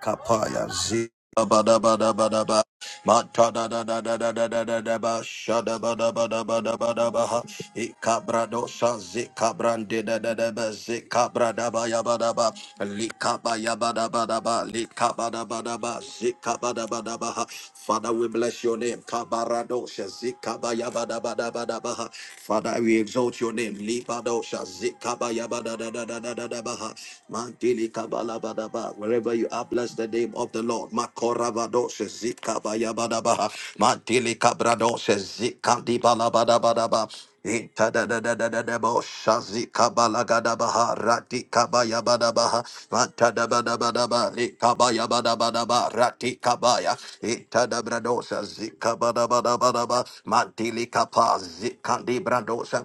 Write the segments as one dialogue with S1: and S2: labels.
S1: kapaya zi ba da ba da ba da ba ma ta da da da da da da da da da ba sha da ba da ba da ba da ba da ba ha i kabra do sha zi kabran de da da da ba zi kabra da ba ya ba da ba Likabadabadaba, likabadabadaba, zikabadabadaba. Father, we bless your name. Kabaradosha, zikabayabadabadabadaba. Father, we exalt your name. Libadosha, zikabayabadadadadadadaba. Mantili kabalabadaba. Wherever you are, bless the name of the Lord. Makoravadosha, zikabayabadaba. Mantili kabradosha, zikadibalabadabadaba. Itadadadadadabo, shazikabalagadabaha, ratikabayabadabaha, matadabadabadaba, likabayabadabadaba, ratikabaya, itadabradosa, zikabadabadabadaba, mantilikapa, zikandibradosa,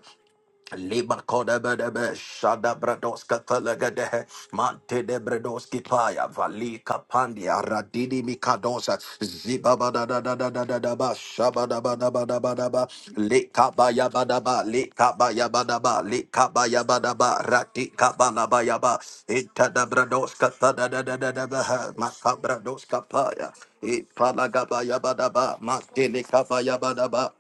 S1: Liba koda bedebe shada bradoska felagadehe mante de bredoski paya valika pandia radidi mikadosa ziba bada da da da da da da ba shaba da ba da ba da ba da ba lika baya bada ba lika baya bada ba lika baya bada ba rati kabala baya ba ita da bradoska fa da da da da da ba ha maka bradoska paya ipala gaba ya bada ba mante lika baya bada ba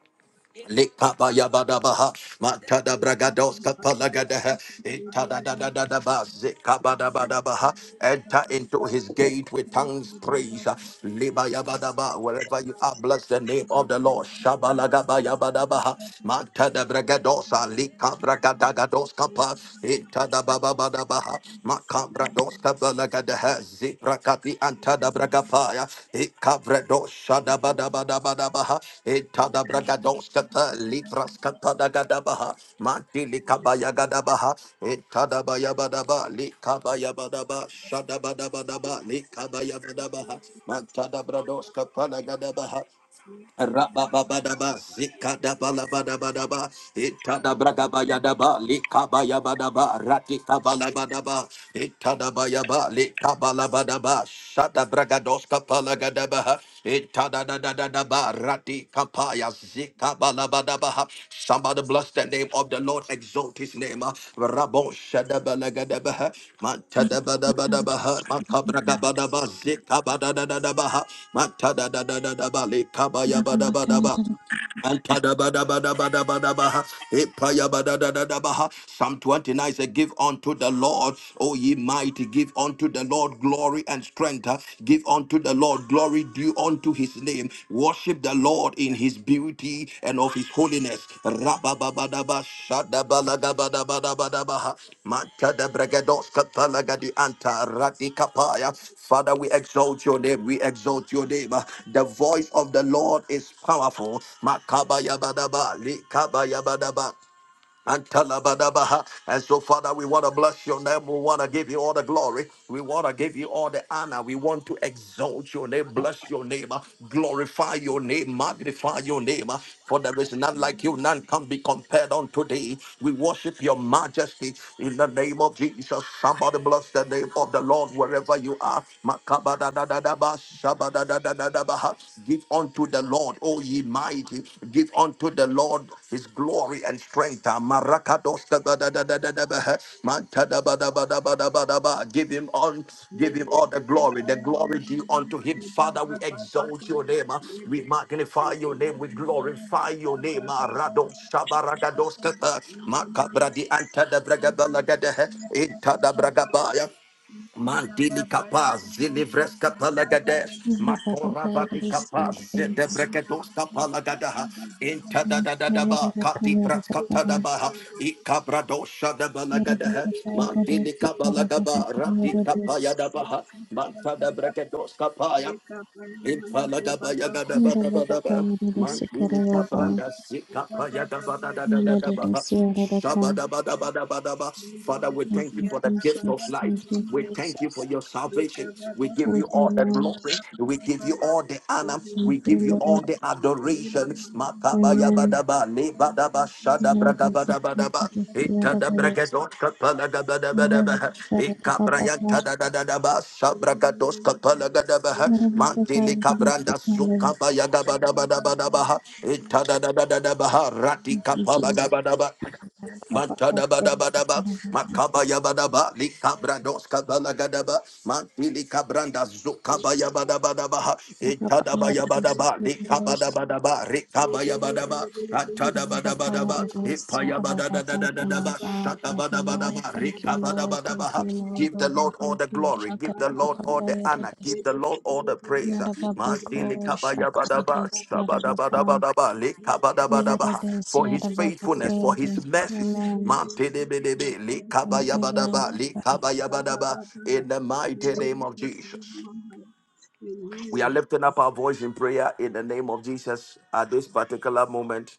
S1: Likapa yabadabaha, matada bragados
S2: Thank
S1: kapalagadaha, itadadadadadaba, zikabadabadabaha. Enter into his gate with tongues praise. Liba yabadaba, wherever you are, bless the name of the Lord. Shabalagaba yabadabaha, matada bragadosa, likabragadagados kapa, itadababadabaha, Macabrados Cabalagadaha, Zebra Capi Antada Bragapaya, Ecabrados Shadabadabadabaha, Etada Bragados Cata, Libras Catadagadabaha, Mantili Cabayagadabaha, Etada Bayabadaba, Licabayabadaba, Shadabadabadaba, Licabayabadabaha, Mantada Brados Capalagadabaha, Rabababadaba, zikadabalabadabadaba,
S2: you.
S1: itadabragabayadaba, likabayabadaba, ratikabalabadaba, itadabayaba, likabalabadaba, shadabragadoskapalagadaba, itadadadadadaba, kapaya zikabalabadabaha. Somebody bless the name of the Lord, exalt his name. ah. Rabon shadabalagadabaha,
S3: Thank you, Jesus.
S1: matadabadabadabaha,
S3: Thank
S1: makabragabadaba, zikabadadadadabaha, matadadadadadaba, likabayabadabadaba. Psalm 29 says, Give unto the Lord, O ye mighty, give unto the Lord glory and strength. huh? Give unto the Lord glory due unto his name. Worship the Lord in his beauty and of his holiness. Yes. Rabababadaba, shadabalagabadabadabadabaha, matadabregadoskapalagadi anta radikapaya. Father, we exalt your name. We exalt your name. The voice of the Lord is powerful. Makabayabadaba, likabayabadaba. And talabadabaha. And so, Father, we want to bless your name. We want to give you all the glory. We want to give you all the honor. We want to exalt your name, bless your name, uh, glorify your name, magnify your name. uh, For there is none like you, none can be compared unto thee. We worship your majesty in the name of Jesus. Somebody bless the name of the Lord wherever you are. Makabadadadadaba, shabadadadadabaha. Give Give unto the Lord, O ye mighty. Give unto the Lord his glory and strength. Ah, marakados da ba da da da da da ba, eh. Manta da ba da ba da ba da ba da ba. Give him all, give him all the glory. The glory due unto him. Father, we exalt your name. ah. We magnify your name. We glorify your name. Ah, rados shabaragados da ba. Makabra di anta da braga ba la ga da, eh. Inta da braga ba ya. Mandili capaz, zilivres capalagadesh, Makora vati capaz, zedebreketos capalagadaha, intadadadadaba, kati pras katadabaha, ikabradosha dabalagadaha, Mandili cabalagaba, rati
S2: Mandele Busia,
S1: capayadabaha, Mantada
S2: Kababaya,
S1: breketos
S2: Yeka pariyamaya ke ba ba ba
S1: Ipalagabayagabadabadaba.
S2: Thank
S1: Mantili kapranda sikapayagabadadadadaba. Shabadabadabadabadaba. Father, we thank you for the gift of life.
S3: you,
S1: We thank you for
S3: Jesus.
S1: your salvation. We give you
S3: Thank you,
S1: all the
S3: Lord.
S1: glory. We give you all the honor.
S3: Thank
S1: We give you
S3: you,
S1: all
S3: Lord.
S1: the adoration. Makabayabadaba, lebadaba, shadabragabadabadaba. Ita da bragados kapala da ba da ba da ba. Ika
S3: Amen.
S1: brayanta da da da da ba. Sabragados kapala da da ba.
S3: Araba bakar
S1: Mantili
S3: domestic
S1: kabranda
S2: you.
S1: suka
S3: knowledge
S1: ba ya da ba da ba da ba da ba. Ita da da da da da ba. Rati kapala
S3: includes
S1: da ba da ba.
S3: Bakar
S1: Matada bada bada
S3: basic
S1: ba,
S3: Araba
S1: makabaya Matadabadabadaba, Makabayabadaba, Likabrados Kabalagadaba, Mantili Cabranda Zukabayabadabadaba,
S3: Bakar is
S1: Etadabayabadaba, bada ba, etada baya bada ba.
S3: superiors
S1: Ipayabadadadadadaba,
S2: Thank you.
S1: bada ba.
S2: Amen.
S1: rikabaya bada ba,
S2: Amen.
S1: atada bada
S3: Bakar
S1: bada ba, ipaya bada
S3: Araba
S1: da da da
S3: thank
S1: da
S3: you
S1: da
S3: my
S1: ba,
S3: God
S1: shata
S3: thank
S1: bada
S3: you
S1: bada
S3: Lord
S1: ba,
S3: thank you
S1: rikabada
S3: Lord
S1: bada ba,
S3: thank you Lord
S1: Give the
S3: Baba
S1: Lord all
S3: thank
S1: the
S3: you
S1: glory. Give
S3: Shakar
S1: the Lord all the
S3: Bakar
S1: honor. Give the Lord all the praise.
S3: Yaraba
S1: Masili
S3: Bako Shakar
S1: kabayabadaba,
S3: Yaraba
S1: shabadabadabadaba, likabadabadaba.
S3: Yarades
S1: For his
S3: Yaraba
S1: faithfulness, for
S3: Bakari
S1: his mercies.
S3: Amen
S1: Mapidibidibidi,
S3: thank you Lord
S1: likabayabadaba, likabayabadaba. In the mighty name of Jesus. We are lifting up our voice in prayer in the name of Jesus at this particular moment.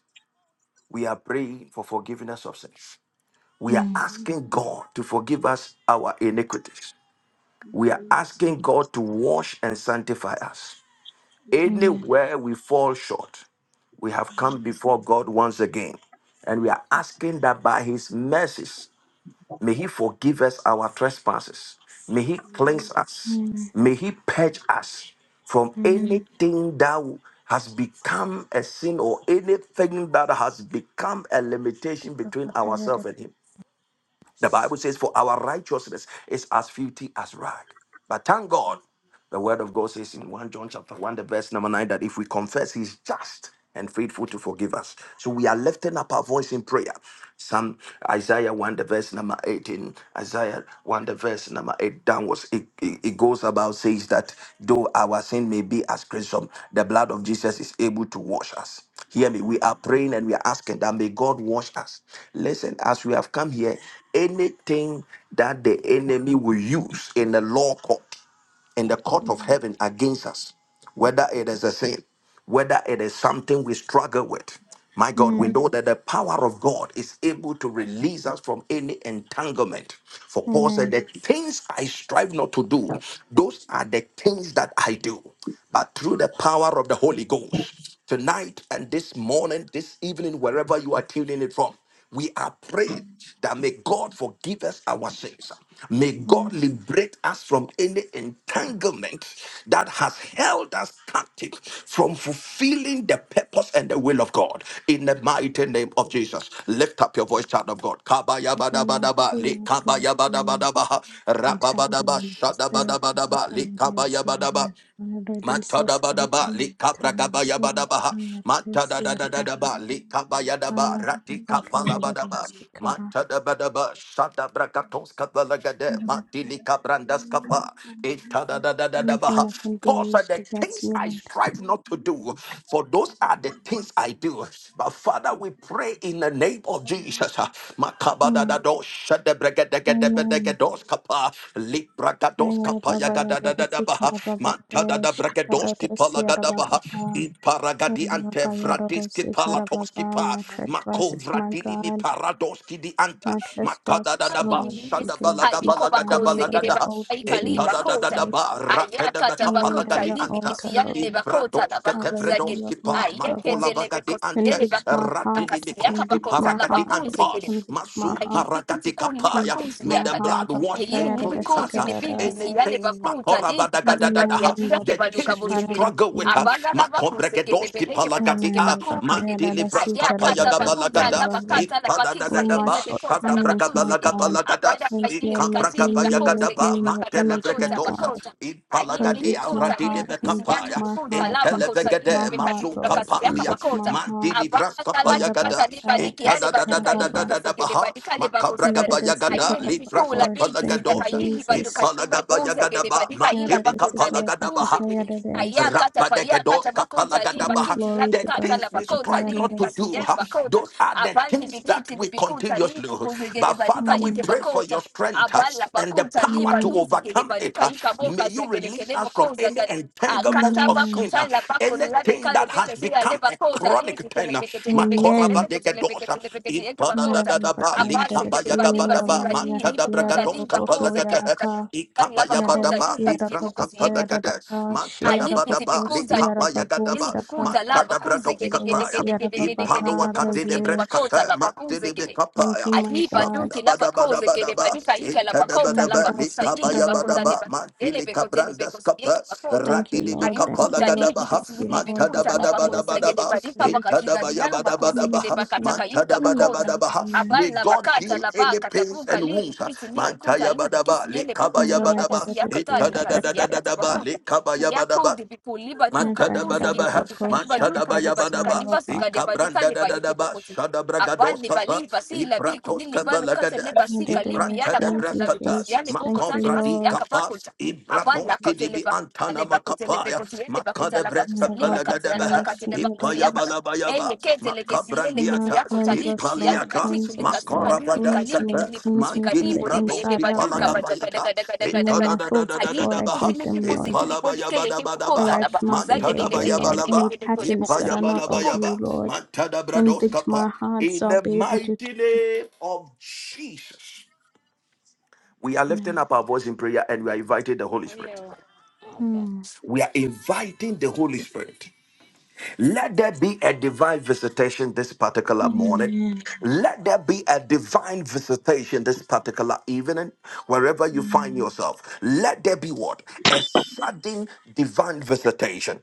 S1: We are praying for forgiveness of sins. We are
S3: Mm,
S1: asking God to forgive us our iniquities. we are
S2: Amen.
S1: asking God to wash and sanctify us.
S2: Amen.
S3: Amen
S1: Anywhere we fall short, we have come
S2: Amen.
S1: before God once again, and we are asking that by His mercies, may He forgive us our trespasses, may He
S2: Thank
S1: cleanse us,
S3: Mm,
S1: may He purge us from
S3: Amen
S1: anything that has become a sin or anything that has become a limitation
S3: Yes.
S1: between ourselves and Him. The Bible says, For our righteousness is as filthy as rag. But thank God, the word of God says in 1 John chapter 1, the verse number 9, that if we confess, he's just and faithful to forgive us. So we are lifting up our voice in prayer. Some Isaiah 1, the verse number 18, Isaiah 1, the verse number 8 downwards. It, it, it goes about says that though our sin may be as crimson, the blood of Jesus is able to wash us. Hear me. We are praying and we are asking that may God wash us. Listen, as we have come here, anything that the enemy will use in the law court, in the court of
S3: Mm.
S1: heaven against us, whether it is a sin, whether it is something we struggle with, my God, we
S3: Mm.
S1: know that the power of God is able to release us from any entanglement. For Paul said,
S3: Amen.
S1: The things I strive not to do, those are the things that I do but through the power of the Holy Ghost. Tonight and this morning, this evening, wherever you are tuning it from, we are praying that may God forgive us our sins. May God
S3: Mm.
S1: liberate us from any entanglement that has held us captive from fulfilling the purpose and the will of God. In the mighty name of Jesus, lift up your voice, child of God.
S3: Heavenly Lord,
S1: Kabayabadabadaba,
S3: please, yes, Lord,
S1: likabaya-
S3: for my
S1: Yabadabadaba, Rababadaba,
S3: entanglement, the spirit of what
S1: Shadabadabadaba,
S3: I am here, so you
S1: Likabayabadaba.
S3: will want to release us,
S1: Matada
S3: Lord,
S1: badaba
S3: from the
S1: lika bragaba
S3: tires, so you
S1: yabadaba
S3: can get this,
S1: matada
S3: you
S1: da
S3: are
S1: da da
S3: above,
S1: da ba lika
S3: I
S1: bayadaba
S3: are
S1: rati
S3: above, you are
S1: kapala
S3: above,
S1: badaba
S3: Sikara,
S1: matada badaba shada bragatos kapala gade
S3: you are above.
S1: mati lika brandas kapa itada da da da da
S3: Anything
S1: ba.
S3: that can be
S1: Paul said,
S3: used
S1: "The
S3: against
S1: things
S3: me,
S1: I
S3: Lord.
S1: strive not to do, for those are the things I do." But Father, we pray in the name of Jesus. Makabada da
S3: Mm.
S1: do shada bragade gade
S3: Amen.
S1: bragados kapa lipra
S3: I
S1: gados
S3: are
S1: kapa
S3: above, I are
S1: yagada da da
S3: above,
S1: da ba
S3: Sikara, above,
S1: matada
S3: Sikara,
S1: da Bragadonski
S3: Sikara,
S1: Palagadabaha,
S3: Sikara,
S1: in
S3: My
S1: Paragadi Ante
S3: trespasses,
S1: Vradiski Palatoski Pa, Mako
S3: my
S1: Vradini Mi
S3: God,
S1: Paradoski di Anta,
S3: my trespasses,
S1: Makadadadaba,
S3: Lord, forgive me. I lay it at your
S1: Shadabalagabalagadabalagadaha,
S3: altar, Jesus
S4: Haikobakozegelebaikalibakoza.
S3: Christ.
S1: Entadadadaba,
S3: I lay it at
S4: Ayakatabakuta
S1: Rakadabakapalagadi
S3: your
S1: Anta,
S3: altar, Lord.
S4: libikisiyalebakota
S1: Ibradoske
S3: I lay it at
S4: labakuzagin.
S1: Tevredoski
S3: your
S1: Pa,
S3: altar, Baba.
S1: Makola Bagadi Ante,
S3: Convict my heart,
S1: Ratini mi Mikonski
S3: convict
S4: Ayeketelebekosiyelebakasiakabakota
S3: my
S1: Paragadi
S3: heart, Lord.
S1: Anta,
S4: labakuzegele
S3: Convict my
S1: Masu
S3: heart,
S4: iyi bikiti
S1: Paragadi
S4: kuni ni
S1: Kapaya,
S3: convict
S4: bakunzi
S1: may
S3: my
S1: the
S4: yakata
S1: blood
S3: heart, Baba.
S1: wash
S4: iyi
S1: and
S3: Kayada
S1: cleanse us.
S4: nibikuti
S1: uh,
S4: nibikisi
S3: desikarada.
S4: yale
S1: Anything,
S4: bakuta nibi kazigari ya
S3: Amen,
S1: Makorabadagadadaha,
S4: nura ke
S3: Baba.
S1: the
S4: baluka
S1: things we
S4: bozegere
S3: Shakarada.
S1: struggle with, uh,
S4: abagala bakusegere
S1: Makobregedoski
S4: beleke bakoteke
S3: Amen,
S1: palagadia,
S3: Baba.
S4: bakusegere
S3: Kayada
S1: Mantilivraska
S4: ayakata bakuta la
S1: payagabalagada,
S3: desikarada.
S4: bakata la bakisa
S3: all my
S4: yele le
S1: Ipadadadadaba,
S4: bekota la
S3: shortcomings, my
S4: bakusegere
S3: God.
S1: Shadabrakabalagabalagada,
S4: abada
S3: Cleanse me
S4: kayili
S3: and make me
S4: bikatili
S3: new, make me
S4: bakusegere
S1: Ikabrakabayagadaba,
S3: in your
S4: bakata
S3: image, my
S4: bakota
S1: Mantelevregedosa,
S3: God.
S4: bakota ayi
S1: Impalagadia,
S3: Convict my
S4: nibikuta yele
S3: heart,
S4: bikisi
S3: convict
S4: yanu
S1: Radinimekapaya,
S3: my
S4: bukuta
S3: heart,
S4: la bakosa
S3: convict
S4: yele
S3: my
S1: Intelevegede,
S3: heart,
S4: bekatili
S3: Lord,
S4: bakasi yaka
S1: Masukapandia,
S3: convict my
S4: bakota
S3: heart.
S1: Mantilivraska payagada,
S3: Yarababa,
S4: Talibadikia lebatu
S3: yarabasikarababa.
S4: kaliba
S1: Itadadadadadadadabaha,
S4: segedebadi kaliba kozagada.
S1: Makabragabayagada,
S4: Ayeli
S3: yaradasikarababa.
S1: Livraska
S4: bikola
S3: Lord,
S4: bigi
S3: Thank you,
S4: sidaka
S1: palagadosa,
S4: yili batu
S3: Jesus.
S4: kaliba boza
S1: Ipalagabayagada,
S4: gedebadi kaila
S1: Mantilika
S4: bakonta leba
S3: Yarabasikarababa,
S1: palagadabaha,
S4: kozegede. Aya
S3: yarabas.
S4: Kata paya kata bakonta liba
S3: Oh
S1: Rapadagadoskapalagadabaha.
S4: kinzi
S3: glory
S4: labi
S3: to
S1: The
S4: kata
S3: God.
S4: la
S1: things we
S3: Babaka,
S4: bakonta
S1: strive
S4: libi
S1: not to do,
S4: kasidele
S1: huh,
S3: yarabasikarababa.
S4: bakonta.
S1: those are the
S4: Abali
S1: things that
S4: bigiti
S1: we
S4: bikonta
S1: continuously.
S4: libi
S1: But
S4: kozegedebadi
S1: Father, we
S4: kaide
S3: Mm.
S1: pray for your
S4: bakonta.
S1: strength huh,
S4: Abala katalibadiki
S1: and the
S4: alebatukalibikasekelebadikalebagozagada
S1: power to
S3: Amen.
S4: ayelibikoulapikisidakalilibatukalibabouzagelebadikailabakotalebakuuzekele ayakatabayakatabakotalibakintilabikatalabakotalivikasidelebakota
S1: overcome
S4: abalibikitilivikutalivikuzegedebadikaidebakota
S1: it. huh. May you release us from any
S4: abalabakutalibaliuzegelebadikaikabokazegelekelemokozagada Ah, kanta
S1: entanglement of
S4: Akataba
S3: Amen.
S1: sin, huh,
S4: kutala bakula de
S1: anything that has
S4: kalibika si
S1: become
S4: aleba
S1: a
S4: kota
S1: chronic
S4: lidi
S1: thing. huh.
S4: kelebeke telebeke
S3: Amen.
S4: telebeke telebeke
S1: Makorabadagadosa,
S4: telebeke telebeke
S3: Yara
S4: bakota.
S1: ipadadadadaba,
S3: bata yara
S4: Apase
S3: resi
S4: kelebaniba
S3: yara ma
S1: likabayagabadaba,
S4: zila di
S3: yara ki yara
S4: nibukuta liba
S3: boko ko
S4: koza
S3: yara
S1: matadabragadoskapalagadaha,
S3: ka
S4: gayakatala laba
S3: yara
S4: koza
S3: resi
S1: ikabayabadaba,
S4: yika
S3: yara
S4: tilibokosi
S3: bata
S4: yeke.
S3: yara daka shi
S1: litraskapalagadaha,
S3: yara
S4: Alibiti
S1: badaba
S3: boko si
S4: bikuta
S3: yara
S1: likapa
S3: boko
S1: yagadaba
S4: lili
S3: saka
S4: bikuta laba
S1: mantada
S4: kuze
S1: brados
S4: gede
S3: yara
S4: gede
S1: kataya
S3: resi
S4: gede
S3: yara
S4: gede
S3: baba
S4: gede gede
S3: ka
S1: Impalo
S4: gede bokosi
S1: akadine
S4: yeke
S3: ravish.
S1: bretskata
S4: bakota laba kuze
S1: matine
S4: gede.
S3: Thank
S1: bekapaya
S3: you, my
S4: Aji
S3: God.
S4: baduki la bakoze kele
S1: shabadabadabadabadaba
S4: baduka ika la bakota la
S1: intadabadaba
S3: Yara rasi
S4: bakosa yile
S3: kara
S1: likabaya
S3: baba.
S4: bakota le
S1: badaba
S4: bakele
S1: matili
S4: bekote le
S1: kabrandas
S4: bekosi
S1: kapa
S4: yeke bakota.
S3: Thank you,
S1: ratili
S3: Lord. Thank
S1: bekapala
S3: you,
S4: kuta ni
S3: Lord.
S1: gadabaha
S3: Thank
S4: bikisi
S3: you,
S4: yili
S3: Lord.
S4: bikuta la
S3: Baba ka yara
S4: bakoza yele
S1: matadabadabadabadaba
S3: resi
S4: badika
S3: kare.
S4: bakajiga
S1: intadabaya
S4: la bakoze
S3: Mm,
S4: yele
S1: badabadabaha
S3: We cannot
S4: bakataka yinka
S3: see
S4: bakota.
S1: matadabadabadabaha
S3: God.
S1: may
S4: Abali la
S1: God
S4: bakata
S1: heal
S4: la
S1: any
S4: bakata
S1: pains
S4: punka
S1: and
S4: li
S1: wounds
S4: bikisi li bikuta
S1: mantaya
S4: li bikisi
S1: badaba
S4: yele bokote
S1: likabaya
S4: lo
S3: Baba
S1: badaba
S4: bokosi
S3: yara resi
S4: yakota
S3: yara
S4: likasi
S3: daka
S4: yakata
S3: yara.
S1: intadadadadadaba
S4: bakota.
S1: likabaya badaba
S4: Yakodi bipu libaduka
S1: Matada
S4: buzi
S3: Yakayada
S4: gidi
S1: Badaba,
S4: boduka
S3: Baboko,
S1: Matada
S4: libaduka
S3: Shakayada
S4: libaduka
S1: Bayabadaba,
S3: Sandababa.
S4: libasuka debaduka
S1: Icabranda
S4: libayuki
S1: Dadaba, shada Matadabadaba,
S4: avandi bali
S1: Matadabayabadaba, Ikabrandadadaba, Shadabragadoskapa,
S4: basi la bi kunili
S1: Ibratoskapa
S4: balu kate
S1: Lagada,
S4: ne basi kali
S3: Yadadadis.
S4: biala
S3: Thank
S4: konti la
S3: you,
S1: Ibrantadabraskata,
S4: bikusi yale
S3: Jesus.
S4: bongo
S3: Thank you,
S4: tale basi
S1: Makovradi
S3: Lord.
S4: yaka
S1: Kapa,
S4: bakonta abala
S1: Ibratoski
S4: kotele
S1: dibi
S4: ba
S1: Antana
S4: ale bakotele be
S1: Makapaya,
S4: kotele ba kotala ba kusali
S1: Makadabreskapa
S4: ba kati yala ba
S1: Lagadaba,
S4: kati
S3: Yadababakayas,
S4: le ba kosi yaka na
S3: yadadadis.
S4: eye kete le
S1: Ipayabalabayaba,
S4: kesi yele
S3: Yeah,
S4: keti
S1: brandiatas,
S4: yako
S3: Cleanse
S4: tali
S3: us,
S4: kesi
S3: Lord.
S4: yalu
S1: ipaliatas,
S4: kati
S3: Cleanse us,
S4: kulikasi
S3: Lord.
S4: kalui
S3: Cleanse
S4: kali
S3: me.
S1: makorabadaskatas,
S4: bikini
S3: Cleanse
S4: bukusi
S3: me from
S4: kali
S1: mantili
S3: the
S4: bodi
S1: bratos,
S4: kele
S3: inside out,
S4: baduka
S3: Lord.
S4: bajaga daga
S1: ipalagabayatas,
S4: daga
S3: You
S4: daga
S3: know
S4: daga daga
S3: my thoughts
S4: ayi
S3: before I
S4: bikuti
S1: itadadadadadadabahas,
S3: think
S4: ne
S3: them,
S4: bikusi
S3: Lord.
S4: kidi bodi keye kebo kota
S1: ipalabayabadabadabahas,
S4: la
S3: Correct my
S4: bakusa yede
S3: behavior,
S4: yede yede yede
S3: Lord.
S4: yede
S1: mantadabayabalaba,
S3: Any
S4: yede yede yede yede yede yede yede
S3: patterns that are
S4: yede
S3: not
S4: yede
S3: of
S1: ipayabalabayaba,
S3: you, Lord. Convict my
S1: mantadabradoskapa.
S3: heart so
S1: In
S3: I'll
S1: the
S3: be able to.
S1: mighty name of Jesus, we are lifting
S3: Amen.
S1: up our voice in prayer and we are inviting the Holy
S4: yede
S1: Spirit.
S4: yede yede
S3: Mm.
S1: We are inviting the Holy Spirit. Let there be a divine visitation this particular morning.
S3: Amen.
S1: Let there be a divine visitation this particular evening, wherever you find
S3: Mm.
S1: yourself. Let there be what? A sudden divine visitation.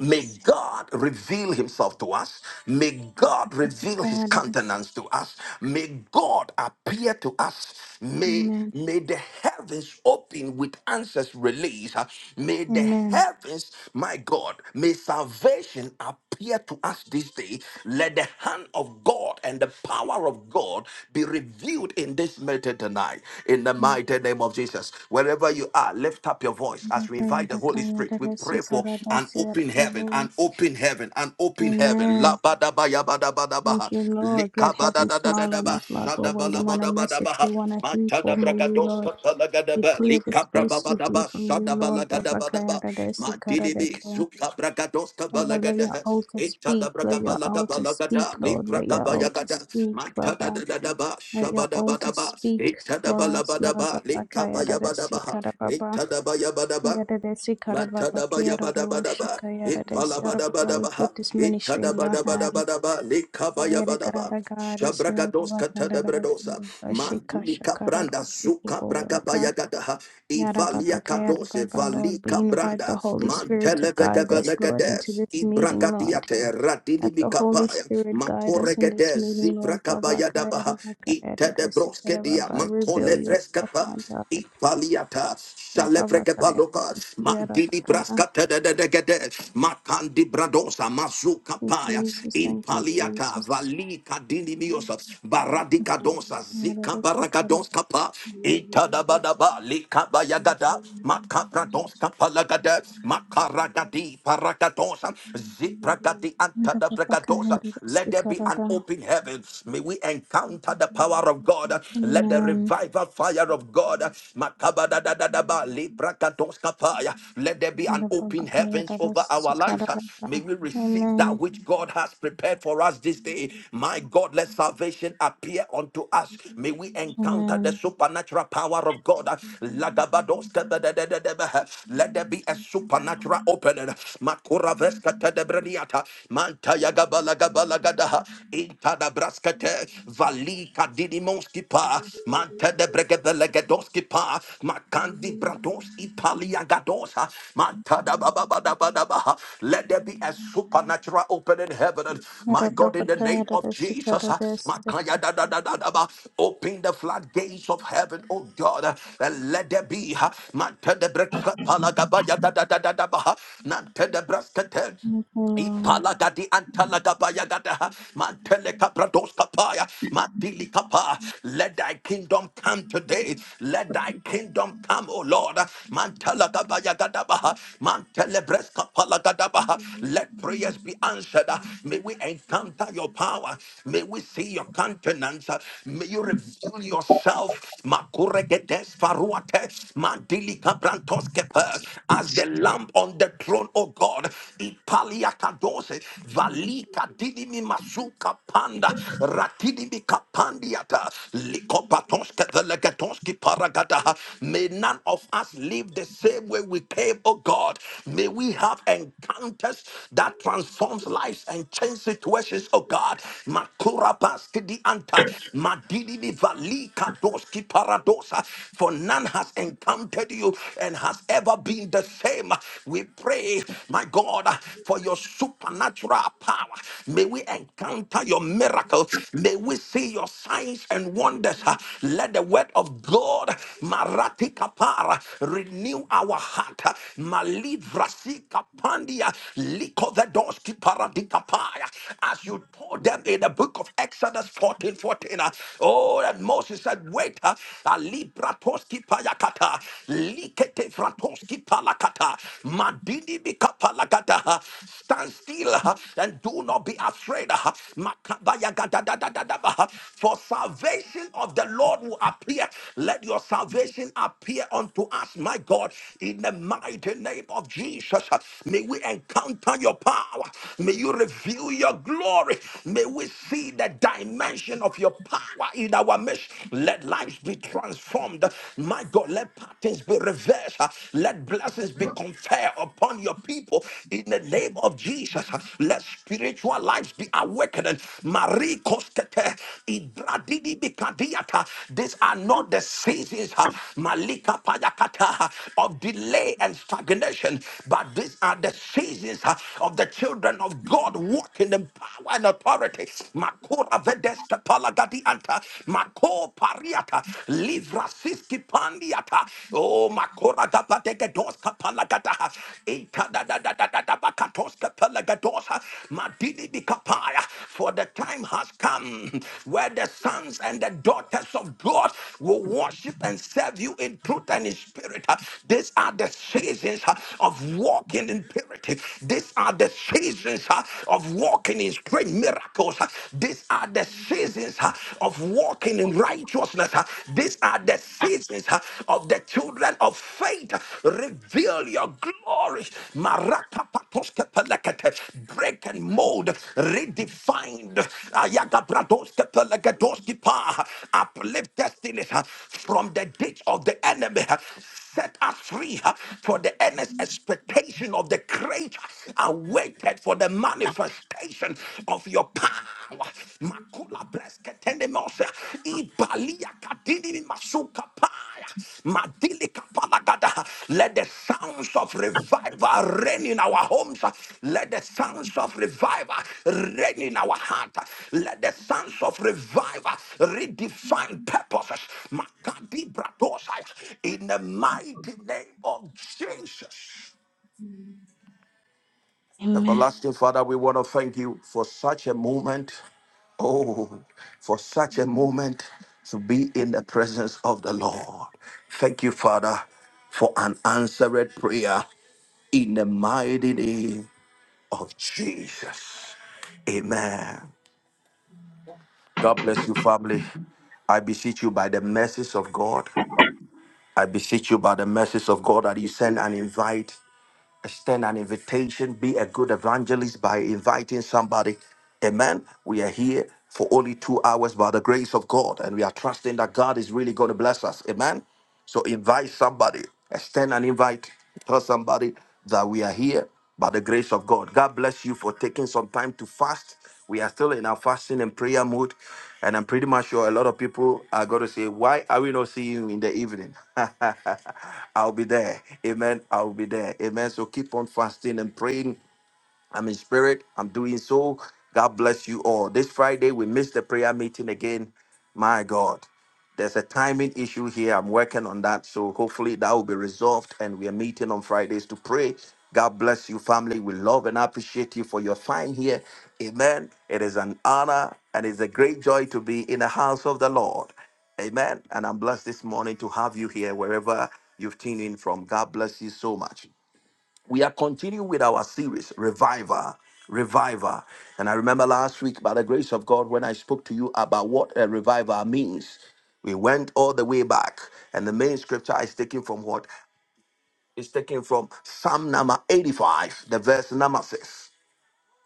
S1: May God reveal himself to us. May God reveal his
S3: Apapakayadasi.
S1: countenance to us. May God appear to us. May,
S3: Amen.
S1: may the heavens open with answers released. May the
S3: Amen.
S1: heavens, my God, may salvation appear to us this day. Let the hand of God and the power of God be revealed in this meeting tonight. In the mighty name of Jesus. Wherever you are, lift up your voice as we invite the Holy Spirit. We pray pray for an open heaven,
S3: Apapakayadakayadasikaradasyadababu.
S1: an open heaven, an open heaven. La
S3: Amen.
S1: ba da ba ya ba da ba da ba ha.
S3: Thank you, Lord.
S1: Lika
S3: Let
S1: ba da
S3: heaven
S1: da da da
S3: smile
S1: da
S3: on
S1: ba.
S3: us, Lord.
S1: Sha
S3: We're
S1: da ba la
S3: waiting
S1: ba
S3: on a
S1: da ba da ba
S3: message
S1: ha.
S3: we want to
S1: Ma
S3: hear
S1: cha da
S3: from
S1: bra ga
S3: you,
S1: do sa
S3: Lord.
S1: ta la ga da
S3: We
S1: ba.
S3: clear the
S1: Lika bra ba
S3: space
S1: ba
S3: to
S1: da
S3: hear
S1: ba. Sha
S3: from you,
S1: da ba la
S3: Lord.
S1: ga da
S3: Baba
S1: ba da ba. Ma di di bi.
S3: Apapakayadasikaradakia.
S1: Zu ka bra ga do ska ba
S3: Baba,
S1: la ga
S3: let
S1: da
S3: your
S1: ha.
S3: altar
S1: E cha da
S3: speak.
S1: bra ga
S3: Let
S1: ba
S3: your
S1: la ga ba
S3: altar
S1: la ga da.
S3: speak,
S1: Li
S3: Lord.
S1: bra
S3: Let
S1: ga
S3: your
S1: ba ya ga
S3: altar
S1: da. Ma
S3: speak,
S1: cha da da
S3: Baba.
S1: da da ba. Sha
S3: Let
S1: ba
S3: your
S1: da ba
S3: altar
S1: da ba.
S3: speak
S1: E cha da ba
S3: for
S1: la
S3: us,
S1: ba da ba.
S3: Lord. Baba
S1: Lika ba
S3: Kaya
S1: ya
S3: Dada
S1: ba da ba ha. E
S3: Sikara
S1: cha da ba ya ba da ba.
S3: Yadadesi karababaki
S1: Matadabaya badabadaba.
S3: yadadaroshaka
S1: it
S3: yadadesi yarababa. We
S1: palabadabadabaha,
S3: put this
S1: it
S3: ministry in your hand.
S1: tadabadabadabadaba, likabaya badaba,
S3: Yadakarada God is
S1: shabragados
S3: Yababa
S1: katadabradosa,
S3: Shika
S1: mandilika
S3: Shakarado
S1: branda, suka bragabaya
S3: Waka.
S1: gadaha, ivalia
S3: Yadababa
S1: kadose,
S3: Yadababa Lord. We
S1: valika
S3: invite the
S1: branda,
S3: Holy Spirit to guide us, Lord,
S1: mantelevegevelegede,
S3: into this meeting, Lord.
S1: ibragadiate,
S3: Let the Holy
S1: radinimikapaya,
S3: Spirit guide us in this
S1: makoregede,
S3: meeting, Lord. Baba
S1: zivrakabaya dabaha,
S3: Kayadabaka Yadadesi
S1: itedebroske dia,
S3: Karababa. Reveal
S1: mantolevreska
S3: yourself, my
S1: pa.
S3: God.
S1: Ipaliata,
S3: Baba
S1: Salepreke Paloka, Mandili
S3: Kayadadesi
S1: Brascata de Degede, Macandi Bradosa, Mazuka
S3: you,
S1: Paya,
S3: Jesus. Thank you,
S1: Impaliata,
S3: Jesus.
S1: Valika Dini Miosa, Baradica Donsa, Zika
S3: Yarabasikarada.
S1: Baracadons Capa, Itadabadaba, Lika Bayagada, Macabradons Capalagada, Macaragadi, Paracadosa, Zipragadi Antadabragadosa. Let there be an
S3: Yarababakayarabasikarada.
S1: open heaven. May we encounter the power power of God. Let the
S3: Amen.
S1: revival fire of God. Makabadadadadaba, librakatoskapaya. Let there be an open heavens over our lives.
S3: Yarababakayarabasikarada.
S1: May we receive that
S3: Amen.
S1: which God has prepared for us this day. My God, let salvation appear unto us. May we encounter the
S3: Amen.
S1: supernatural power of God. Lagabadoskabadadadadaba. Let there be a supernatural opening. Makura veska tedebreniata. Mantaya gabala gabala gada. Intadabraskete, Valika Didimoski Pa, Mante de Bregebelegedoski Pa, Makandi Brados Italiagadosa, Mantada Bababadabadabaha. Let there be a supernatural open in heaven. My God, in the name of Jesus,
S3: Yarababakayarabasikarada.
S1: Makaya da da da da ba. open the floodgates of heaven, oh God, uh, and let there be, Mante de Breskapalagabaya da da da da da ba. Nante de Breskete.
S3: Thank you, Lord.
S1: Ipalagadi antalagabayagadaha, mantelekapradoskapaya, matilikapa. Let thy kingdom come today. Let thy kingdom come, O Lord. Mantelagabayagadabaha, mantelebreskapalagadabaha. Let prayers be answered. May we encounter your power. May we see your countenance. May you reveal yourself. Makuregedes faruate, mandilikabrantoske, As the lamp on the throne, O God. Ipalia kadose, valika dinimi masuka panda, ratidimi kapandiata, likopatonske velegatonski paragada. May none of us live the same way we came, O God. May we have encounters that transforms lives and change situations, O God. Makura baski di anta, madinimi valika doski paradosa, for none has encountered you and has ever been the same. We pray, my God, for your supernatural power. May we encounter your miracle. May we see your signs and wonders. Let the word of God, Marati Kapara, renew our heart. Malivrasi Kapandia, Likovedoski Paradikapaya. As you told them in the book of Exodus 14 14, uh, oh, and Moses said, Wait, uh, fratoski payakata, likete fratoski palakata, madini bika palakata. Stand still uh, and do not be afraid. uh, makabaya gadadadadadaba, uh, For salvation of the Lord will appear. Let your salvation appear unto us, my God, in the mighty name of Jesus. uh, May we encounter your power. May you reveal your glory. May we see the dimension of your power in our midst damaged. Let lives be transformed. My God, let patterns be reversed. Let blessings be conferred upon your people in the name of Jesus. Let spiritual lives be awakened. Marie Koskete, Ibradidi Bikadiata. These are not the seasons, uh, Malika Payakata, uh, of delay and stagnation, but these are the seasons uh, of the children of God walking in power and authority vedeske palagadi anta. Mako pariata. Livra siski pandiata. Oh, makora gabateke doska palagata. Ita da da da da da da bakatoska palagadosa. Madini bikapaya. For the time has come where the sons and the daughters of God will worship and serve you in truth and in spirit. These are the seasons of walking in purity. These are the seasons of walking walking in great miracles. These are the seasons uh, of walking in righteousness. uh, These are the seasons uh, of the children of faith. Reveal your glory. Marakapatoskepelekete. Break and mold, redefined. Ayagabradoskepelegedoskipa. Uplift destinies uh, from the ditch of the enemy set us free uh, for the earnest expectation of the great awaited for the manifestation of your power. Makula bresketendemose, ibalia kadini masuka paya, madili kapalagada. Let the sounds of revival reign in our homes. Let the sounds of revival reign in our heart. Let the sounds of revival redefine purposes. Makadi bradosaya. In the mighty name of Jesus.
S3: Amen.
S1: Everlasting Father, we want to thank you for such a moment. Oh, for such a moment to be in the presence of the Lord. Thank you, Father, for an answered prayer in the mighty name of Jesus. Amen. God bless you, family. I beseech you by the mercies of God. I beseech you by the mercies of God that you send an invite extend an invitation, be a good evangelist by inviting somebody. Amen. We are here for only two hours by the grace of God, and we are trusting that God is really going to bless us. Amen. So invite somebody, extend an invite, tell somebody that we are here by the grace of God. God bless you for taking some time to fast. We are still in our fasting and prayer mode. And I'm pretty much sure a lot of people are going to say, Why are we not seeing you in the evening? I'll be there. Amen. I'll be there. Amen. So keep on fasting and praying I'm in spirit. I'm doing so. God bless you all. This Friday, we missed the prayer meeting again. My God, there's a timing issue here. I'm working on that. So hopefully that will be resolved. And we are meeting on Fridays to pray. God bless you, family. We love and appreciate you for your time here. Amen. It is an honor and it's a great joy to be in the house of the Lord. Amen. And I'm blessed this morning to have you here wherever you've tuned in from. God bless you so much we are continuing with our series revival revival and i remember last week by the grace of god when i spoke to you about what a revival means we went all the way back and the main scripture is taken from what? It's taken from psalm number 85 the verse number 6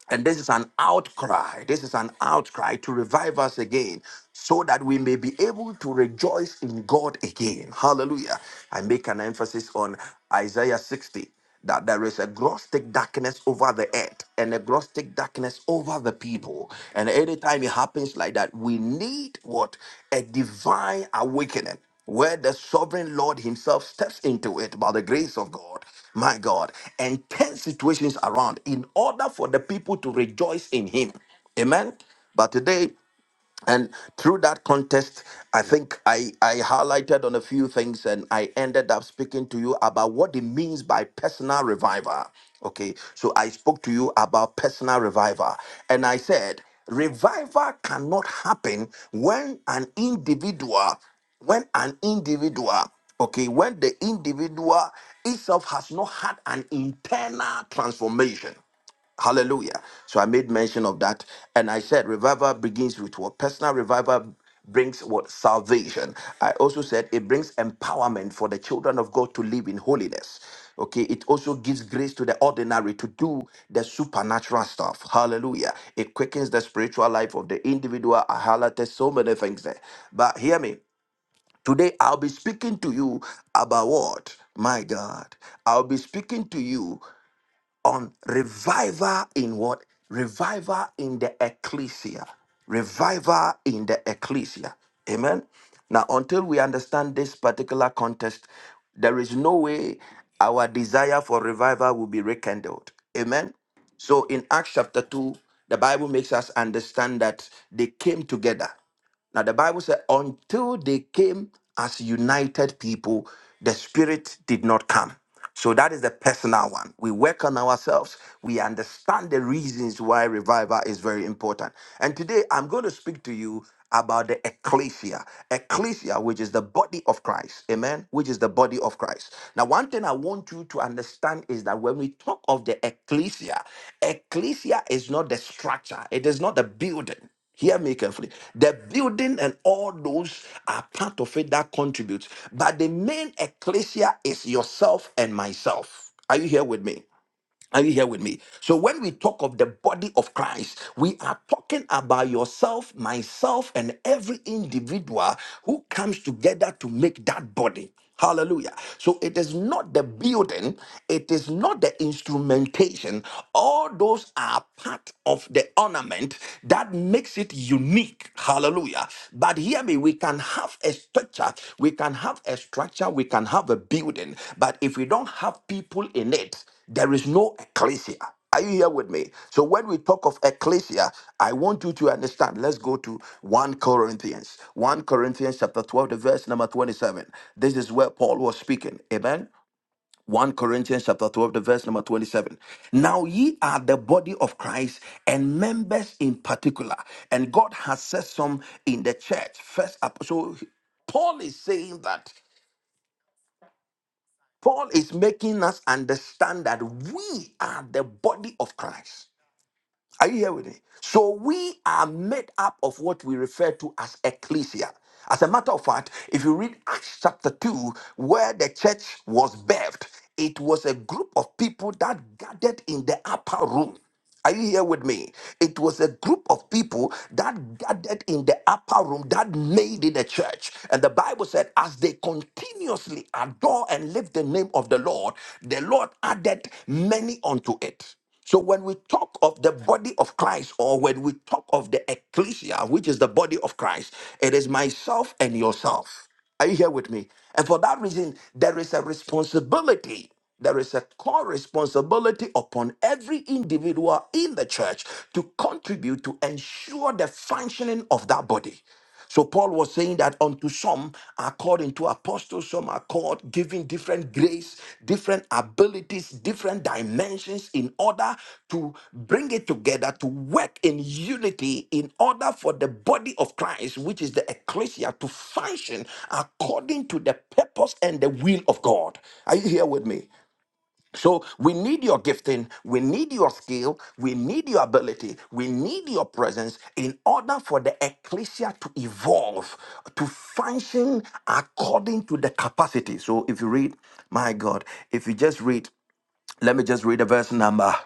S1: and this is an outcry. This is an outcry to revive us again so that we may be able to rejoice in God again. Hallelujah. I make an emphasis on Isaiah 60 that there is a gross thick darkness over the earth and a gross thick darkness over the people. And anytime it happens like that, we need what? A divine awakening where the sovereign Lord Himself steps into it by the grace of God, my God, and turns situations around in order for the people to rejoice in Him. Amen. But today, and through that contest i think i i highlighted on a few things and i ended up speaking to you about what it means by personal revival okay so i spoke to you about personal revival and i said revival cannot happen when an individual when an individual okay when the individual itself has not had an internal transformation Hallelujah. So I made mention of that. And I said, revival begins with what? Personal revival brings what? Salvation. I also said it brings empowerment for the children of God to live in holiness. Okay, it also gives grace to the ordinary to do the supernatural stuff. Hallelujah. It quickens the spiritual life of the individual. I highlighted so many things there. But hear me. Today I'll be speaking to you about what? My God. I'll be speaking to you on revival in what? Revival in the ecclesia. Revival in the ecclesia. Amen. Now, until we understand this particular context, there is no way our desire for revival will be rekindled. Amen. So, in Acts chapter 2, the Bible makes us understand that they came together. Now the Bible said, until they came as united people, the Spirit did not come. So that is the personal one. We work on ourselves. We understand the reasons why revival is very important. And today I'm going to speak to you about the ecclesia. Ecclesia, which is the body of Christ. Amen. Which is the body of Christ. Now, one thing I want you to understand is that when we talk of the ecclesia, ecclesia is not the structure, it is not the building. Hear me carefully. The building and all those are part of it that contributes. But the main ecclesia is yourself and myself. Are you here with me? Are you here with me? So, when we talk of the body of Christ, we are talking about yourself, myself, and every individual who comes together to make that body. Hallelujah. So, it is not the building, it is not the instrumentation. All those are part of the ornament that makes it unique. Hallelujah. But hear me, we can have a structure, we can have a structure, we can have a building, but if we don't have people in it, there is no ecclesia. Are you here with me? So when we talk of ecclesia, I want you to understand. Let's go to 1 Corinthians. 1 Corinthians chapter 12, the verse number 27. This is where Paul was speaking. Amen. 1 Corinthians chapter 12, the verse number 27. Now ye are the body of Christ and members in particular. And God has set some in the church. First ap- so Paul is saying that. Paul is making us understand that we are the body of Christ. Are you here with me? So we are made up of what we refer to as ecclesia. As a matter of fact, if you read Acts chapter 2, where the church was birthed, it was a group of people that gathered in the upper room. Are you here with me? It was a group of people that gathered in the upper room that made it a church. And the Bible said, as they continuously adore and lift the name of the Lord, the Lord added many unto it. So when we talk of the body of Christ, or when we talk of the ecclesia, which is the body of Christ, it is myself and yourself. Are you here with me? And for that reason, there is a responsibility. There is a core responsibility upon every individual in the church to contribute to ensure the functioning of that body. So Paul was saying that unto some are called into apostles, some are called giving different grace, different abilities, different dimensions in order to bring it together to work in unity in order for the body of Christ, which is the ecclesia, to function according to the purpose and the will of God. Are you here with me? So we need your gifting, we need your skill, we need your ability, we need your presence in order for the ecclesia to evolve, to function according to the capacity. So if you read, my God, if you just read, let me just read the verse number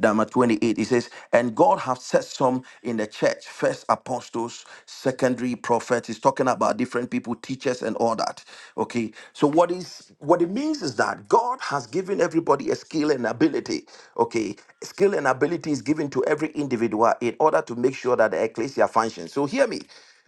S1: number 28 it says and god have set some in the church first apostles secondary prophets he's talking about different people teachers and all that okay so what is what it means is that god has given everybody a skill and ability okay skill and ability is given to every individual in order to make sure that the ecclesia functions so hear me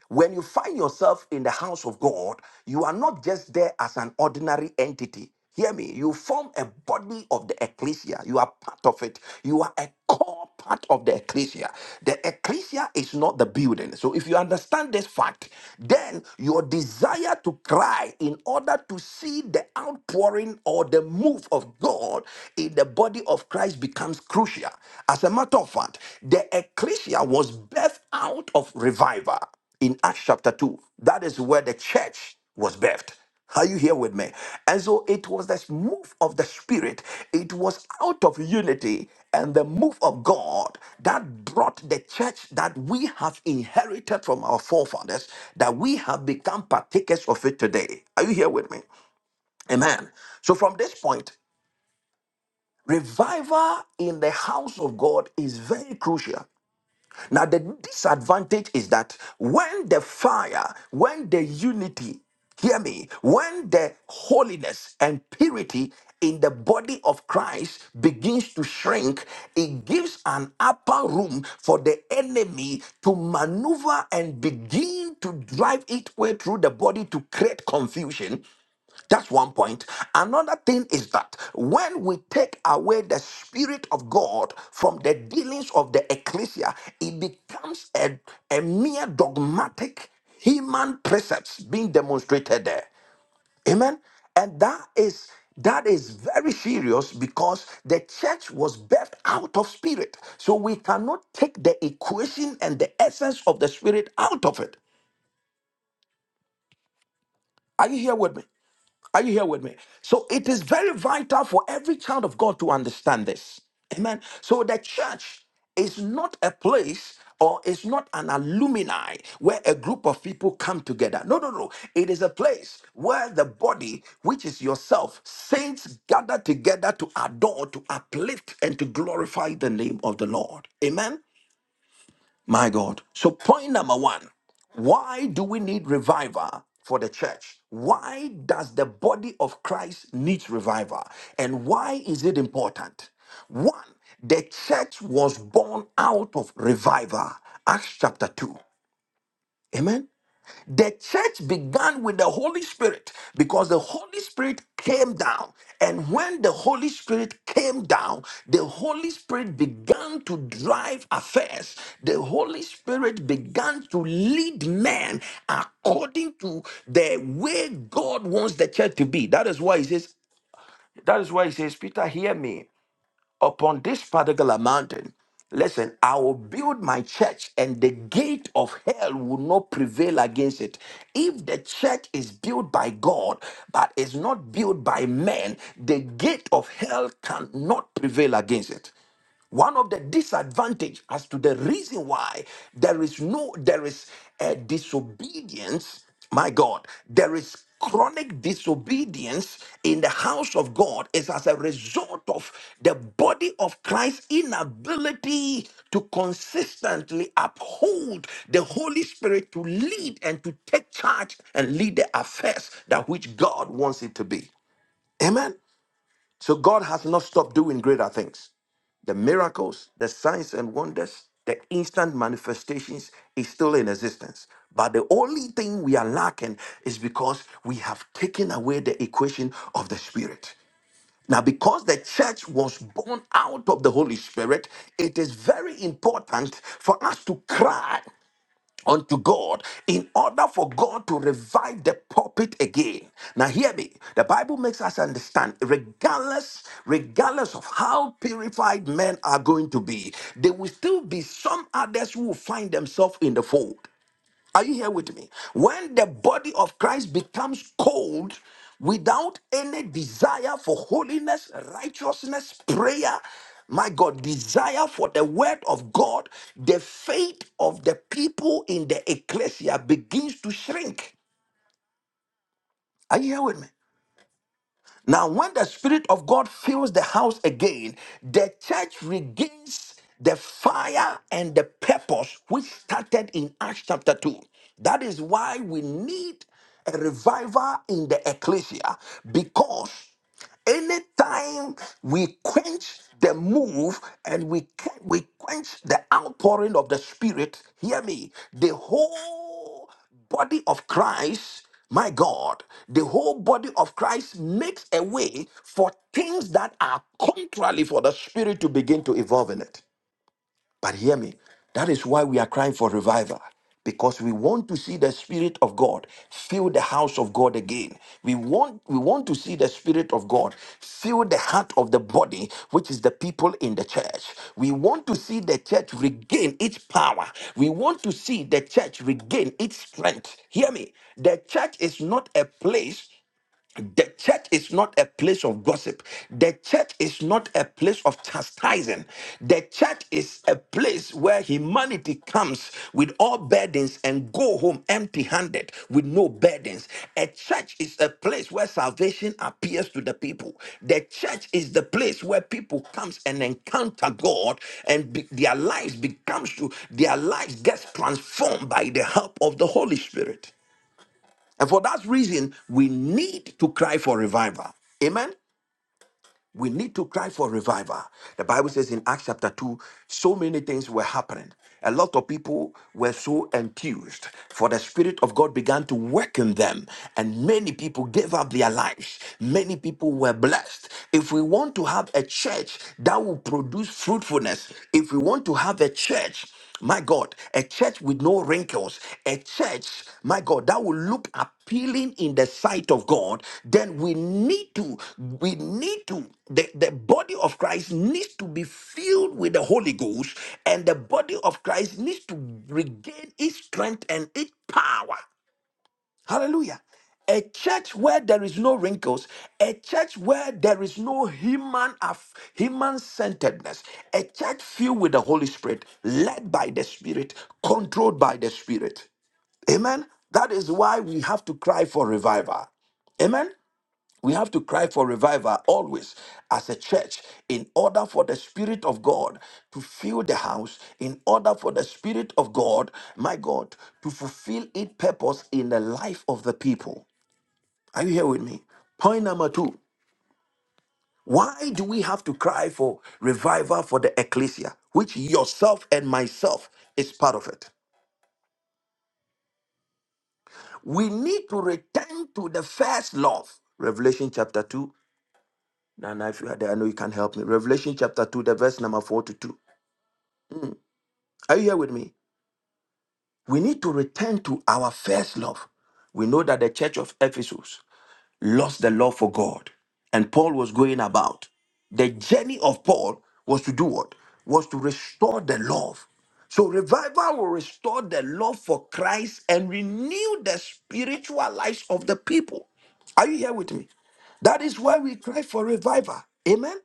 S1: when you find yourself in the house of God, you are not just there as an ordinary entity. Hear me, you form a body of the ecclesia. You are part of it. You are a core part of the ecclesia. The ecclesia is not the building. So if you understand this fact, then your desire to cry in order to see the outpouring or the move of God in the body of Christ becomes crucial. As a matter of fact, the ecclesia was birthed out of revival in Acts chapter 2. That is where the church was birthed. Are you here with me? And so it was this move of the Spirit. It was out of unity and the move of God that brought the church that we have inherited from our forefathers, that we have become partakers of it today. Are you here with me? Amen. So from this point, revival in the house of God is very crucial now, the disadvantage is that when the fire, when the unity, hear me, when the holiness and purity in the body of Christ begins to shrink, it gives an upper room for the enemy to maneuver and begin to drive its way through the body to create confusion that's one point. Another thing is that when we take away the Spirit of God from the dealings of the ecclesia, it becomes a, a mere dogmatic human precepts being demonstrated there. Amen. And that is that is very serious because the church was birthed out of spirit. So we cannot take the equation and the essence of the spirit out of it. Are you here with me? Are you here with me? So it is very vital for every child of God to understand this. Amen. So the church is not a place or is not an alumni where a group of people come together. No, no, no. It is a place where the body, which is yourself, saints gather together to adore, to uplift, and to glorify the name of the Lord. Amen. My God. So, point number one why do we need revival for the church? Why does the body of Christ need revival? And why is it important? One, the church was born out of revival. Acts chapter 2. Amen. The church began with the Holy Spirit because the Holy Spirit came down. And when the Holy Spirit came down, the Holy Spirit began to drive affairs. The Holy Spirit began to lead men according to the way God wants the church to be. That is why he says, that is why he says, Peter, hear me upon this particular mountain, listen, I will build my church and the gate of hell will not prevail against it. If the church is built by God, but is not built by men, the gate of hell cannot prevail against it one of the disadvantage as to the reason why there is no there is a disobedience my god there is chronic disobedience in the house of god is as a result of the body of christ's inability to consistently uphold the holy spirit to lead and to take charge and lead the affairs that which god wants it to be amen so god has not stopped doing greater things the miracles, the signs and wonders, the instant manifestations is still in existence. But the only thing we are lacking is because we have taken away the equation of the Spirit. Now, because the church was born out of the Holy Spirit, it is very important for us to cry unto God in order for God to revive the pulpit again. Now hear me. The Bible makes us understand regardless regardless of how purified men are going to be, there will still be some others who will find themselves in the fold. Are you here with me? When the body of Christ becomes cold without any desire for holiness, righteousness, prayer, my God, desire for the word of God, the faith of the people in the ecclesia begins to shrink. Are you here with me? Now, when the Spirit of God fills the house again, the church regains the fire and the purpose which started in Acts chapter 2. That is why we need a revival in the ecclesia because anytime we quench the move and we, quen- we quench the outpouring of the Spirit, hear me, the whole whole body of Christ, my God, the whole body of Christ makes a way for things that are contrary for the spirit to begin to evolve in it. But hear me, that is why we are crying for revival. Because we want to see the Spirit of God fill the house of God again. We want, we want to see the Spirit of God fill the heart of the body, which is the people in the church. We want to see the church regain its power. We want to see the church regain its strength. Hear me. The church is not a place. The church is not a place of gossip. The church is not a place of chastising. The church is a place where humanity comes with all burdens and go home empty handed with no burdens. A church is a place where salvation appears to the people. The church is the place where people comes and encounter God and be- their lives becomes to their lives gets transformed by the help of the Holy Spirit. And for that reason, we need to cry for revival. Amen. We need to cry for revival. The Bible says in Acts chapter 2, so many things were happening. A lot of people were so enthused, for the Spirit of God began to work in them, and many people gave up their lives. Many people were blessed. If we want to have a church that will produce fruitfulness, if we want to have a church my God, a church with no wrinkles, a church, my God, that will look appealing in the sight of God, then we need to, we need to, the, the body of Christ needs to be filled with the Holy Ghost, and the body of Christ needs to regain its strength and its power. Hallelujah. A church where there is no wrinkles, a church where there is no human af- human centeredness, a church filled with the Holy Spirit, led by the Spirit, controlled by the Spirit. Amen. That is why we have to cry for revival. Amen. We have to cry for revival always as a church in order for the Spirit of God to fill the house, in order for the Spirit of God, my God, to fulfill its purpose in the life of the people. Are you here with me? Point number two why do we have to cry for revival for the ecclesia, which yourself and myself is part of it? We need to return to the first love. Revelation chapter 2 Nana, if you are there, I know you can help me. Revelation chapter 2, the verse number 4 to 2. Are you here with me? We need to return to our first love. We know that the church of Ephesus lost the love for God, and Paul was going about. The journey of Paul was to do what? Was to restore the love. So revival will restore the love for Christ and renew the spiritual lives of the people. Are you here with me? That is why we cry for revival. Amen.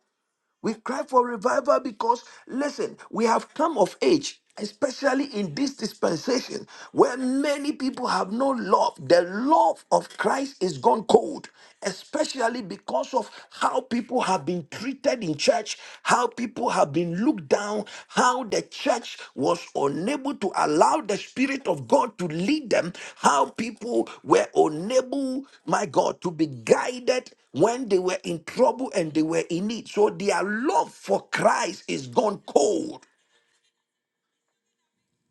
S1: We cry for revival because, listen, we have come of age, especially in this dispensation where many people have no love. The love of Christ is gone cold, especially because of how people have been treated in church, how people have have been looked down, how the church was unable to allow the Spirit of God to lead them, how people were unable, my God, to be guided when they were in trouble and they were in need. So their love for Christ is gone cold.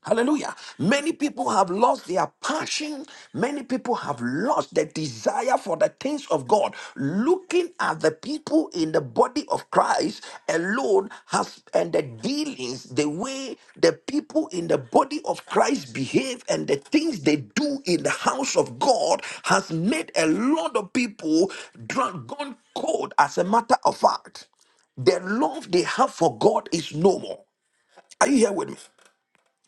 S1: Hallelujah. Many people have lost their passion. Many people have lost the desire for the things of God. Looking at the people in the body of Christ alone has and the dealings, the way the people in the body of Christ behave and the things they do in the house of God has made a lot of people drunk, gone cold as a matter of fact. The love they have for God is no more. Are you here with me?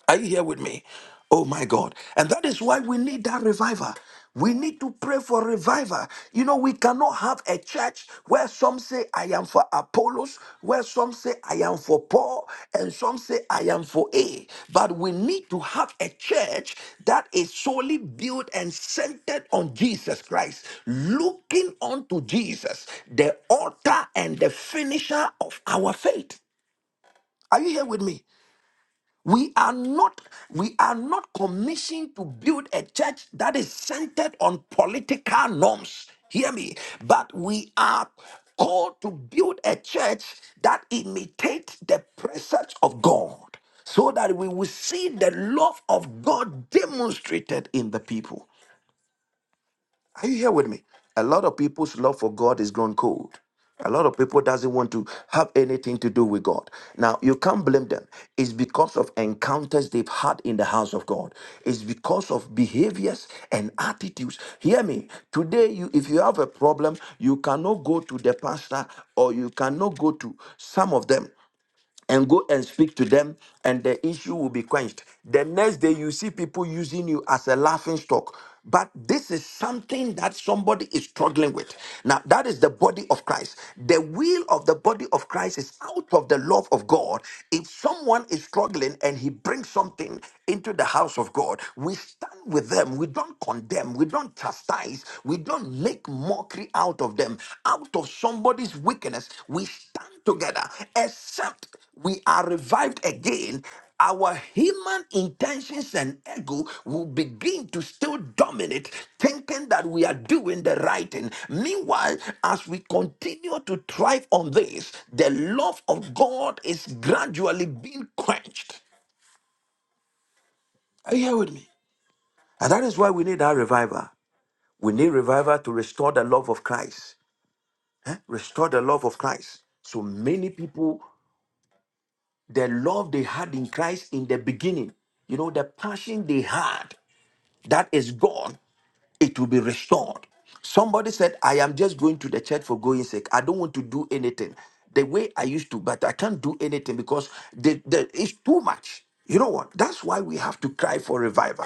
S1: Are you here with me? Oh my God. And that is why we need that revival. We need to pray for revival. You know, we cannot have a church where some say, I am for Apollos, where some say, I am for Paul, and some say, I am for A. But we need to have a church that is solely built and centered on Jesus Christ, looking unto Jesus, the author and the finisher of our faith. Are you here with me? We are not we are not commissioned to build a church that is centered on political norms. Hear me, but we are called to build a church that imitates the presence of God so that we will see the love of God demonstrated in the people. Are you here with me? A lot of people's love for God is grown cold. A lot of people doesn't want to have anything to do with God. Now you can't blame them. It's because of encounters they've had in the house of God. It's because of behaviors and attitudes. Hear me. Today, you if you have a problem, you cannot go to the pastor or you cannot go to some of them and go and speak to them, and the issue will be quenched. The next day, you see people using you as a laughing stock. But this is something that somebody is struggling with. Now, that is the body of Christ. The will of the body of Christ is out of the love of God. If someone is struggling and he brings something into the house of God, we stand with them. We don't condemn. We don't chastise. We don't don't make mockery out of them. Out of somebody's weakness, we stand together. Except we are revived again, our human intentions and ego will begin to still dominate, thinking that we are doing the right thing. Meanwhile, as we continue to thrive on this, the love of God is gradually being quenched. Are you here with me? And that is why we need our revival. We need revival to restore the love of Christ. Restore the love of Christ. So many people, the love they had in Christ in the beginning, you know, the passion they had, that is gone it will be restored. Somebody said, I am just going to the church for going sake. I don't want to do anything the way I used to, but I can't do anything because the, the, it's too much. You know what? That's why we have to cry for revival.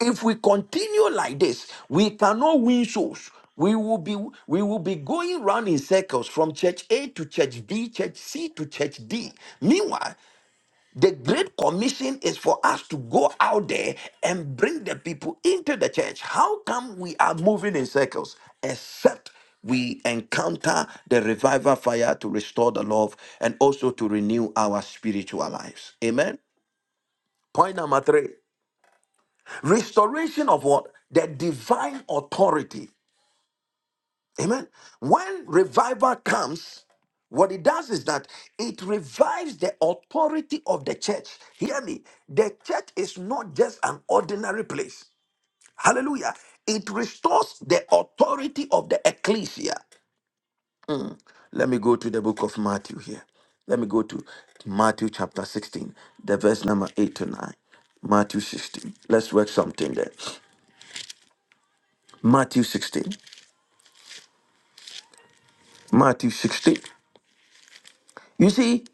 S1: If we continue like this, we cannot win souls. We will be we will be going round in circles from church A to church B, church C to church D. Meanwhile, the Great Commission is for us to go out there and bring the people into the church. How come we are moving in circles? Except we encounter the revival fire to restore the love and also to renew our spiritual lives. Amen. Point number three restoration of what? The divine authority Amen. When revival comes, what it does is that it revives the authority of the church. Hear me. The church is not just an ordinary place. Hallelujah. It restores the authority of the ecclesia. Let me go to the book of Matthew here. Let me go to Matthew chapter 16, the verse number 8 to 9. Matthew 16. Let's work something there. Matthew 16. Matthew 16. You see,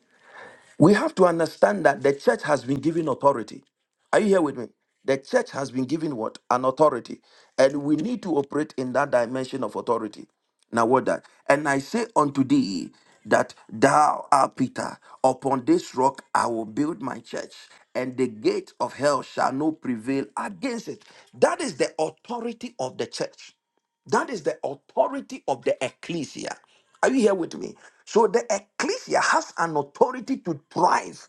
S1: We have to understand that the church has been given authority. Are you here with me? The church has been given what? An authority. And we need to operate in that dimension of authority. Now, what that? And I say unto thee that thou art Peter, upon this rock I will build my church, and the gate of hell shall not prevail against it. That is the authority of the church. That is the authority of the ecclesia. Are you here with me? So the ecclesia has an authority to thrive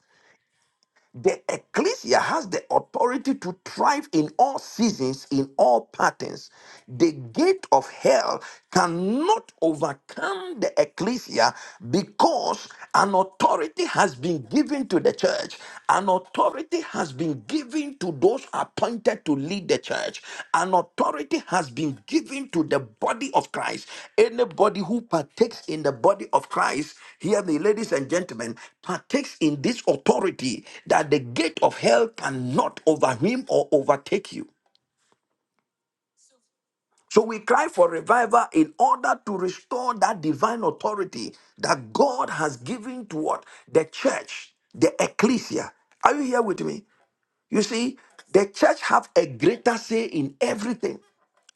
S1: the ecclesia has the authority to thrive in all seasons, in all patterns. The gate of hell cannot overcome the ecclesia because an authority has been given to the church. An authority has been given to those appointed to lead the church. An authority has been given to the body of Christ. Anybody who partakes in the body of Christ, hear me, ladies and gentlemen, partakes in this authority that the gate of hell cannot overwhelm or overtake you. So we cry for revival in order to restore that divine authority that God has given to what? The church, the ecclesia. Are you here with me? You see, the church have a greater say in everything.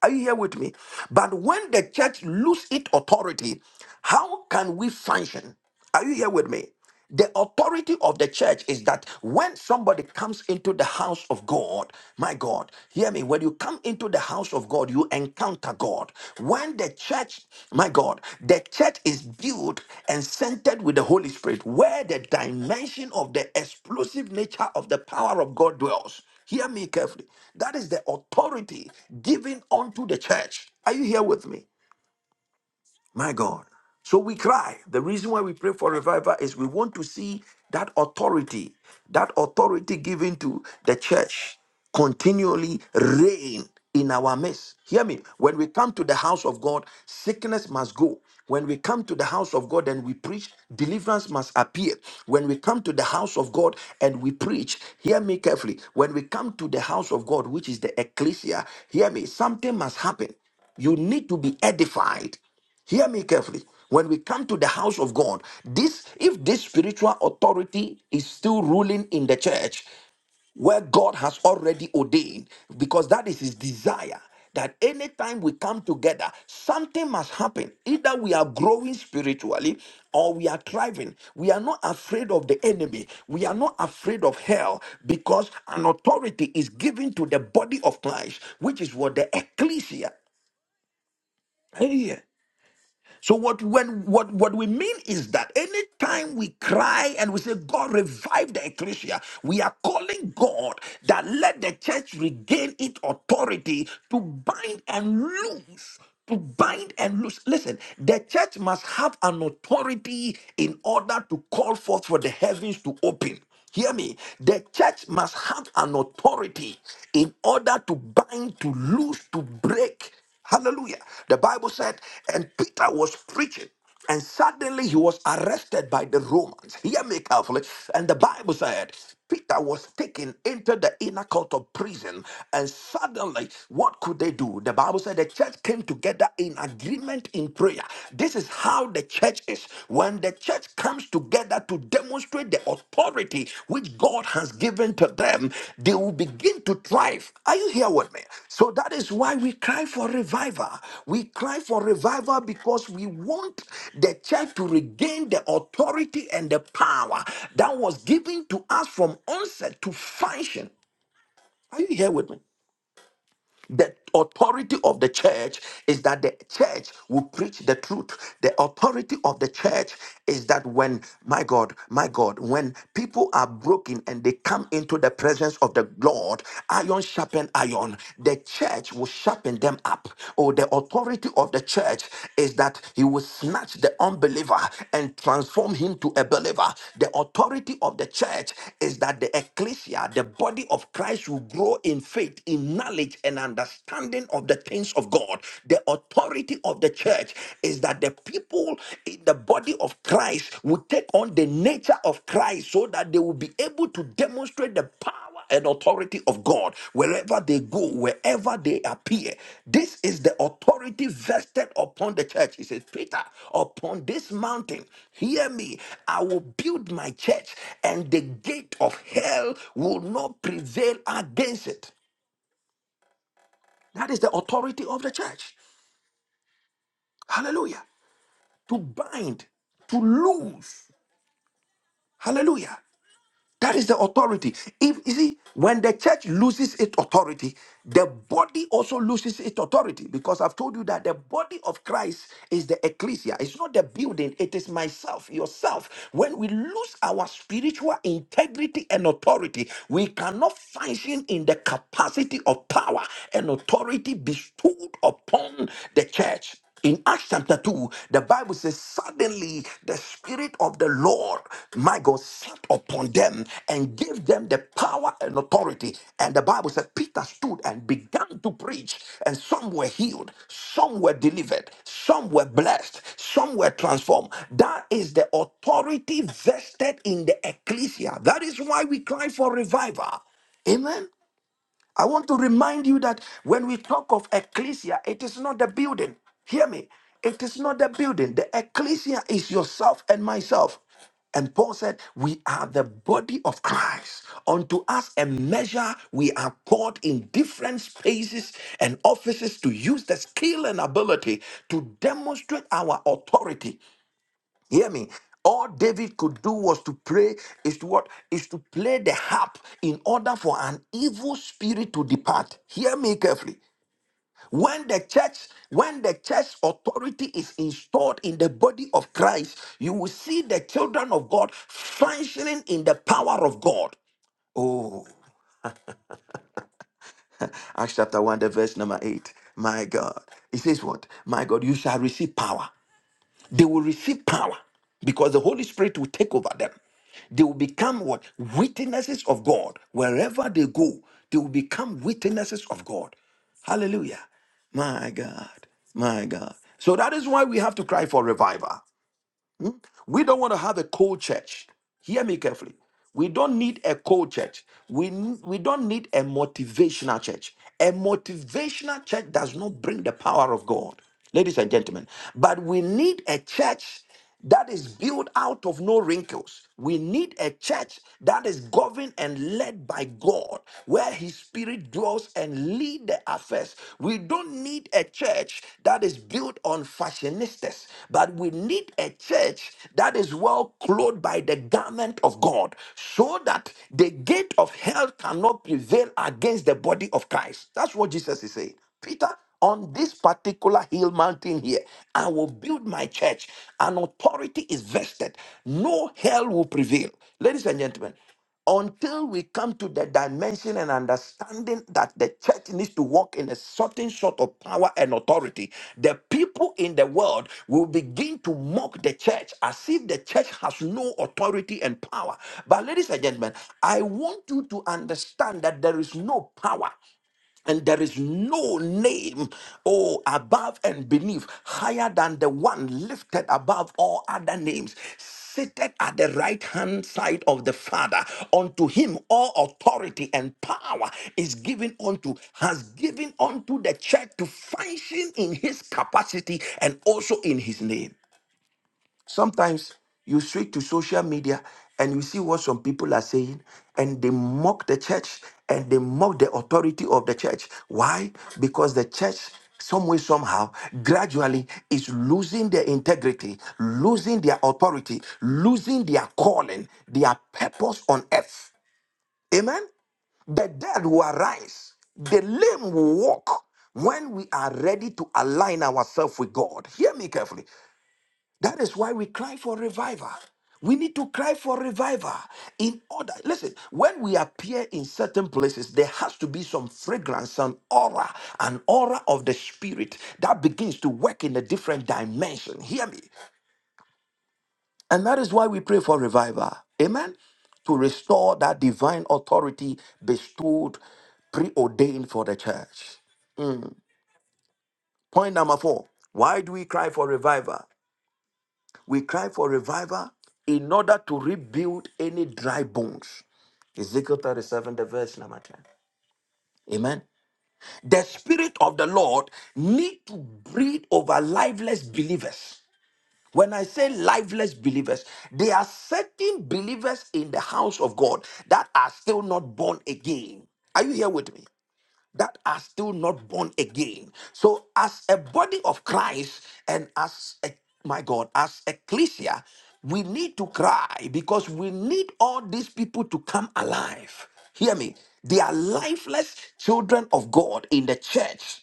S1: Are you here with me? But when the church lose its authority, how can we function? Are you here with me? The authority of the church is that when somebody comes into the house of God, my God, hear me, when you come into the house of God, you encounter God. When the church, my God, the church is built and centered with the Holy Spirit, where the dimension of the explosive nature of the power of God dwells. Hear me carefully. That is the authority given unto the church. Are you here with me? My God. So we cry. The reason why we pray for revival is we want to see that authority, that authority given to the church continually reign in our midst. Hear me. When we come to the house of God, sickness must go. When we come to the house of God and we preach, deliverance must appear. When we come to the house of God and we preach, hear me carefully. When we come to the house of God, which is the ecclesia, hear me, something must happen. You need to be edified. Hear me carefully. When we come to the house of God, this if this spiritual authority is still ruling in the church, where God has already ordained, because that is his desire. That anytime we come together, something must happen. Either we are growing spiritually or we are thriving. We are not afraid of the enemy. We are not afraid of hell because an authority is given to the body of Christ, which is what the ecclesia. Hey, yeah. So what when what what we mean is that anytime we cry and we say God revive the ecclesia, we are calling God that let the church regain its authority to bind and loose. To bind and loose. Listen, the church must have an authority in order to call forth for the heavens to open. Hear me. The church must have an authority in order to bind, to loose, to break. Hallelujah. The Bible said, and Peter was preaching. And suddenly he was arrested by the Romans. Hear me carefully. And the Bible said Peter was taken into the inner court of prison, and suddenly, what could they do? The Bible said the church came together in agreement in prayer. This is how the church is. When the church comes together to demonstrate the authority which God has given to them, they will begin to thrive. Are you here with me? So that is why we cry for revival. We cry for revival because we want the church to regain the authority and the power that was given to us from onset to function. Are you here with me? The authority of the church is that the church will preach the truth. The authority of the church is that when, my God, my God, when people are broken and they come into the presence of the Lord, iron sharpen iron, the church will sharpen them up. Or the authority of the church is that he will snatch the unbeliever and transform him to a believer. The authority of the church is that the ecclesia, the body of Christ, will grow in faith in knowledge knowledge and understanding of the things of God. The authority of the church is that the people in the body of Christ will take on the nature of Christ so that they will be able to demonstrate the power and authority of God wherever they go, wherever they appear. This is the authority vested upon the church. He says, Peter, upon this mountain, hear me, I will build my church, and the gate of hell will not prevail against it. That is the authority of the church. Hallelujah. To bind, to loose. Hallelujah. That is the authority. If you see, when the church loses its authority, the body also loses its authority. Because I've told you that the body of Christ is the ecclesia. It's not the building, it is myself, yourself. When we lose our spiritual integrity and authority, we cannot function in the capacity of power and authority bestowed upon the church. In Acts chapter 2, the Bible says, Suddenly the Spirit of the Lord, my God, sat upon them and gave them the power and authority. And the Bible said, Peter stood and began to preach, and some were healed, some were delivered, some were blessed, some were transformed. That is the authority vested in the ecclesia. That is why we cry for revival. Amen. I want to remind you that when we talk of ecclesia, it is not the building. Hear me. It is not the building. The ecclesia is yourself and myself. And Paul said, We are the body of Christ. Unto us a measure we are poured in different spaces and offices to use the skill and ability to demonstrate our authority. Hear me. All David could do was to pray is to what is to play the harp in order for an evil spirit to depart. Hear me carefully. When the church, when the church authority is installed in the body of Christ, you will see the children of God functioning in the power of God. Oh, Acts chapter 1, the verse number 8. My God. It says what? My God, you shall receive power. They will receive power because the Holy Spirit will take over them. They will become what? Witnesses of God. Wherever they go, they will become witnesses of God. Hallelujah. My God. My God. So that is why we have to cry for revival. We don't want to have a cold church. Hear me carefully. We don't need a cold church. We, n- we don't need a motivational church. A motivational church does not bring the power of God, ladies and gentlemen. But we need a church that is built out of no wrinkles. We need a church that is governed and led by God, where His Spirit dwells and lead the affairs. We don't need a church that is built on fashionistas, but we need a church that is well clothed by the garment of God so that the gate of hell cannot prevail against the body of Christ. That's what Jesus is saying. Peter, on this particular hill mountain here, I will build my church. An authority is vested. No hell will prevail. Ladies and gentlemen, until we come to the dimension and understanding that the church needs to walk in a certain sort of power and authority, the people in the world will begin to mock the church as if the church has no authority and power. But, ladies and gentlemen, I want you to understand that there is no power. And there is no name, oh, above and beneath, higher than the one lifted above all other names, seated at the right hand side of the Father. Unto him all authority and power is given unto, has given unto the church to function in his capacity and also in his name. Sometimes you switch to social media and you see what some people are saying, and they mock the church and they mock the authority of the church. Why? Because the church, some way, somehow, gradually is losing their integrity, losing their authority, losing their calling, their purpose on earth. Amen? The dead will arise, the lame will walk. When we are ready to align ourselves with God, hear me carefully. That is why we cry for revival. We need to cry for revival in order. Listen, when we appear in certain places, there has to be some fragrance, an aura, an aura of the spirit that begins to work in a different dimension. Hear me. And that is why we pray for revival. Amen. To restore that divine authority bestowed, preordained for the church. Point number four. Why do we cry for revival? We cry for revival in order to rebuild any dry bones. Ezekiel 37, the verse number 10. Amen. The Spirit of the Lord need to breathe over lifeless believers. When I say lifeless believers, there are certain believers in the house of God that are still not born again. Are you here with me? that are still not born again. So, as a body of Christ and as a, my God, as ecclesia, we need to cry because we need all these people to come alive. Hear me. They are lifeless children of God in the church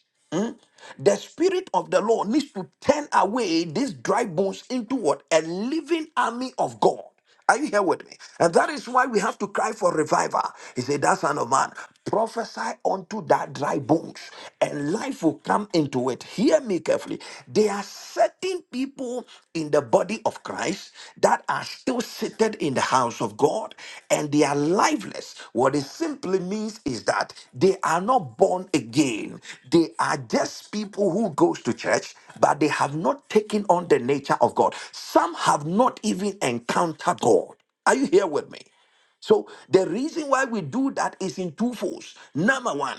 S1: the spirit of the Lord needs to turn away these dry bones into what? A living army of God. Are you here with me? And that is why we have to cry for revival. He said, That son of man, prophesy unto that dry bones, and life will come into it. Hear me carefully. There are certain people in the the body of Christ that are still seated in the house of God and they are lifeless. What it simply means is that they are not born again. They are just people who goes to church but they have not taken on the nature of God. Some have not even encountered God. Are you here with me? So the reason why we do that is in two folds. Number one,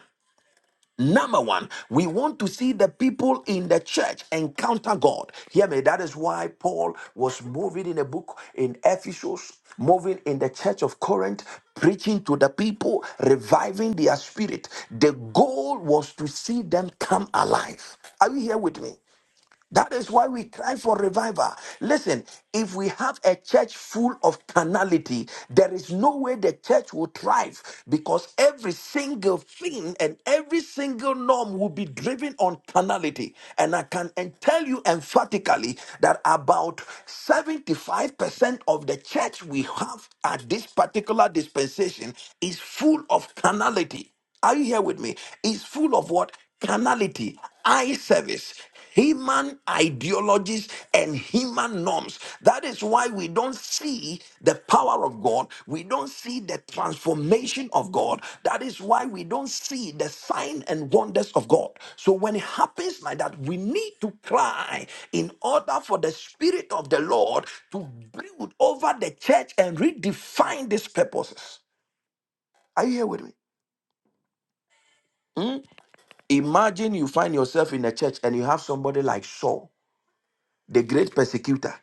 S1: Number one, we want to see the people in the church encounter God. Hear me. That is why Paul was moving in a book in Ephesus, moving in the church of Corinth, preaching to the people, reviving their spirit. The goal was to see them come alive. Are you here with me? That is why we cry for revival. Listen, if we have a church full of carnality, there is no way the church will thrive because every single thing and every single norm will be driven on carnality. And I can and tell you emphatically that about 75% of the church we have at this particular dispensation is full of carnality. Are you here with me? It's full of what? Carnality, eye service, human ideologies, and human norms. That is why we don't see the power of God. We don't see the transformation of God. That is why we don't see the sign and wonders of God. So when it happens like that, we need to cry in order for the Spirit of the Lord to brood over the church and redefine these purposes. Are you here with me? Imagine you find yourself in a church and you have somebody like Saul, the great persecutor.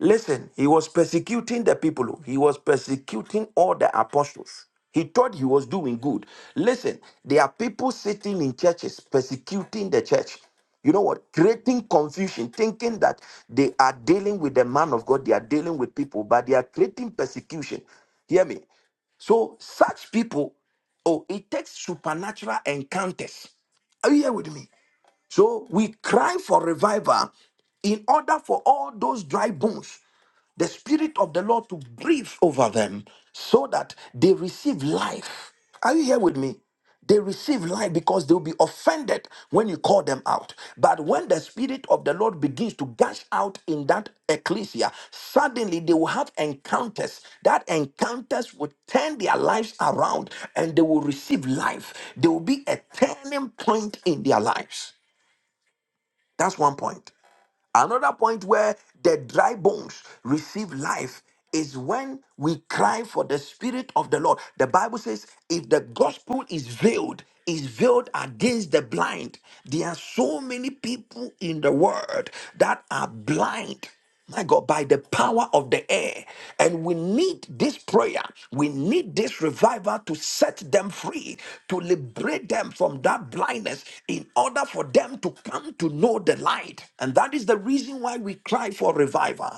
S1: Listen, he was persecuting the people. He was persecuting all the apostles. He thought he was doing good. Listen, there are people sitting in churches persecuting the church. You know what? Creating confusion, thinking that they are dealing with the man of God, they are dealing with people, but they are creating persecution. Hear me. So, such people, oh, it takes supernatural encounters. Are you here with me? So we cry for revival in order for all those dry bones, the Spirit of the Lord to breathe over them so that they receive life. Are you here with me? They receive life because they'll be offended when you call them out. But when the Spirit of the Lord begins to gush out in that ecclesia, suddenly they will have encounters. That encounters will turn their lives around and they will receive life. There will be a turning point in their lives. That's one point. Another point where the dry bones receive life is when we cry for the spirit of the Lord. The Bible says, if the gospel is veiled, is veiled against the blind. There are so many people in the world that are blind my God, by the power of the air. And we need this prayer. We need this revival to set them free, to liberate them from that blindness in order for them to come to know the light. And that is the reason why we cry for revival.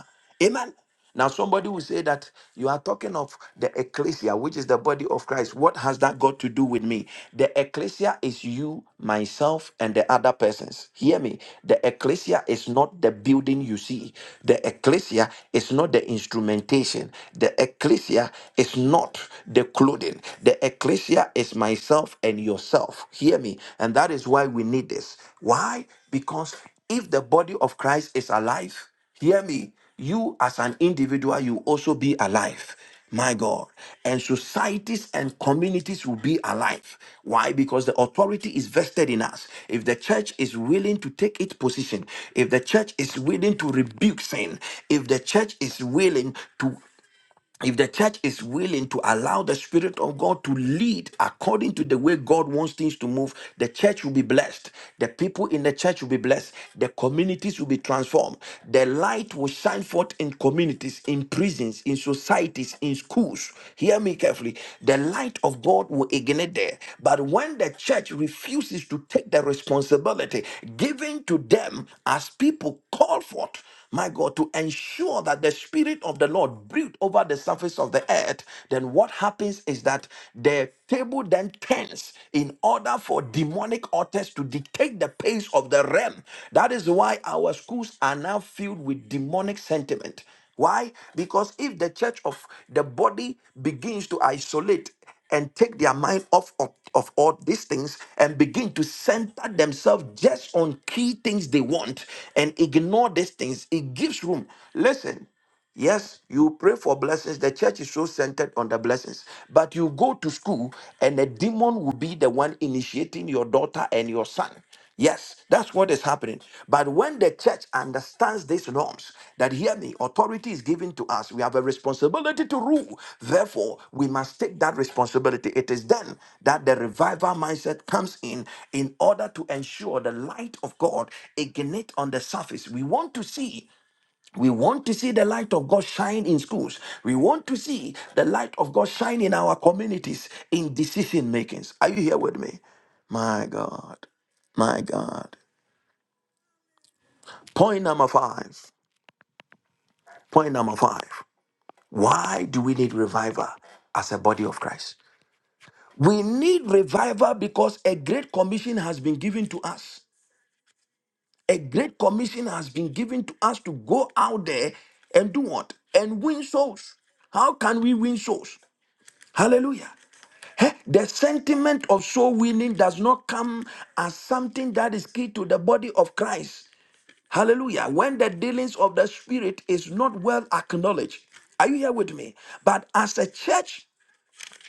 S1: Amen. Now, somebody will say that you are talking of the ecclesia, which is the body of Christ. What has that got to do with me? The ecclesia is you, myself, and the other persons. Hear me. The ecclesia is not the building you see, the ecclesia is not the instrumentation, the ecclesia is not the clothing. The ecclesia is myself and yourself. Hear me. And that is why we need this. Why? Because if the body of Christ is alive, Hear me. You, as an individual, you also be alive. My God. And societies and communities will be alive. Why? Because the authority is vested in us. If the church is willing to take its position, if the church is willing to rebuke sin, if the church is willing to if the church is willing to allow the spirit of god to lead according to the way god wants things to move the church will be blessed the people in the church will be blessed the communities will be transformed the light will shine forth in communities in prisons in societies in schools hear me carefully the light of god will ignite there but when the church refuses to take the responsibility given to them as people call forth my God, to ensure that the Spirit of the Lord breathed over the surface of the earth, then what happens is that the table then turns in order for demonic authors to dictate the pace of the realm. That is why our schools are now filled with demonic sentiment. Why? Because if the church of the body begins to isolate, and take their mind off of, of all these things and begin to center themselves just on key things they want and ignore these things. It gives room. Listen, yes, you pray for blessings. The church is so centered on the blessings. But you go to school and the demon will be the one initiating your daughter and your son. Yes, that's what is happening. But when the church understands these norms, that hear me, authority is given to us. We have a responsibility to rule. Therefore, we must take that responsibility. It is then that the revival mindset comes in in order to ensure the light of God ignite on the surface. We want to see we want to see the light of God shine in schools. We want to see the light of God shine in our communities in decision makings. Are you here with me? My God. My God. Point number five. Point number five. Why do we need revival as a body of Christ? We need revival because a great commission has been given to us. A great commission has been given to us to go out there and do what? And win souls. How can we win souls? Hallelujah. Eh, The sentiment of soul winning does not come as something that is key to the body of Christ. Hallelujah. When the dealings of the Spirit is not well acknowledged. Are you here with me? But as a church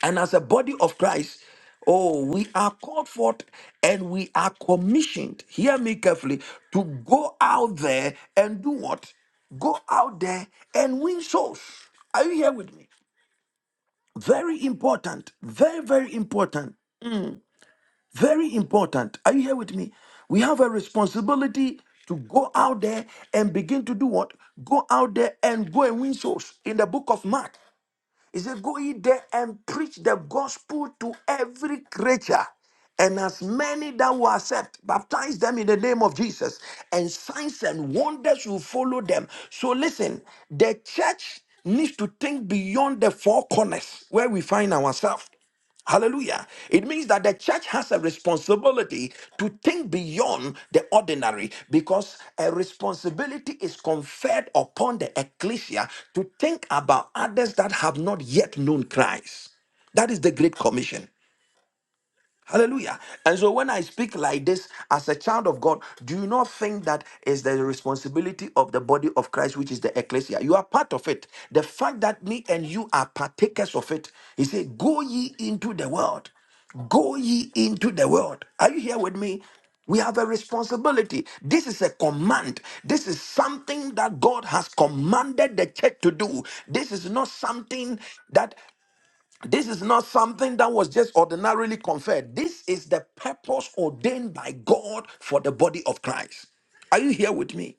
S1: and as a body of Christ, oh, we are called forth and we are commissioned, hear me carefully, to go out there and do what? Go out there and win souls. Are you here with me? Very important. Very, very important. Very important. Are you here with me? We have a responsibility to go out there and begin to do what? Go out there and go and win souls. In the book of Mark, he said, Go ye there and preach the gospel to every creature. And as many that will accept, baptize them in the name of Jesus, and signs and wonders will follow them. So listen, the church needs to think beyond the four corners where we find ourselves. Hallelujah. It means that the church has a responsibility to think beyond the ordinary because a responsibility is conferred upon the ecclesia to think about others that have not yet known Christ. That is the Great Commission. Hallelujah. And so when I speak like this as a child of God, do you not think that is the responsibility of the body of Christ, which is the ecclesia? You are part of it. The fact that me and you are partakers of it, he said, Go ye into the world. Go ye into the world. Are you here with me? We have a responsibility. This is a command. This is something that God has commanded the church to do. This is not something that this is not something that was just ordinarily conferred. This is the purpose ordained by God for the body of Christ. Are you here with me?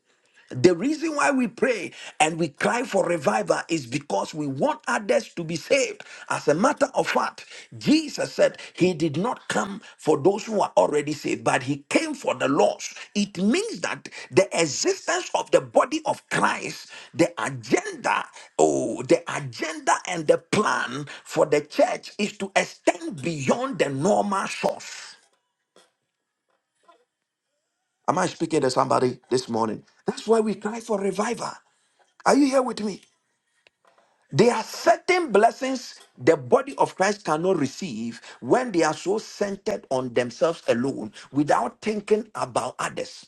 S1: The reason why we pray and we cry for revival is because we want others to be saved. As a matter of fact, Jesus said that he did not come for those who are already saved, but he came for the lost. It means that the existence of the body of Christ, the agenda, oh, the agenda and the plan for the church is to extend beyond the normal source. Am I speaking to somebody this morning? That's why we cry for revival. Are you here with me? There are certain blessings the body of Christ cannot receive when they are so centered on themselves alone without thinking about others.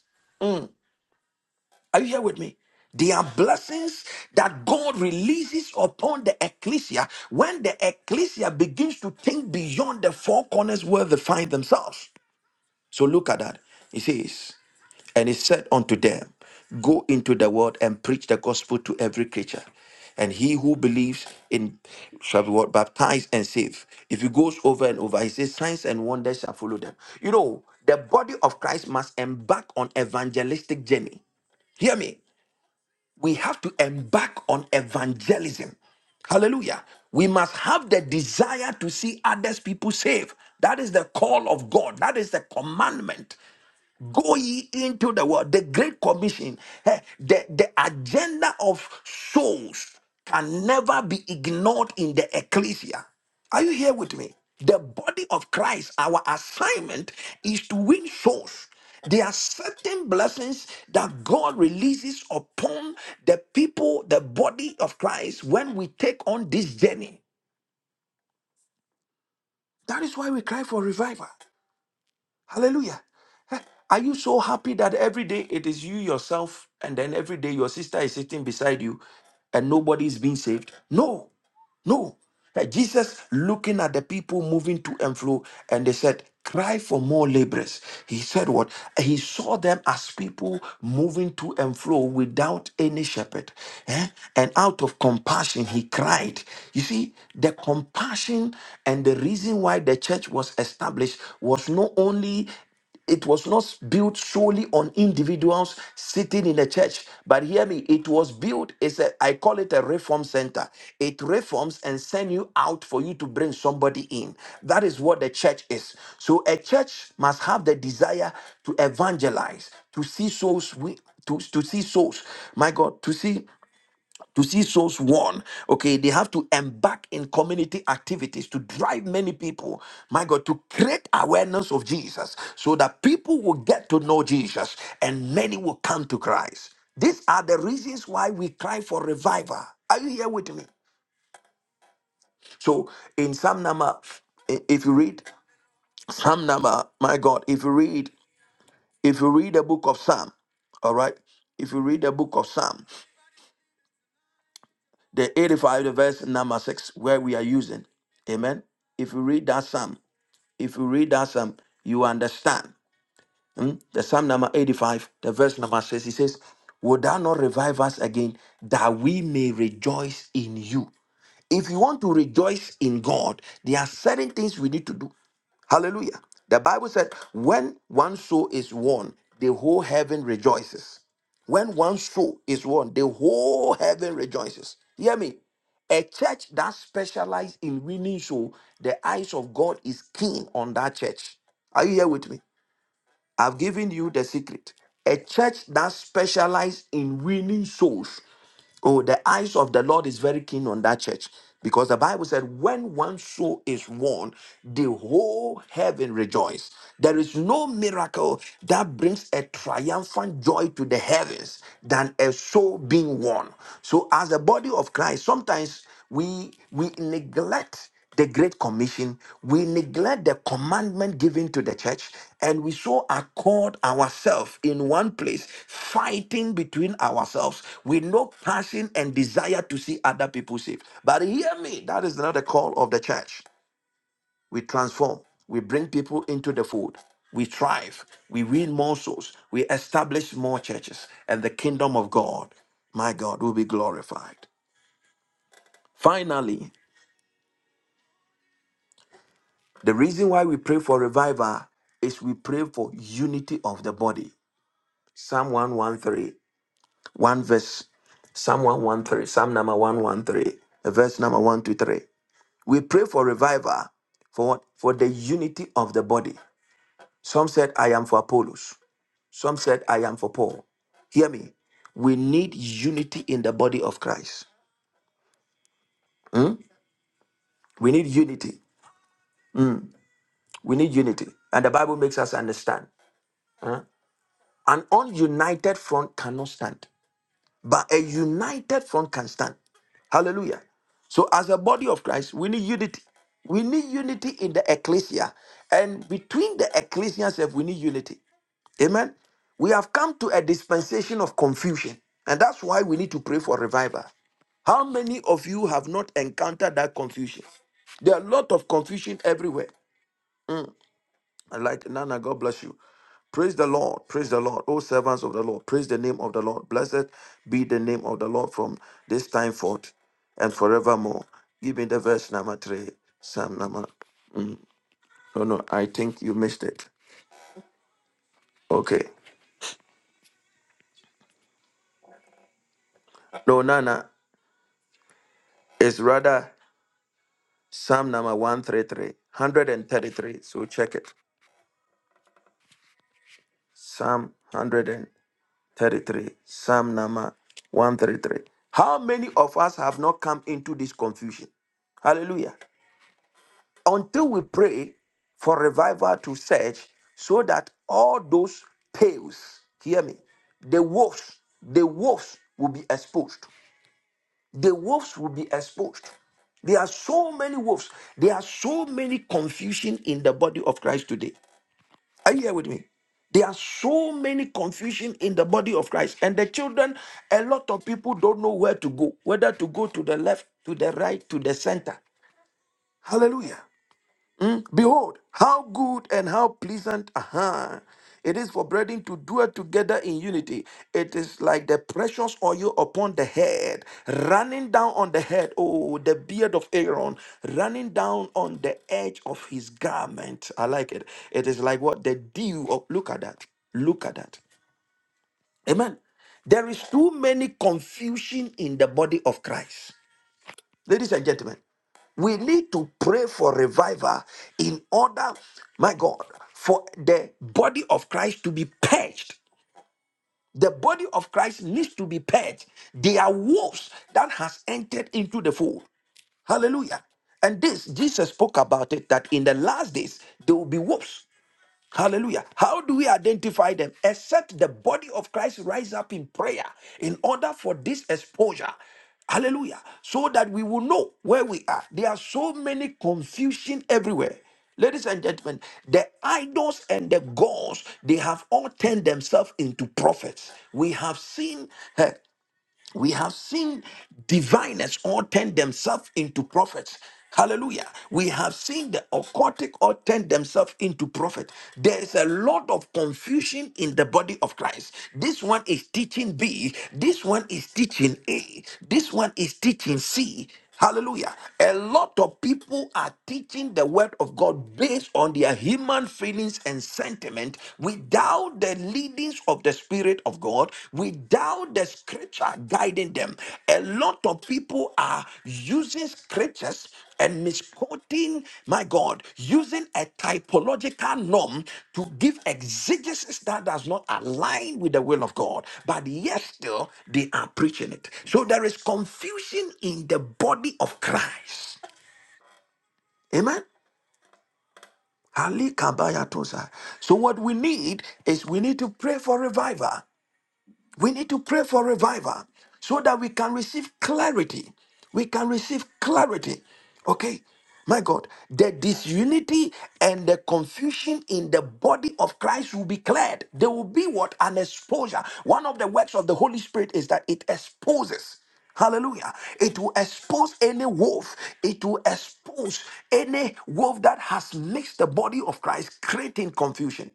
S1: Are you here with me? There are blessings that God releases upon the ecclesia when the ecclesia begins to think beyond the four corners where they find themselves. So look at that. It says. And he said unto them, Go into the world and preach the gospel to every creature. And he who believes in shall be what baptized and saved. If he goes over and over, he says, Signs and wonders shall follow them. You know, the body of Christ must embark on evangelistic journey. Hear me. We have to embark on evangelism. Hallelujah. We must have the desire to see others people saved. That is the call of God. That is the commandment. Go ye into the world. The Great Commission, eh, the, the agenda of souls can never be ignored in the ecclesia. Are you here with me? The body of Christ, our assignment is to win souls. There are certain blessings that God releases upon the people, the body of Christ, when we take on this journey. That is why we cry for revival. Hallelujah. Eh, Are you so happy that every day it is you yourself, and then every day your sister is sitting beside you and nobody is being saved? No. No. That Jesus looking at the people moving to and fro, and they said, Cry for more laborers. He said, What? He saw them as people moving to and fro without any shepherd. eh? And out of compassion, he cried. You see, the compassion and the reason why the church was established was not only it was not built solely on individuals sitting in a church but hear me it was built it's a i call it a reform center it reforms and send you out for you to bring somebody in that is what the church is so a church must have the desire to evangelize to see souls we to, to see souls my god to see to see souls won okay they have to embark in community activities to drive many people my god to create awareness of jesus so that people will get to know jesus and many will come to christ these are the reasons why we cry for revival are you here with me so in psalm number i- if you read psalm number my god if you read if you read the book of psalm all right if you read the book of psalm the 85, the verse number 6, where we are using. Amen. If you read that psalm, if you read that psalm, you understand. Hmm? The psalm number 85, the verse number 6, he says, Would thou not revive us again that we may rejoice in you? If you want to rejoice in God, there are certain things we need to do. Hallelujah. The Bible said, when one soul is won, the whole heaven rejoices. When one soul is won, the whole heaven rejoices. Hear me. A church that specializes in winning soul, the eyes of God is keen on that church. Are you here with me? I've given you the secret. A church that specializes in winning souls. Oh, the eyes of the Lord is very keen on that church because the Bible said, when one soul is won, the whole heaven rejoices." There is no miracle that brings a triumphant joy to the heavens than a soul being won. So, as a body of Christ, sometimes we we neglect the Great Commission, we neglect the commandment given to the church, and we so accord ourselves in one place, fighting between ourselves with no passion and desire to see other people saved. But hear me, that is not the call of the church. We transform, we bring people into the fold, we thrive, we win more souls, we establish more churches, and the kingdom of God, my God, will be glorified. Finally, The reason why we pray for revival is we pray for unity of the body. Psalm one one three one verse, Psalm 113, Psalm number 113, verse number 123. We pray for revival for what? For the unity of the body. Some said, I am for Apollos. Some said, I am for Paul. Hear me. We need unity in the body of Christ. We need unity. We need unity. And the Bible makes us understand. huh? An ununited front cannot stand. But a united front can stand. Hallelujah. So, as a body of Christ, we need unity. We need unity in the ecclesia. And between the ecclesia itself, we need unity. Amen. We have come to a dispensation of confusion. And that's why we need to pray for revival. How many of you have not encountered that confusion? There are a lot of confusion everywhere. Like Nana, God bless you. Praise the Lord. Praise the Lord. O servants of the Lord, praise the name of the Lord. Blessed be the name of the Lord from this time forth and forevermore. Give me the verse number three. Psalm number. No, no, I think you missed it. Okay. No, Nana, it's rather Psalm number 133, 133. So check it. Psalm 133, Psalm number 133. How many of us have not come into this confusion? Hallelujah. until we pray for revival to search so that all those pails hear me the wolves the wolves will be exposed the wolves will be exposed there are so many wolves there are so many confusion in the body of christ today are you here with me there are so many confusion in the body of christ and the children a lot of people don't know where to go whether to go to the left to the right to the center hallelujah Hmm? Behold, how good and how pleasant aha, it is for brethren to dwell together in unity. It is like the precious oil upon the head, running down on the head, oh, the beard of Aaron, running down on the edge of his garment. I like it. It is like what? The dew of, look at that. Look at that. Amen. There is too many confusion in the body of Christ. Ladies and gentlemen, we need to pray for revival in order, my God, for the body of Christ to be purged. The body of Christ needs to be purged. They are wolves that has entered into the fold. Hallelujah. And this, Jesus spoke about it that in the last days there will be wolves. Hallelujah. How do we identify them? Except the body of Christ rise up in prayer in order for this exposure. Hallelujah. So that we will know where we are. There are so many confusion everywhere. Ladies and gentlemen, the idols and the gods, they have all turned themselves into prophets. We have seen eh, we have seen diviners all turn themselves into prophets. Hallelujah. We have seen the occultic all turn themselves into prophet. There is a lot of confusion in the body of Christ. This one is teaching B. This one is teaching A. This one is teaching C. Hallelujah. A lot of people are teaching the word of God based on their human feelings and sentiment without the leadings of the Spirit of God, without the scripture guiding them. A lot of people are using scriptures and misquoting, my God, using a typological norm to give exegesis that does not align with the will of God, but yet still they are preaching it. So there is confusion in the body of Christ. Amen. Ali Kabaya Tosa. So what we need is we need to pray for revival. We need to pray for revival so that we can receive clarity. We can receive clarity. Okay? My God, the disunity and the confusion in the body of Christ will be cleared. There will be what? An exposure. One of the works of the Holy Spirit is that it exposes. Hallelujah. It will expose any wolf. It will expose any wolf that has mixed the body of Christ, creating confusion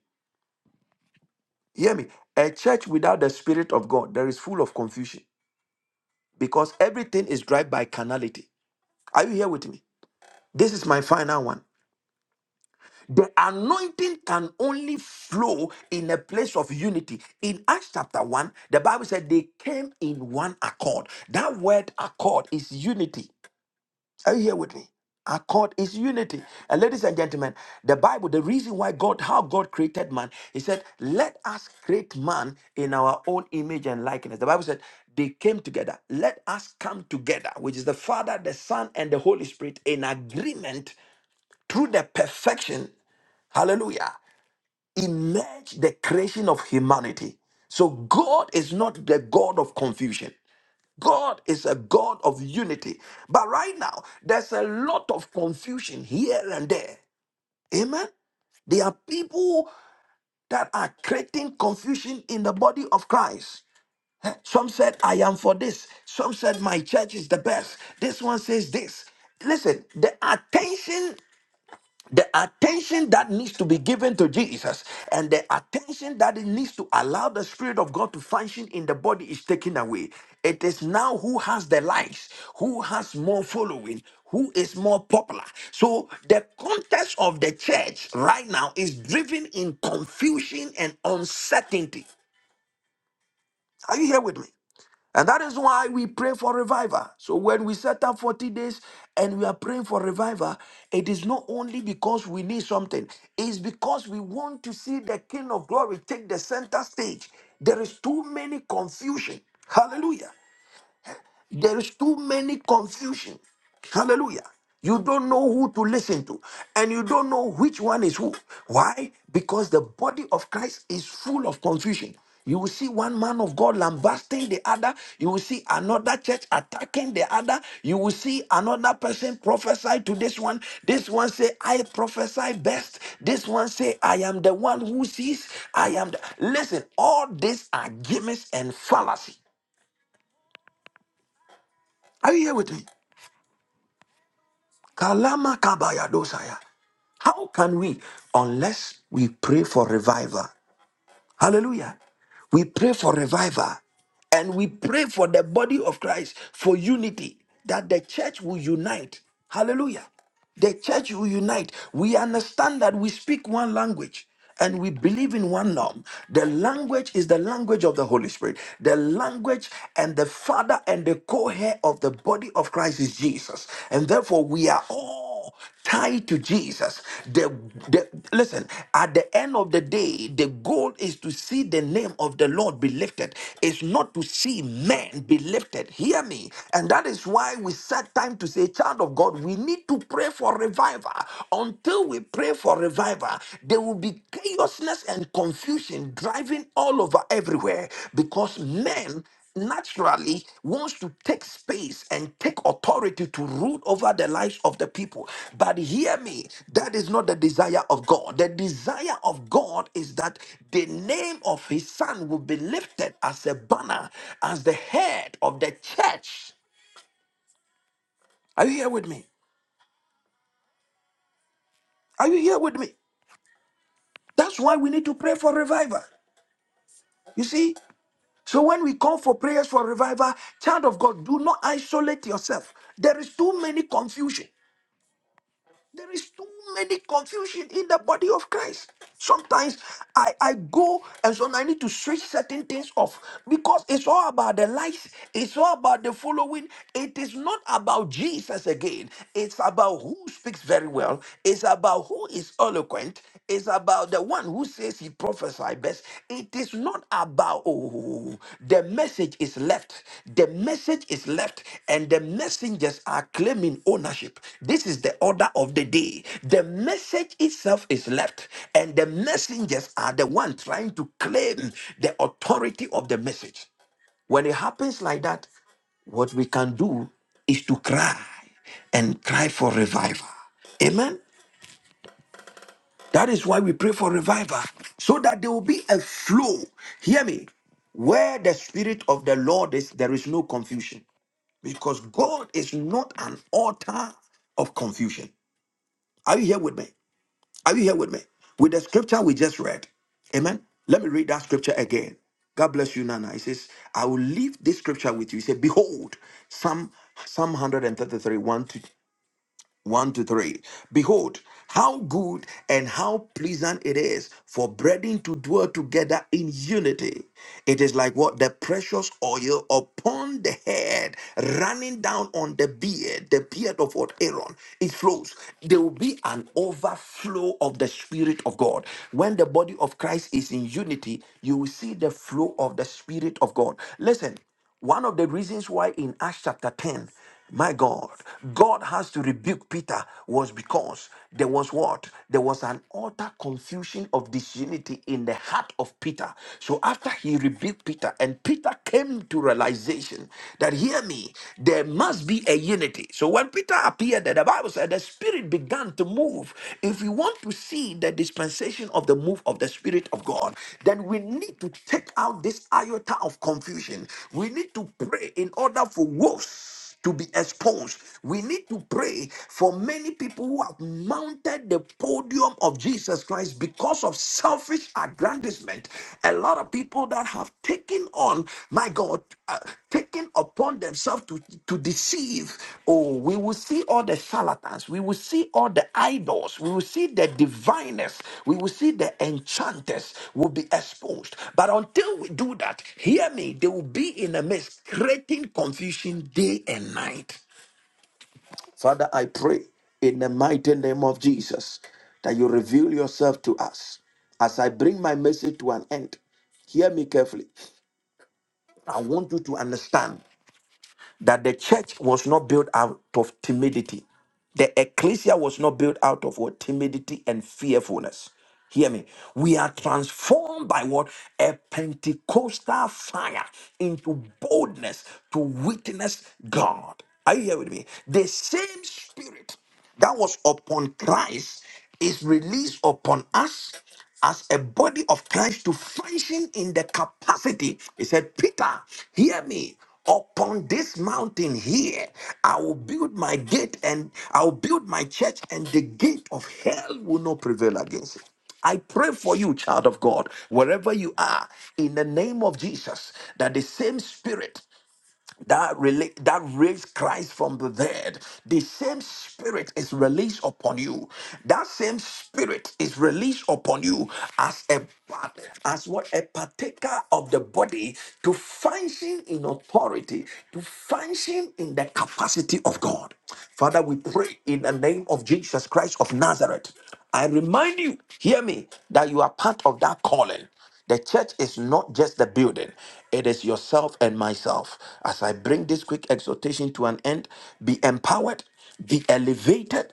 S1: hear me? A church without the Spirit of God, there is full of confusion because everything is driven by carnality. Are you here with me? This is my final one. The anointing can only flow in a place of unity. In Acts chapter 1, the Bible said they came in one accord. That word accord is unity. Are you here with me? Accord is unity. And ladies and gentlemen, the Bible, the reason why God, how God created man, he said, let us create man in our own image and likeness. The Bible said, they came together. Let us come together, which is the Father, the Son, and the Holy Spirit in agreement through the perfection. Hallelujah. Emerge the creation of humanity. So God is not the God of confusion. God is a God of unity. But right now, there's a lot of confusion here and there. Amen. There are people that are creating confusion in the body of Christ. Some said, I am for this. Some said, my church is the best. This one says this. Listen, the attention the attention that needs to be given to Jesus and the attention that it needs to allow the Spirit of God to function in the body is taken away. It is now who has the likes, who has more following, who is more popular. So the context of the church right now is driven in confusion and uncertainty. Are you here with me? And that is why we pray for revival. So when we set up 40 days and we are praying for revival, it is not only because we need something, it's because we want to see the King of Glory take the center stage. There is too many confusion. Hallelujah. There is too many confusion. Hallelujah. You don't know who to listen to, and you don't know which one is who. Why? Because the body of Christ is full of confusion. You will see one man of God lambasting the other. You will see another church attacking the other. You will see another person prophesy to this one. This one say, "I prophesy best." This one say, "I am the one who sees." I am. The... Listen, all these are gimmicks and fallacy. Are you here with me? Kalama kabaya dosaya. How can we, unless we pray for revival? Hallelujah. We pray for revival and we pray for the body of Christ for unity, that the church will unite. Hallelujah. The church will unite. We understand that we speak one language and we believe in one norm. The language is the language of the Holy Spirit. The language and the father and the co heir of the body of Christ is Jesus. And therefore, we are all more tied to Jesus. The, the listen, at the end of the day, the goal is to see the name of the Lord be lifted. It's not to see men be lifted. Hear me. And that is why we set time to say, child of God, we need to pray for revival. Until we pray for revival, there will be chaosness and confusion driving all over everywhere because men naturally wants to take space and take authority to rule over the lives of the people. But hear me, that is not the desire of God. The desire of God is that the name of his son will be lifted as a banner, as the head of the church. Are you here with me? Are you here with me? That's why we need to pray for revival. You see? So when we call for prayers for revival, child of God, do not isolate yourself. There is too many confusion. There is too many confusion in the body of Christ. Sometimes I, I go and so I need to switch certain things off because it's all about the likes, it's all about the following. It is not about Jesus again. It's about who speaks very well, it's about who is eloquent, it's about the one who says he prophesied best. It is not about oh, the message is left. The message is left, and the messengers are claiming ownership. This is the order of the day. The message itself is left, and the messengers are the one trying to claim the authority of the message. When it happens like that, what we can do is to cry and cry for revival. Amen. That is why we pray for revival, so that there will be a flow. Hear me. Where the Spirit of the Lord is, there is no confusion. Because God is not an author of confusion. Are you here with me? Are you here with me? With the scripture we just read. Amen. Let me read that scripture again. God bless you, Nana. He says, I will leave this scripture with you. He said, Behold, Psalm, Psalm 133, 1 to 3. Behold, how good and how pleasant it is for brethren to dwell together in unity. It is like what? The precious oil upon the head, running down on the beard, the beard of what Aaron. It flows. There will be an overflow of the Spirit of God. When the body of Christ is in unity, you will see the flow of the Spirit of God. Listen. One of the reasons why in Acts chapter 10, my God, God has to rebuke Peter was because there was what? There was an utter confusion of disunity in the heart of Peter. So after he rebuked Peter, and Peter came to realization that, hear me, there must be a unity. So when Peter appeared, there, the Bible said the Spirit began began to move. If we want to see the dispensation of the move of the Spirit of God, then we need to take out this iota of confusion. We need to pray in order for wolves to be exposed. We need to pray for many people who have mounted the podium of Jesus Christ because of selfish aggrandizement. A lot of people that have taken on, my God, uh, Taken upon themselves to, to deceive. Oh, we will see all the charlatans, we will see all the idols, we will see the diviners, we will see the enchanters will be exposed. But until we do that, hear me, they will be in a mess, creating confusion day and night. Father, I pray in the mighty name of Jesus that you reveal yourself to us as I bring my message to an end. Hear me carefully. I want you to understand that the church was not built out of timidity. The ecclesia was not built out of what? Timidity and fearfulness. Hear me. We are transformed by what? A Pentecostal fire into boldness to witness God. Are you here with me? The same spirit that was upon Christ is released upon us as a body of Christ to function in the capacity. He said, Peter, hear me. Upon this mountain here, I will build my gate and I will build my church, and the gate of hell will not prevail against it. I pray for you, child of God, wherever you are, in the name of Jesus, that the same spirit that rela- that raised Christ from the dead, the same spirit is released upon you. That same spirit is released upon you as a part- as what a partaker of the body to function in authority, to function in the capacity of God. Father, we pray in the name of Jesus Christ of Nazareth. I remind you, hear me, that you are part of that calling. The church is not just the building, it is yourself and myself. As I bring this quick exhortation to an end, be empowered, be elevated,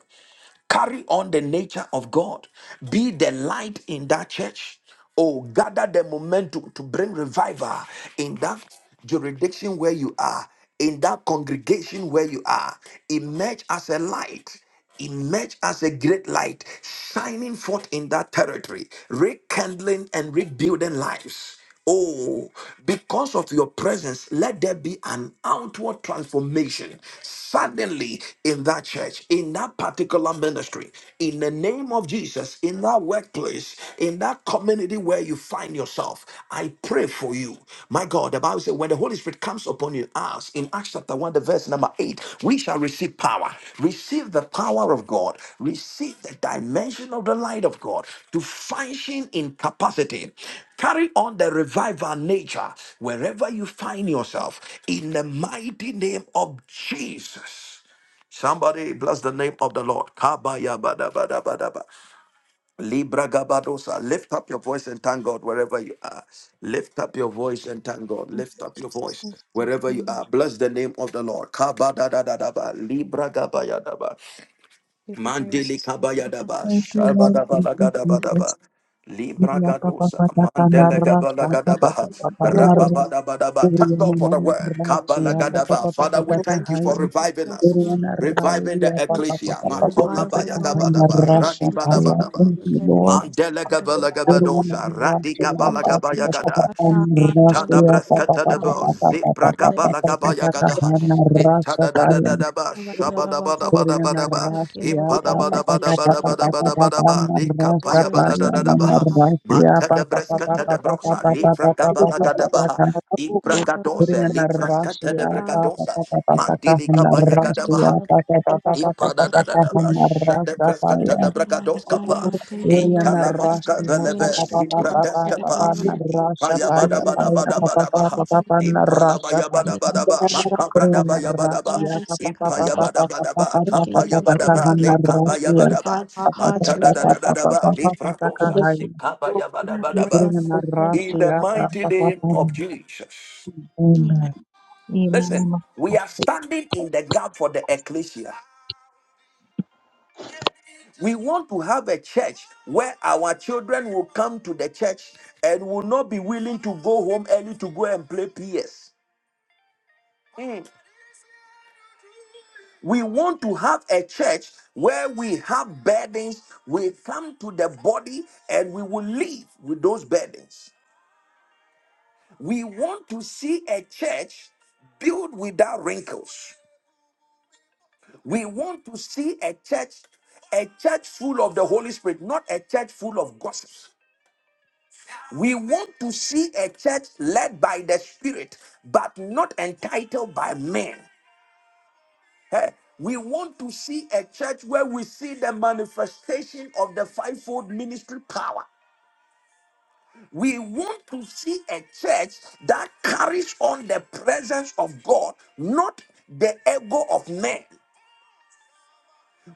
S1: Carry on the nature of God. Be the light in that church. Oh, gather the momentum to bring revival in that jurisdiction where you are, in that congregation where you are. Emerge as a light emerge as a great light, shining forth in that territory, rekindling and rebuilding lives. Oh, because of your presence, let there be an outward transformation suddenly in that church, in that particular ministry, in the name of Jesus, in that workplace, in that community where you find yourself. I pray for you. My God, the Bible says, when the Holy Spirit comes upon upon you as in acts chapter 1 the verse number 8 we shall receive power receive the power of god receive the dimension of the light of god to function in capacity carry on the revival nature wherever you find yourself in the mighty name of jesus Somebody bless the name of the Lord. Kabaya Libra Gabadosa. Lift up your voice and thank God wherever you are. Lift up your voice and thank God.
S3: Thank
S1: Lift
S3: you,
S1: up your
S3: Jesus.
S1: voice
S3: Thank
S1: wherever
S3: you,
S1: you
S3: Lord.
S1: are. Bless the name of the Lord. Kabadadadadaba. Libra Gabayadaba.
S3: Give praise.
S1: Mandili Kabayadaba.
S5: Thank you, Lord.
S3: Yarababakayarabasikarada.
S5: Thank you,
S3: Thank
S5: Jesus.
S1: Shabadabalagadabadaba. Libra
S5: Maria Papa
S1: Gadosa.
S5: Pata
S3: you,
S1: Mandele
S5: Canara, Papa Papa
S1: Gabalagadabaha.
S5: Papa
S6: Thank
S5: Narra,
S1: Rababadabadaba. Thank
S5: Maria
S1: God for
S5: Mama
S1: the word.
S5: Narra, Chia Papa
S1: Kabalagadaba.
S5: Papa
S3: Jesus.
S1: Father, we
S5: Pata
S3: Thank you,
S1: thank you
S5: Kahai,
S1: for reviving
S5: Maria
S1: us,
S3: Jesus.
S5: Narra,
S1: reviving the
S5: Maria
S3: Thank you
S5: Papa
S3: for
S1: ecclesia.
S5: Papa
S3: your
S5: Pata
S1: Makola
S5: Pata
S3: revival,
S5: Kahai,
S3: Lord. Thank you
S1: Bayagabadaba.
S3: for
S5: Narra
S3: your
S5: Shakaya.
S3: cleansing.
S1: Radibadabadaba.
S5: Thank you,
S3: Okay, that
S5: Lord.
S3: is
S1: Mandela
S3: good
S1: gavala
S3: enough.
S5: Maria
S1: gabadosha,
S5: Narra,
S1: rati
S5: Chia
S1: gabala
S3: Let this
S5: Papa
S1: gabaya
S3: preaching
S5: Papa
S1: gada.
S3: touch
S5: Pata
S3: our heart,
S5: Narra,
S1: Ita
S3: Lord,
S1: da
S3: that
S5: Chia Papa
S3: not
S1: breskata da
S5: Papa
S3: come in
S1: bo,
S5: Pata
S3: the word,
S5: Pata
S1: zebra
S3: but
S5: Pata
S3: live it
S1: gabala
S5: Pata
S3: truth.
S1: gabaya
S5: Pata
S1: gada.
S5: Kahai,
S3: Thank
S5: Narra
S1: Ita da da da
S5: Shakaya.
S1: da da ba, shaba da ba da ba da ba da ba.
S3: you, Lord,
S1: Ipa
S3: for
S1: da
S3: your
S1: ba da ba da
S3: message
S1: ba da ba
S3: today,
S1: da ba da
S3: Lord.
S1: ba da ba.
S3: For
S1: Lika pa
S3: this
S1: ba da
S3: message
S1: da da
S3: today,
S1: da
S3: in our
S1: ba.
S3: heart, Lord.
S1: Mata da
S3: Thank you
S1: breskata
S3: for
S1: da
S3: your
S1: brosa, lifra gabala
S3: message.
S1: gada ba.
S3: Yeah, Lord, Lord, Lord,
S1: Ibragadosa, lifra skata da
S3: Lord, Lord,
S1: bragadosa. Mandili gabaya gada
S3: Lord,
S1: ba.
S3: Lord. Lord. Thank
S1: Ipadadadadaba,
S5: Papa,
S1: shadebreskatadabrakadoskapa,
S3: you, Lord, for your
S1: italamaskavelebe,
S3: ministry to us today,
S1: zibradeskapa,
S3: Lord. Your
S1: ipayabadabadabadabadabaha, ipalabayabadabadaba,
S3: refreshment, Lord
S5: Korean
S1: makabradabadabadaba,
S5: Russia, papa papa papa papa
S1: ipayabadabadaba,
S5: papa
S3: Thank
S5: papa pa pa pa pa pa
S3: you,
S5: pa
S3: Lord,
S5: pa
S3: for your
S1: kapayabadaba,
S5: kahana
S3: revival, Lord.
S5: Russia,
S1: lekabayabadaba,
S3: Revive our
S5: papa
S3: hearts,
S5: papa
S3: revive our
S5: papa
S1: matadadadadadaba,
S5: papa pa pa pa pa pa pa
S3: visions,
S5: pa
S1: lifradosa,
S3: Lord.
S5: kahai.
S1: sikabayabadabadaba.
S5: Korean
S1: In the
S5: Russia,
S1: mighty
S5: papa pa pa
S1: name
S5: pa.
S1: of Jesus.
S5: Amen.
S1: Listen, we are standing in the gap for the ecclesia. We want to have a church where our children will come to the church and will not be willing to go home early to go and play PS. Mm. We want to have a church where we have burdens. We come to the body and we will leave with those burdens. We want to see a church built without wrinkles. We want to see a church, a church full of the Holy Spirit, not a church full of gossip. We want to see a church led by the Spirit, but not entitled by men. Eh, We want to see a church where we see the manifestation of the fivefold ministry power. We want to see a church that carries on the presence of God, not the ego of men.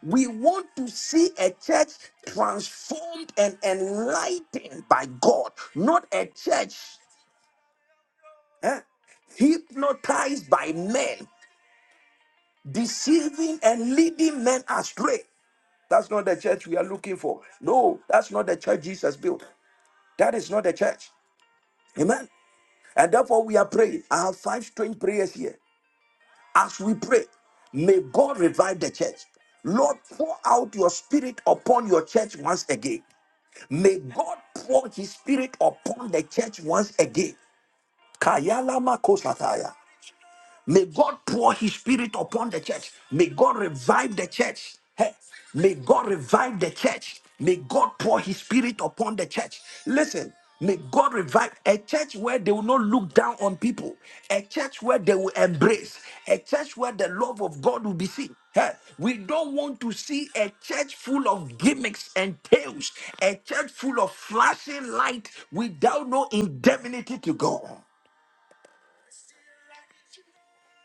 S1: We want to see a church transformed and enlightened by God, not a church. eh, hypnotized by men, deceiving and leading men astray. That's not the church we are looking for. No, that's not the church Jesus built. That is not the church. Amen. And therefore, we are praying. I have five strange prayers here. As we pray, may God revive the church. Lord, pour out your spirit upon your church once again. May God pour his spirit upon the church once again. Kayalama kosataya. May God pour his spirit upon the church. May God revive the church. Hey, may God revive the church. May God pour his spirit upon the church. Listen, may God revive a church where they will not look down on people, a church where they will embrace, a church where the love of God will be seen. Hey, we don't want to see a church full of gimmicks and tales, a church full of flashing light without no indemnity to God.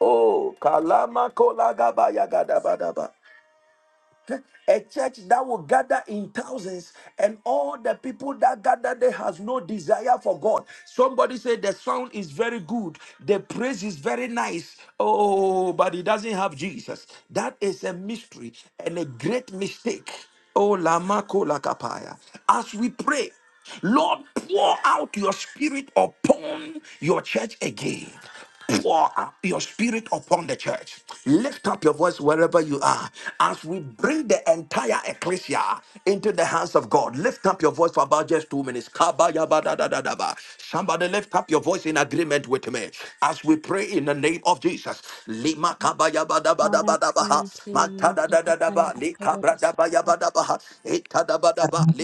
S1: Oh, Kalama Kolagaba Yagadabadaba. A church that will gather in thousands, and all the people that gather there has no desire for God. Somebody said the sound is very good, the praise is very nice. Oh, but it doesn't have Jesus. That is a mystery and a great mistake. Oh, Lama Kolakapaya. As we pray, Lord, pour out your spirit upon your church again pour your spirit upon the church. Lift up your voice wherever you are as we bring the entire ecclesia into the hands of God. Lift up your voice for about just two minutes. Kabayabadadadadaba. Somebody lift up your voice in agreement with me as we pray in the name of Jesus. Lima
S3: Father, it's coming through you. It's
S1: kabayabadabadabadabaha. Badaba, Lika Bradabaya Badabaha,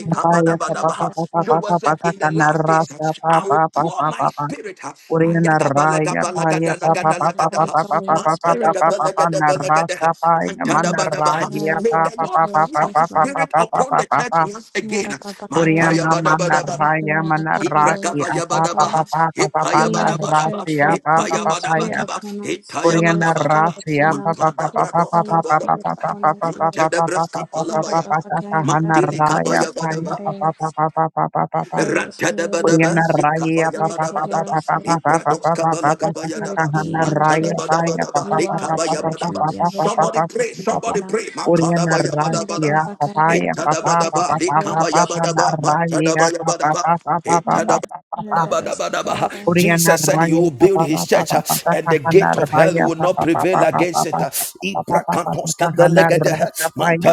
S5: Papaya, papa papa papa pa pa pa
S1: Joel
S5: pa
S1: said,
S5: pa pa
S1: In the
S5: kana
S1: last days,
S5: Russia, pa
S1: I will
S5: papa
S1: pour
S5: papa pa
S1: my
S5: pa pa.
S1: spirit.
S5: Korean Raya, paya, pa papa pa pa
S1: Ayagabalagabalagadagadalagadaha,
S5: pa pa
S3: only
S5: pa
S3: your
S5: pa
S3: spirit that
S1: Mantalagadalagadalagadaha,
S5: paya,
S3: your
S5: mana
S1: Antadabadabaha.
S5: Raya,
S3: fire
S1: May
S3: that
S1: the
S5: papa
S1: Lord
S5: papa
S3: separates
S5: papa
S1: pour
S3: us,
S1: his
S5: papa
S3: Lord.
S5: papa
S1: spirit
S5: papa pa
S1: upon the church once again.
S5: Kurian
S1: Mantaya
S5: mana raya mana rasi apa apa
S3: Yarababakayarabakayarabakayaraboboshtaba.
S1: Ibrakabadabadaba,
S5: apa apa apa
S3: We
S5: mana
S3: are the
S1: Ipayabadabadaba,
S5: rasi
S3: church, Lord.
S5: apa
S3: Pour
S5: apa
S3: your
S5: apa
S3: spirit
S5: apa
S1: Ipayabadabadaba,
S3: upon us. Pour your
S5: kurian
S3: spirit
S1: Itayabadabadaba,
S5: rasi
S3: upon
S5: apa
S3: us.
S5: apa apa apa apa
S3: Pour
S5: apa
S3: your
S5: apa
S1: Makadabradoskabalaba,
S3: spirit
S5: apa
S3: upon
S5: apa
S3: us,
S5: apa
S3: Lord.
S5: apa
S1: Itadabraskabalabaya,
S5: apa apa apa mana raya
S1: Maktilikabayabadaba,
S5: apa apa
S3: Yarababakayarabasikarabakayare.
S5: apa apa apa apa
S3: Let your spirit lead
S1: Ratadabadaba,
S5: Oriana
S3: us. Let your
S5: Raya pa
S3: spirit
S5: pa pa pa
S3: cover
S1: Sikabayabadabadaba,
S5: pa
S3: us,
S5: pa pa
S3: Lord.
S5: pa pa pa pa
S3: Let
S5: pa pa pa
S3: your
S5: pa
S3: spirit
S5: pa
S1: Ibradoskabalagabayadaba,
S3: be in the
S5: Raya
S3: church, Lord.
S5: Raya pa
S1: Matadabadabadaba,
S5: pa
S3: You
S5: pa
S3: are
S5: pa
S3: the
S5: pa pa
S3: church,
S5: pa
S3: and
S1: Likabayabadaba.
S5: pa
S3: we
S5: pa
S3: are the
S5: pa pa
S3: church
S1: Somebody
S5: pa
S3: because
S1: pray,
S3: you
S5: pa
S3: live
S5: pa pa
S1: somebody
S3: in us.
S1: pray.
S5: Oriana Raya
S1: Makadabayabadabadaba,
S5: pa pa ya pa pa pa
S1: Itadabadaba,
S5: pa pa pa
S3: Yarababakayarabasikarabakayare.
S5: pa pa na
S1: Likabayabadaba,
S5: Raya pa pa pa pa pa
S1: Matadabayabadaba,
S5: pa pa pa pa pa
S3: Yarababakayarabasikarabakayare.
S5: Oriana
S1: Jesus said he
S5: Raya
S1: will
S5: pa
S1: build
S5: pa
S1: his
S5: pa pa
S1: church uh,
S5: pa pa pa
S1: and
S5: pa
S1: the gate of hell
S5: Raya
S1: will
S5: pa
S1: not
S5: pa pa pa
S1: prevail
S5: pa pa
S1: against it.
S5: pa pa pa
S1: uh.
S5: pa pa pa pa
S1: Ibrakantos
S5: pa Hana
S1: kandalegede, uh,
S5: Raya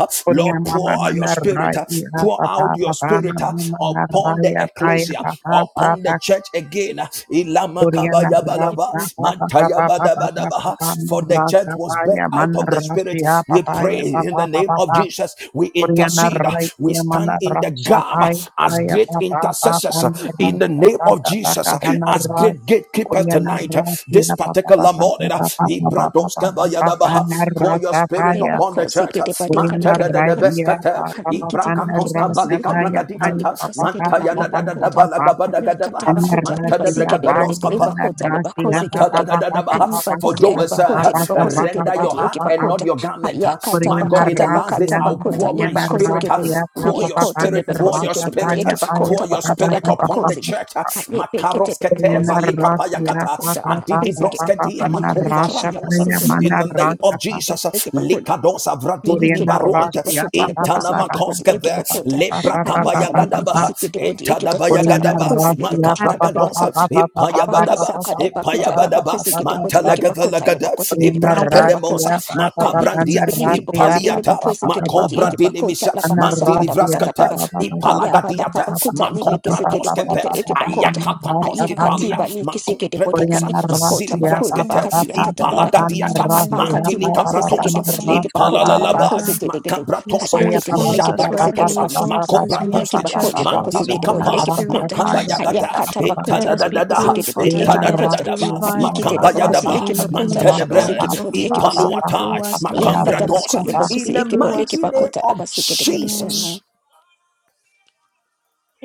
S1: uh.
S5: Korea
S1: Lord,
S5: mama
S1: pour out your
S5: mana
S1: spirit, uh,
S5: raya
S1: pour out
S5: papa
S1: your
S5: papa
S1: spirit uh,
S5: mama mana
S1: upon the
S5: raya raya
S1: ecclesia,
S5: papa
S1: upon
S5: papa
S1: the church again. uh. Ilama
S5: Korea na
S1: kabaya balaba,
S5: rasa papa papa
S1: mantaya
S5: papa
S1: badabadaba, uh.
S5: papa
S1: For the church
S5: rasa
S1: was
S5: paya
S1: birthed out
S5: mana
S1: of the spirit.
S5: rasia
S1: We
S5: papa ya
S1: pray. In the
S5: papa papa
S1: name of
S5: papa
S1: Jesus, we
S5: Korea na
S1: intercede. We
S5: raya mana
S1: stand in the
S5: rasa
S1: gap
S5: paya
S1: as
S5: paya
S1: great
S5: papa papa
S1: intercessors. In the
S5: rasa
S1: name of
S5: papa papa
S1: Jesus,
S5: hana
S1: as
S5: raya
S1: great
S3: Lord,
S1: gatekeepers
S5: Korea na
S1: tonight, this
S5: rasia papa papa
S1: particular
S5: papa
S1: morning,
S5: papa papa papa papa na
S1: pour your spirit
S5: rasa
S1: upon the
S4: Debakosi
S1: church.
S4: gedebadeka
S5: Kurina
S4: ikebebakota.
S5: raia
S1: Mantadadadabeskata,
S5: pa pa pa
S4: Kalikiti
S5: pa na
S4: boliki
S5: ra
S4: bakosi
S5: sha pa ya pa
S4: ikebebakota
S5: ya pa pa
S4: libakasi
S5: pa pa
S4: gedebodi
S5: pa pa
S4: ikebakota.
S5: pa pa
S4: Kaliakata
S5: pa na
S4: bakota
S5: ra si
S4: libasi
S5: ya pa
S4: gedebodi ikebakota
S5: si
S4: libakosi gedegede. Kaliba
S1: for
S4: piki
S1: Joel said,
S4: alibakote libakosi
S1: render your
S4: gedebodi
S1: heart and not
S4: ikebakota.
S1: your garment. huh?
S4: Kaliakata
S1: My
S5: Kurina
S1: God, in the
S4: bakata
S5: ra
S1: last
S5: si
S1: days,
S4: bakata
S5: ya
S1: I'll
S5: na
S4: bakota
S1: pour
S5: ya
S1: my
S5: na
S4: libakosi
S5: ra
S1: spirit. huh?
S5: si
S4: gede.
S5: ya pa
S1: Pour
S5: pa
S1: your
S5: pa
S4: Yekote
S1: spirit, pour
S4: libakosi
S1: your
S4: gedebodi
S1: spirit, huh? pour
S4: ikebakota
S1: your
S4: bakata
S1: spirit upon the
S4: yakabakosi gede.
S1: church. huh?
S4: Kalipe kete
S1: Makaroskete
S5: Kurina
S4: libakosi
S5: ra si
S4: gedebodi
S5: ya
S1: balikapayakata.
S5: pa
S4: ikebakota
S5: pa pa
S4: labakosi
S5: pa pa
S4: gede.
S5: pa
S1: Adidibroskete
S5: pa
S4: Kalipa likiti ya
S1: makovaratos.
S4: kusikere
S1: In the name of Jesus, huh? likadosa vradidi
S5: Oriana Rasia,
S1: baruante.
S5: pa pa pa pa
S1: intana
S5: pa pa pa
S1: Noskeve,
S4: Ekipokota,
S5: pa pa pa pa
S1: Lebrakabaya
S5: pa pa
S4: ayikhalubi
S5: pa.
S1: Gadaba,
S4: isigidibodi
S3: for
S1: Etadabaya
S4: ekibokota
S3: your
S5: Oriana
S1: Gadaba,
S4: labakhozi
S5: Rasia,
S4: gedebodi
S3: time,
S5: pa
S4: kho
S5: pa pa pa
S1: Makabragadonsa,
S5: pa
S4: ekibakota
S5: pa pa
S3: for
S5: pa
S3: your grace,
S5: pa pa
S1: Ipayabadaba,
S5: pa
S4: abakasaka
S5: pa pa
S3: for your
S4: dabakota
S5: pa
S3: power, for your blessing.
S1: Ipayabadaba,
S5: pa pa
S4: labakhozi
S5: pa
S3: Lord,
S5: pa
S4: gedebodi
S5: pa.
S4: ekibakota
S1: Mantalagadalagada,
S4: labakhozi
S5: Oriana
S3: I
S4: gedebodi
S3: will
S1: Ibrantedemosa,
S5: Rasia,
S4: ekibakota
S5: pa pa pa pa na
S1: Makabrandia,
S4: ayikitsipili
S5: Rasia,
S3: help
S4: ekibokoti
S5: pa pa
S1: Impaliata,
S5: pa
S4: elibokhozi
S5: pa pa pa
S4: gedebodi
S5: pa.
S1: Makobra
S4: ekibakota
S1: Dinimisa,
S5: Ana
S4: labakasaka
S1: Mantini
S5: Rasia, pa
S1: Vraskata,
S3: that
S5: pa
S4: dabadabadabada
S5: pa pa pa pa pa pa
S1: Ipalagadiata,
S5: pa pa
S4: ayabadakabakota
S5: pa pa pa pa
S4: libekesigedebodi
S5: pa
S4: ka
S1: Makompratoskepet,
S5: pa pa pa pa
S4: ekibakota
S5: na Rasia pa ya.
S1: Ayakapatoskipalia,
S4: ayikhatiba likisigedebodi ka
S5: Oriana
S1: z
S4: ekibakota
S5: Rasia, pa
S4: bakhulu
S5: pa
S1: zilibraskete
S5: pa
S4: labakasi
S5: pa pa pa pa
S1: ipalagadiata
S5: Rasia,
S4: Abakati
S1: mandili
S5: pa pa pa
S4: libakose
S5: pa
S1: kabratonsa
S4: gede bodi eke
S5: Rasia,
S4: bakota
S5: pa
S4: la
S1: ipalalaba
S5: pa.
S4: bakose gede gede.
S3: your
S1: makabratonsa
S4: Aye
S5: Korea
S3: spirit
S4: gede
S5: pa
S4: bo
S5: pa pa
S3: follows
S4: leke
S5: pa
S3: us
S5: pa
S4: bakose
S5: pa
S3: wherever
S4: gede
S1: jabrakatonsa
S5: pa pa
S3: we
S4: bodi.
S5: pa
S3: go because
S5: pa
S3: we
S4: Aye
S3: are
S4: ki
S3: the
S1: makobratonskede
S4: bako le
S3: church, Lord.
S4: bakose
S1: mandili
S3: So
S4: gede
S3: pour
S4: bodi
S1: kapa
S3: your
S4: eke
S3: spirit
S4: bakota.
S3: in
S5: kaya
S3: us,
S4: Aye
S5: pa
S1: makabayagata
S5: pa
S3: Lord.
S4: akata
S3: Let
S4: bakonta
S3: us
S4: le
S3: be
S1: itadadadada
S4: bakose gede bodi
S5: Korea
S3: purified.
S4: eke
S5: na
S3: Let us
S4: bakota.
S3: be
S5: rasa
S1: itadadadadaba
S5: ya pa
S4: Aye
S3: revived,
S4: gede
S5: pa
S4: le
S3: Lord.
S5: pa
S3: Let us
S4: bakose
S5: pa pa
S3: be
S1: makabayadaba
S3: in
S4: eke
S3: your
S5: na
S4: bakota la
S3: image,
S1: mantedebre
S3: Lord.
S4: bakose
S3: Let
S4: gede
S3: your
S4: bodi eke
S3: fruits
S4: bakota.
S3: live
S1: ipaluata
S3: through us,
S4: aya
S3: Lord. Let
S4: kata
S3: your
S1: makambradonsa
S4: bakon le
S3: fruits
S1: in
S4: bakose
S3: speak
S1: the
S4: eke bo
S3: through
S4: leke
S3: us,
S1: mighty name
S3: Lord.
S4: bakota la
S1: of
S4: bakose gede gede.
S3: Amen.
S1: Jesus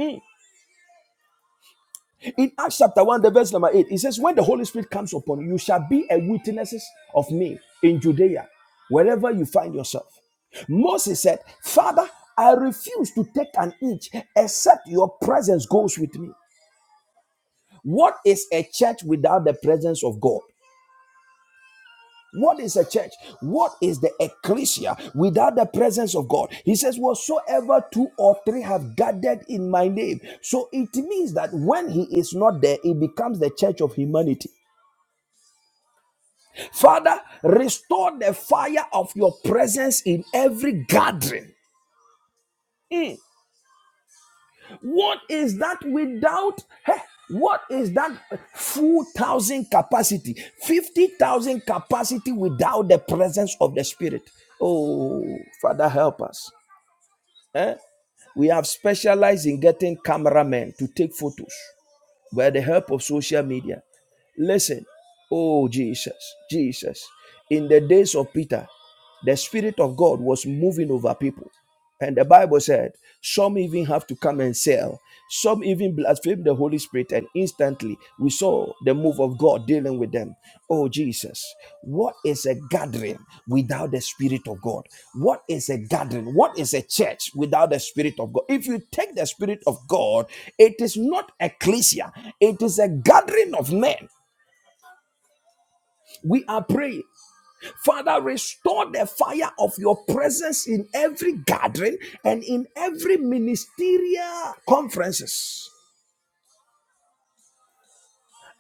S1: Mm. In Acts chapter 1, the verse number 8, it says, When the Holy Spirit comes upon you, you shall be a witnesses of me in Judea, wherever you find yourself. Moses said, Father, I refuse to take an inch except your presence goes with me. What is a church without the presence of God? What is a church? What is the ecclesia without the presence of God? He says, Whatsoever two or three have gathered in my name. So it means that when he is not there, it becomes the church of humanity. Father, restore the fire of your presence in every gathering. Mm. What is that without? Heh, what is that Four thousand capacity, 50,000 capacity without the presence of the Spirit? Oh, Father, help us. Eh? We have specialized in getting cameramen to take photos by the help of social media. Listen, oh Jesus, Jesus, in the days of Peter. The Spirit of God was moving over people. And the Bible said, some even have to come and sell. Some even blaspheme the Holy Spirit, and instantly we saw the move of God dealing with them. Oh, Jesus, what is a gathering without the Spirit of God? What is a gathering? What is a church without the Spirit of God? If you take the Spirit of God, it is not ecclesia, it is a gathering of men. We are praying. Father, restore the fire of your presence in every gathering and in every ministerial conferences.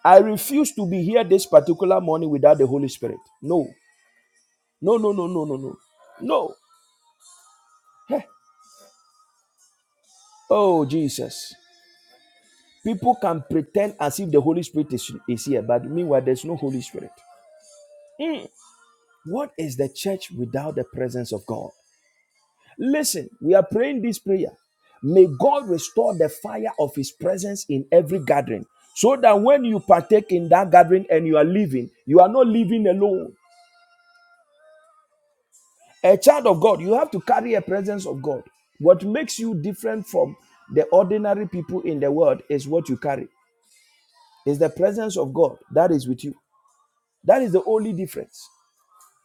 S1: I refuse to be here this particular morning without the Holy Spirit. No, no, no, no, no, no, no, no. Heh. Oh, Jesus. People can pretend as if the Holy Spirit is, is here, but meanwhile, there's no Holy Spirit. Mm. What is the church without the presence of God? Listen, we are praying this prayer. May God restore the fire of His presence in every gathering so that when you partake in that gathering and you are living, you are not living alone. A child of God, you have to carry a presence of God. What makes you different from the ordinary people in the world is what you carry, is the presence of God that is with you. That is the only difference.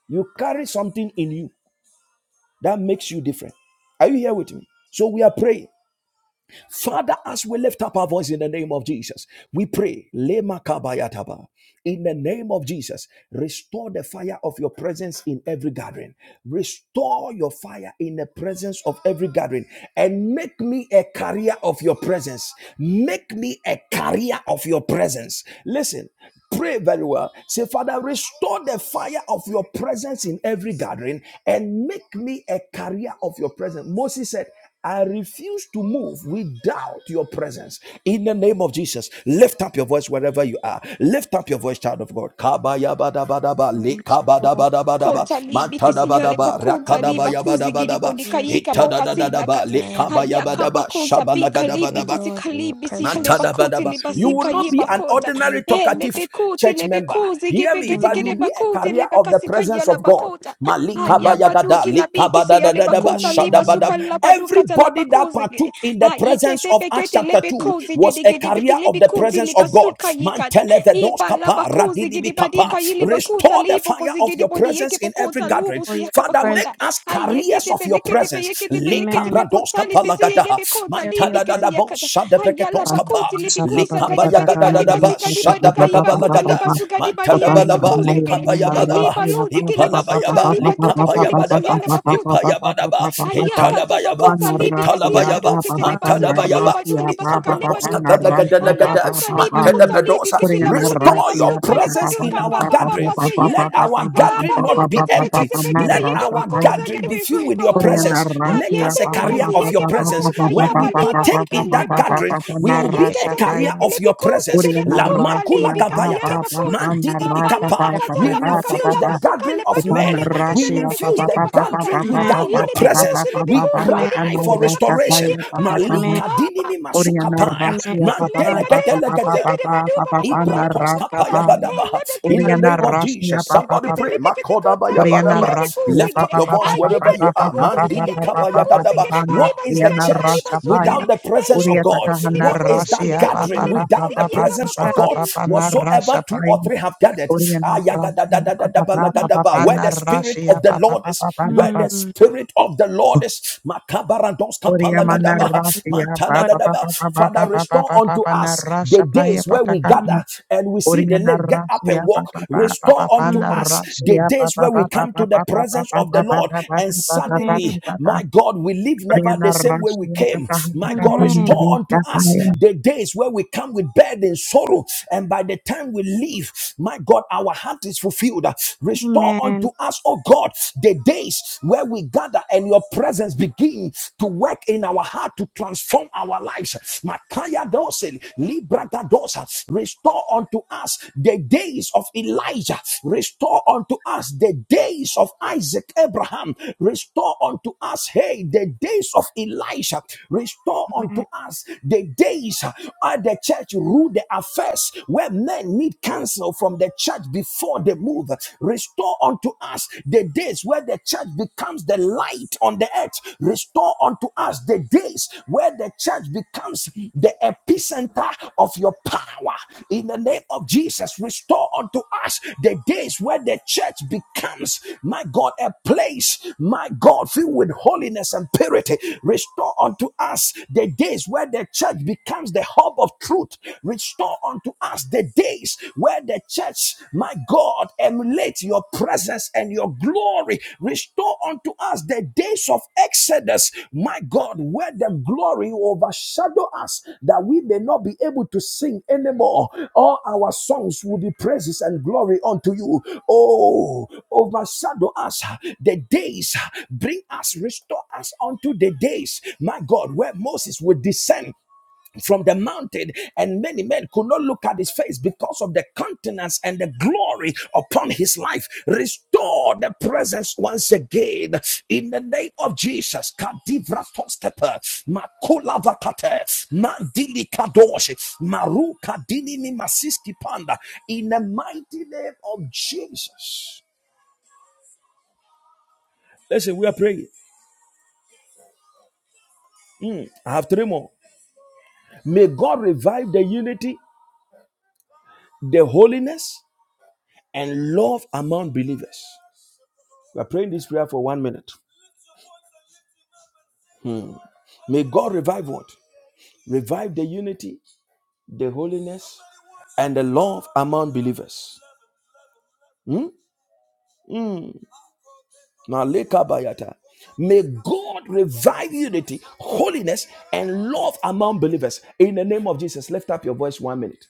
S1: You carry something in you that makes you different. Are you here with me? So we are praying. Father, as we lift up our voice in the name of Jesus, we pray, Lema Kabayataba. In the name of Jesus, restore the fire of your presence in every gathering. Restore your fire in the presence of every gathering and make me a carrier of your presence. Make me a carrier of your presence. Listen, Pray very well. Say, Father, restore the fire of your presence in every gathering and make me a carrier of your presence. Moses said, I refuse to move without your presence. In the name of Jesus, lift up your voice wherever you are. Lift up your voice, child of God.
S3: and Restore
S4: Kontali
S3: presence to your
S4: bitisiale
S3: body,
S4: bakunza
S3: restore
S4: liba
S3: your
S4: kuzi
S3: presence,
S4: gidi
S3: let
S4: boni
S3: your
S4: kaika
S3: spirit
S4: boka
S3: lead
S4: tila
S3: in
S4: kati
S3: prayer, oh
S4: hayaka
S3: God.
S4: bakuza bi
S3: Thank you,
S4: kalibi kuti
S3: Lord, that your
S4: kalibi si hale
S3: presence
S4: bakuti
S1: Mantadabadaba. You will
S3: consumes
S4: libasika
S1: not
S4: yi
S3: us,
S1: be an
S3: Lord, with
S4: kota.
S3: the
S1: ordinary
S3: breath of
S4: e
S3: our
S1: talkative
S3: God.
S4: lebe kuti
S1: church
S4: lebe
S1: member.
S4: kuzi
S1: Hear
S4: gibi
S1: me,
S4: geti
S1: but
S4: gede
S1: you'll
S3: Amen.
S1: be a
S4: bakuti
S1: carrier
S4: lebe
S1: of the
S4: kasi kaya
S1: presence
S4: la
S1: of God.
S4: bakota haya
S3: Amen.
S1: Malikabayagada,
S4: baduki la biki si hale
S3: Amen.
S1: likabadadadadaba,
S4: bakuta
S3: Amen.
S4: liba
S1: shadabadab.
S4: suka la baduka ta la
S1: Everybody that
S4: bakuzi
S1: partook
S4: gidi
S1: in the
S4: hayi
S1: presence
S4: kete
S1: of Acts
S4: pekete
S1: chapter
S4: lebe
S1: 2
S4: kuzi
S1: was
S4: gidi
S1: a
S4: gidi biki
S1: carrier of
S4: lebe
S1: the
S4: kuti
S1: presence
S4: liba
S1: of God.
S4: suka yikata
S1: Mantelevedos
S4: Ibala
S1: kapa,
S4: bakuzi
S3: Amen.
S1: radidibi
S4: gidi
S3: Amen.
S1: kapa.
S4: badika yili bakuta
S1: Restore the
S4: libo
S1: fire
S4: kozi
S1: of
S4: gidi
S1: your
S4: bodi yeke
S1: presence in every
S4: pokota
S1: gathering.
S4: lubu
S3: Restore
S4: si
S3: your
S4: yaka
S1: Father,
S3: presence.
S1: make
S4: bakota.
S1: us
S4: Ayeke
S1: carriers of
S4: tepe
S1: your
S4: leke tepe
S1: presence
S4: yeke
S1: lives.
S4: tepe yeke
S1: Leka
S3: Amen.
S4: tepe
S1: bradoska
S4: kutali pesi
S1: palagada.
S4: yede bekota
S3: Carry your
S4: libi
S1: Mantada da
S3: presence.
S1: da
S4: kesi
S1: bon
S4: yakata.
S1: shada
S4: Ayala
S1: breketoska pa.
S4: bakuti libi kusa
S1: Leka
S4: gade
S1: bayagada
S4: badika
S1: da da
S4: liba
S1: ba
S4: sika di
S1: shada
S4: badika iba kota
S1: brekabalagada.
S4: liba suga di badi
S1: Mantada
S4: yale
S1: balaba
S4: bakuzi
S1: leka
S4: gidi.
S1: bayabadaba.
S4: Ayiba luti kili basuka
S1: Ipalabayaba
S4: liba
S1: leka
S4: duka tu liba
S1: payabadaba.
S4: suyale bakuzi.
S1: Ipayabadaba.
S4: Aya kata
S1: Italabayaba. ba
S4: bakuta libi
S1: hitala
S4: kasila
S1: baya ba,
S4: du
S3: Lord
S4: kitele
S3: God.
S1: Mantada
S4: basuka
S1: bayaba.
S4: liba du
S1: Eka
S4: libasuka suka liba
S3: Your
S4: du
S1: bradoska
S3: blood
S4: kata.
S1: balagada
S4: Aya
S1: lagada.
S4: kuta liba
S3: through
S5: Putting
S1: Mantada
S3: me.
S4: kuta libi
S1: bedosa.
S4: kitela budi la
S1: Restore your
S4: basuka liba
S1: presence
S4: du
S1: in
S4: kapa
S1: our
S4: pa pa
S1: gathering.
S4: pa se
S1: Let
S4: yelede.
S1: our our
S4: Ah
S1: gathering not
S4: badu
S1: be
S4: kete be
S1: empty.
S4: kete be
S3: Oh,
S4: kete
S1: Let
S4: yete
S1: our
S4: bakuza
S1: gathering
S4: gede
S3: oh,
S1: be
S4: be
S1: filled
S4: fai
S1: with
S4: pa
S1: your
S3: oh.
S4: hola.
S1: presence.
S4: Ah
S1: Make us
S5: Orianarratia
S4: yete
S1: a
S4: be
S5: papa
S1: carrier
S3: Amen.
S4: kasi
S1: of
S5: papa
S1: your
S4: yeke
S5: papa papa
S1: presence.
S4: bakuta
S5: papa
S4: ya
S1: When
S4: ba
S1: we
S5: papa
S4: liba
S5: papa
S1: partake
S4: sika
S1: in that
S4: liba
S5: papa
S4: kota.
S1: gathering,
S5: papa
S1: we
S4: Eh
S1: will be a
S4: yekete be
S1: carrier
S4: kete
S5: narrasataya.
S1: of your
S4: libi kuze
S1: presence.
S4: gede
S1: La
S4: bakuta
S1: makula
S5: Orianarratia
S4: libi
S5: papa
S4: kasi yele
S1: gabayata.
S5: papa
S4: bakuta.
S1: Mandidi
S4: Ah
S5: narrasa
S4: bala
S1: bikapa.
S5: papa
S4: bakata
S5: papa
S1: We
S4: la
S5: papa
S4: bakata
S1: refuse
S4: la
S5: papa
S1: the
S4: basuka
S1: gathering
S4: liba
S1: of
S4: du
S5: papa
S4: kale
S1: men. We
S4: bakete
S5: narrasia
S4: libi si
S1: refuse
S5: papa
S4: yeke
S1: the
S5: papa papa
S4: bakuta.
S1: gathering
S3: Amen.
S5: papa
S1: without
S4: Aye,
S1: your
S5: papa
S1: presence.
S4: lebikuzi,
S5: papa
S1: We
S4: lebikuzi,
S5: papa
S3: Amen.
S4: gidi
S5: papa
S1: cry
S4: bakuzi,
S1: for
S4: le bakasi ye
S1: restoration.
S5: narrasataya papa
S4: yebakata.
S3: Amen.
S5: papa
S1: Malika
S4: Ah, ba-
S1: dinimi masukapaya.
S3: Amen.
S5: Orianarratia
S4: kese le
S5: papa papa
S1: mandelegete
S5: papa
S4: lebakuzi,
S1: legete.
S5: papa
S4: gidi badu,
S5: papa
S4: ba- ba- ba-
S5: papa
S4: ba- ba-
S1: Ibratos
S4: lebadu kata.
S1: kapaya
S5: narrasataya.
S4: Eh,
S1: gadaba. In
S4: lebekete,
S3: by
S1: the name
S3: both
S1: of
S5: Orianarratia
S1: Jesus, somebody
S5: papa
S4: lebekete, le
S1: pray.
S4: lebekete,
S1: Makodaba
S4: kutabi ku,
S5: Oriana
S1: yabadaba.
S3: instantly
S5: Rasia
S4: lebikuzi,
S1: Lift up
S4: gidi.
S5: Papa
S1: your
S5: Papa
S1: voice
S5: Papa
S4: Aye,
S1: wherever you
S4: badu
S5: Papa
S1: are.
S4: kabu
S3: be
S5: Papa
S3: a
S5: Papa
S4: kusiya,
S1: Mandili
S3: ship.
S4: neke
S1: kapaya
S5: Papa
S4: bakuzi,
S1: gadaba.
S4: gidi
S5: Papa
S4: bali
S1: What is the
S4: zika,
S5: Oriana
S4: di
S1: church
S4: baliba
S5: Rasha
S4: zuga,
S1: without
S5: Paya
S4: de.
S1: the presence
S4: Aye,
S1: of
S5: Uria
S1: God?
S4: bikuzi,
S5: Takahana
S1: What is
S4: lebikuzi,
S1: that
S4: gidi
S5: Rasia
S4: bakuzi,
S1: gathering
S5: Papa
S3: Mm,
S5: Papa
S4: lebekasi,
S1: without the
S5: Papa
S4: yaka
S1: presence of
S3: that-
S5: Papa
S1: God?
S4: bakuzi.
S5: Papa
S1: Whatsoever
S5: Narasha
S1: two or
S5: Paya
S1: three have gathered,
S5: Oriana
S1: ah,
S5: Rasia Papa
S1: yagadadadadadaba
S3: mm,
S5: Papa
S1: lagadaba.
S5: Papa
S1: where the spirit
S5: Narasia
S1: of the
S5: Papa
S1: Lord is,
S5: Papa
S1: where
S5: Papa
S1: the
S3: mm,
S1: spirit of the Lord is, makabarandos kapala
S3: mm,
S5: Oriamana
S3: mm.
S5: Rasia
S3: Oh,
S1: gadaba.
S3: but,
S5: Papa Papa Papa
S1: Father,
S5: Papa
S1: restore
S5: Papa
S1: unto
S5: Papa
S1: us the
S5: Narasha Paya
S1: days where we
S5: Pataka
S3: mm,
S1: gather and we see the
S5: Oriana
S1: lame get up
S5: Rasia
S1: and walk.
S5: Papa
S1: Restore
S5: Papa
S1: unto
S5: Pana
S3: mm,
S1: us the
S5: Rasia
S1: days
S5: Papa
S1: where we
S5: Papa
S1: come
S5: Papa
S1: to the
S5: Papa
S1: presence
S5: Papa
S1: of the Lord
S5: Papa
S1: and
S5: Papa Papa
S3: Amen.
S1: suddenly,
S5: Papa
S1: my God, we live never the
S5: Oriana
S1: same way we
S5: Rasia
S1: came.
S5: Papa
S1: My
S5: Papa
S1: God,
S3: Amen.
S1: restore unto
S5: Papa
S1: us
S5: Kaya
S1: the days where we come with burden, sorrow, and by the time we leave, my God, our heart is fulfilled. Restore
S3: Amen.
S1: unto us, oh God, the days where we gather and your your presence begin to work in our heart to transform our lives. Makaya dose, libra gadosa, restore unto us the days of Elijah, restore unto us the days of Isaac, Abraham, restore unto us, hey, the days of Elisha, restore unto
S3: Amen.
S1: us the days of the church rule the affairs where men need counsel from the church before they move. Restore. Restore unto us the days where the church becomes the light on the earth. Restore unto us the days where the church becomes the epicenter of your power. In the name of Jesus, restore unto us the days where the church becomes, my God, a place, my God, filled with holiness and purity. Restore unto us the days where the church becomes the hub of truth. Restore unto us the the days where the church, my God, emulate your presence and your glory. Restore unto us the days of Exodus, my God, where the glory overshadow us, that we may not be able to sing anymore. All our songs will be praises and glory unto you. Oh, overshadow us the days, bring us, restore us unto the days, my God, where Moses would descend from the mountain, and many men could not look at his face because of the countenance and the glory upon his life. Restore the presence once again in the name of Jesus. Kadivratostepe, makulavakate, mandilikadoshi, marukadinini masiski panda. In the mighty name of Jesus. Listen, we are praying. Mm, I have three more. May God revive the unity, the holiness, and love among believers. We are praying this prayer for one minute. May God revive what? Revive the unity, the holiness, and the love among believers. Now, lekabayata. May God revive unity, holiness, and love among believers. In the name of Jesus, lift up your voice one minute.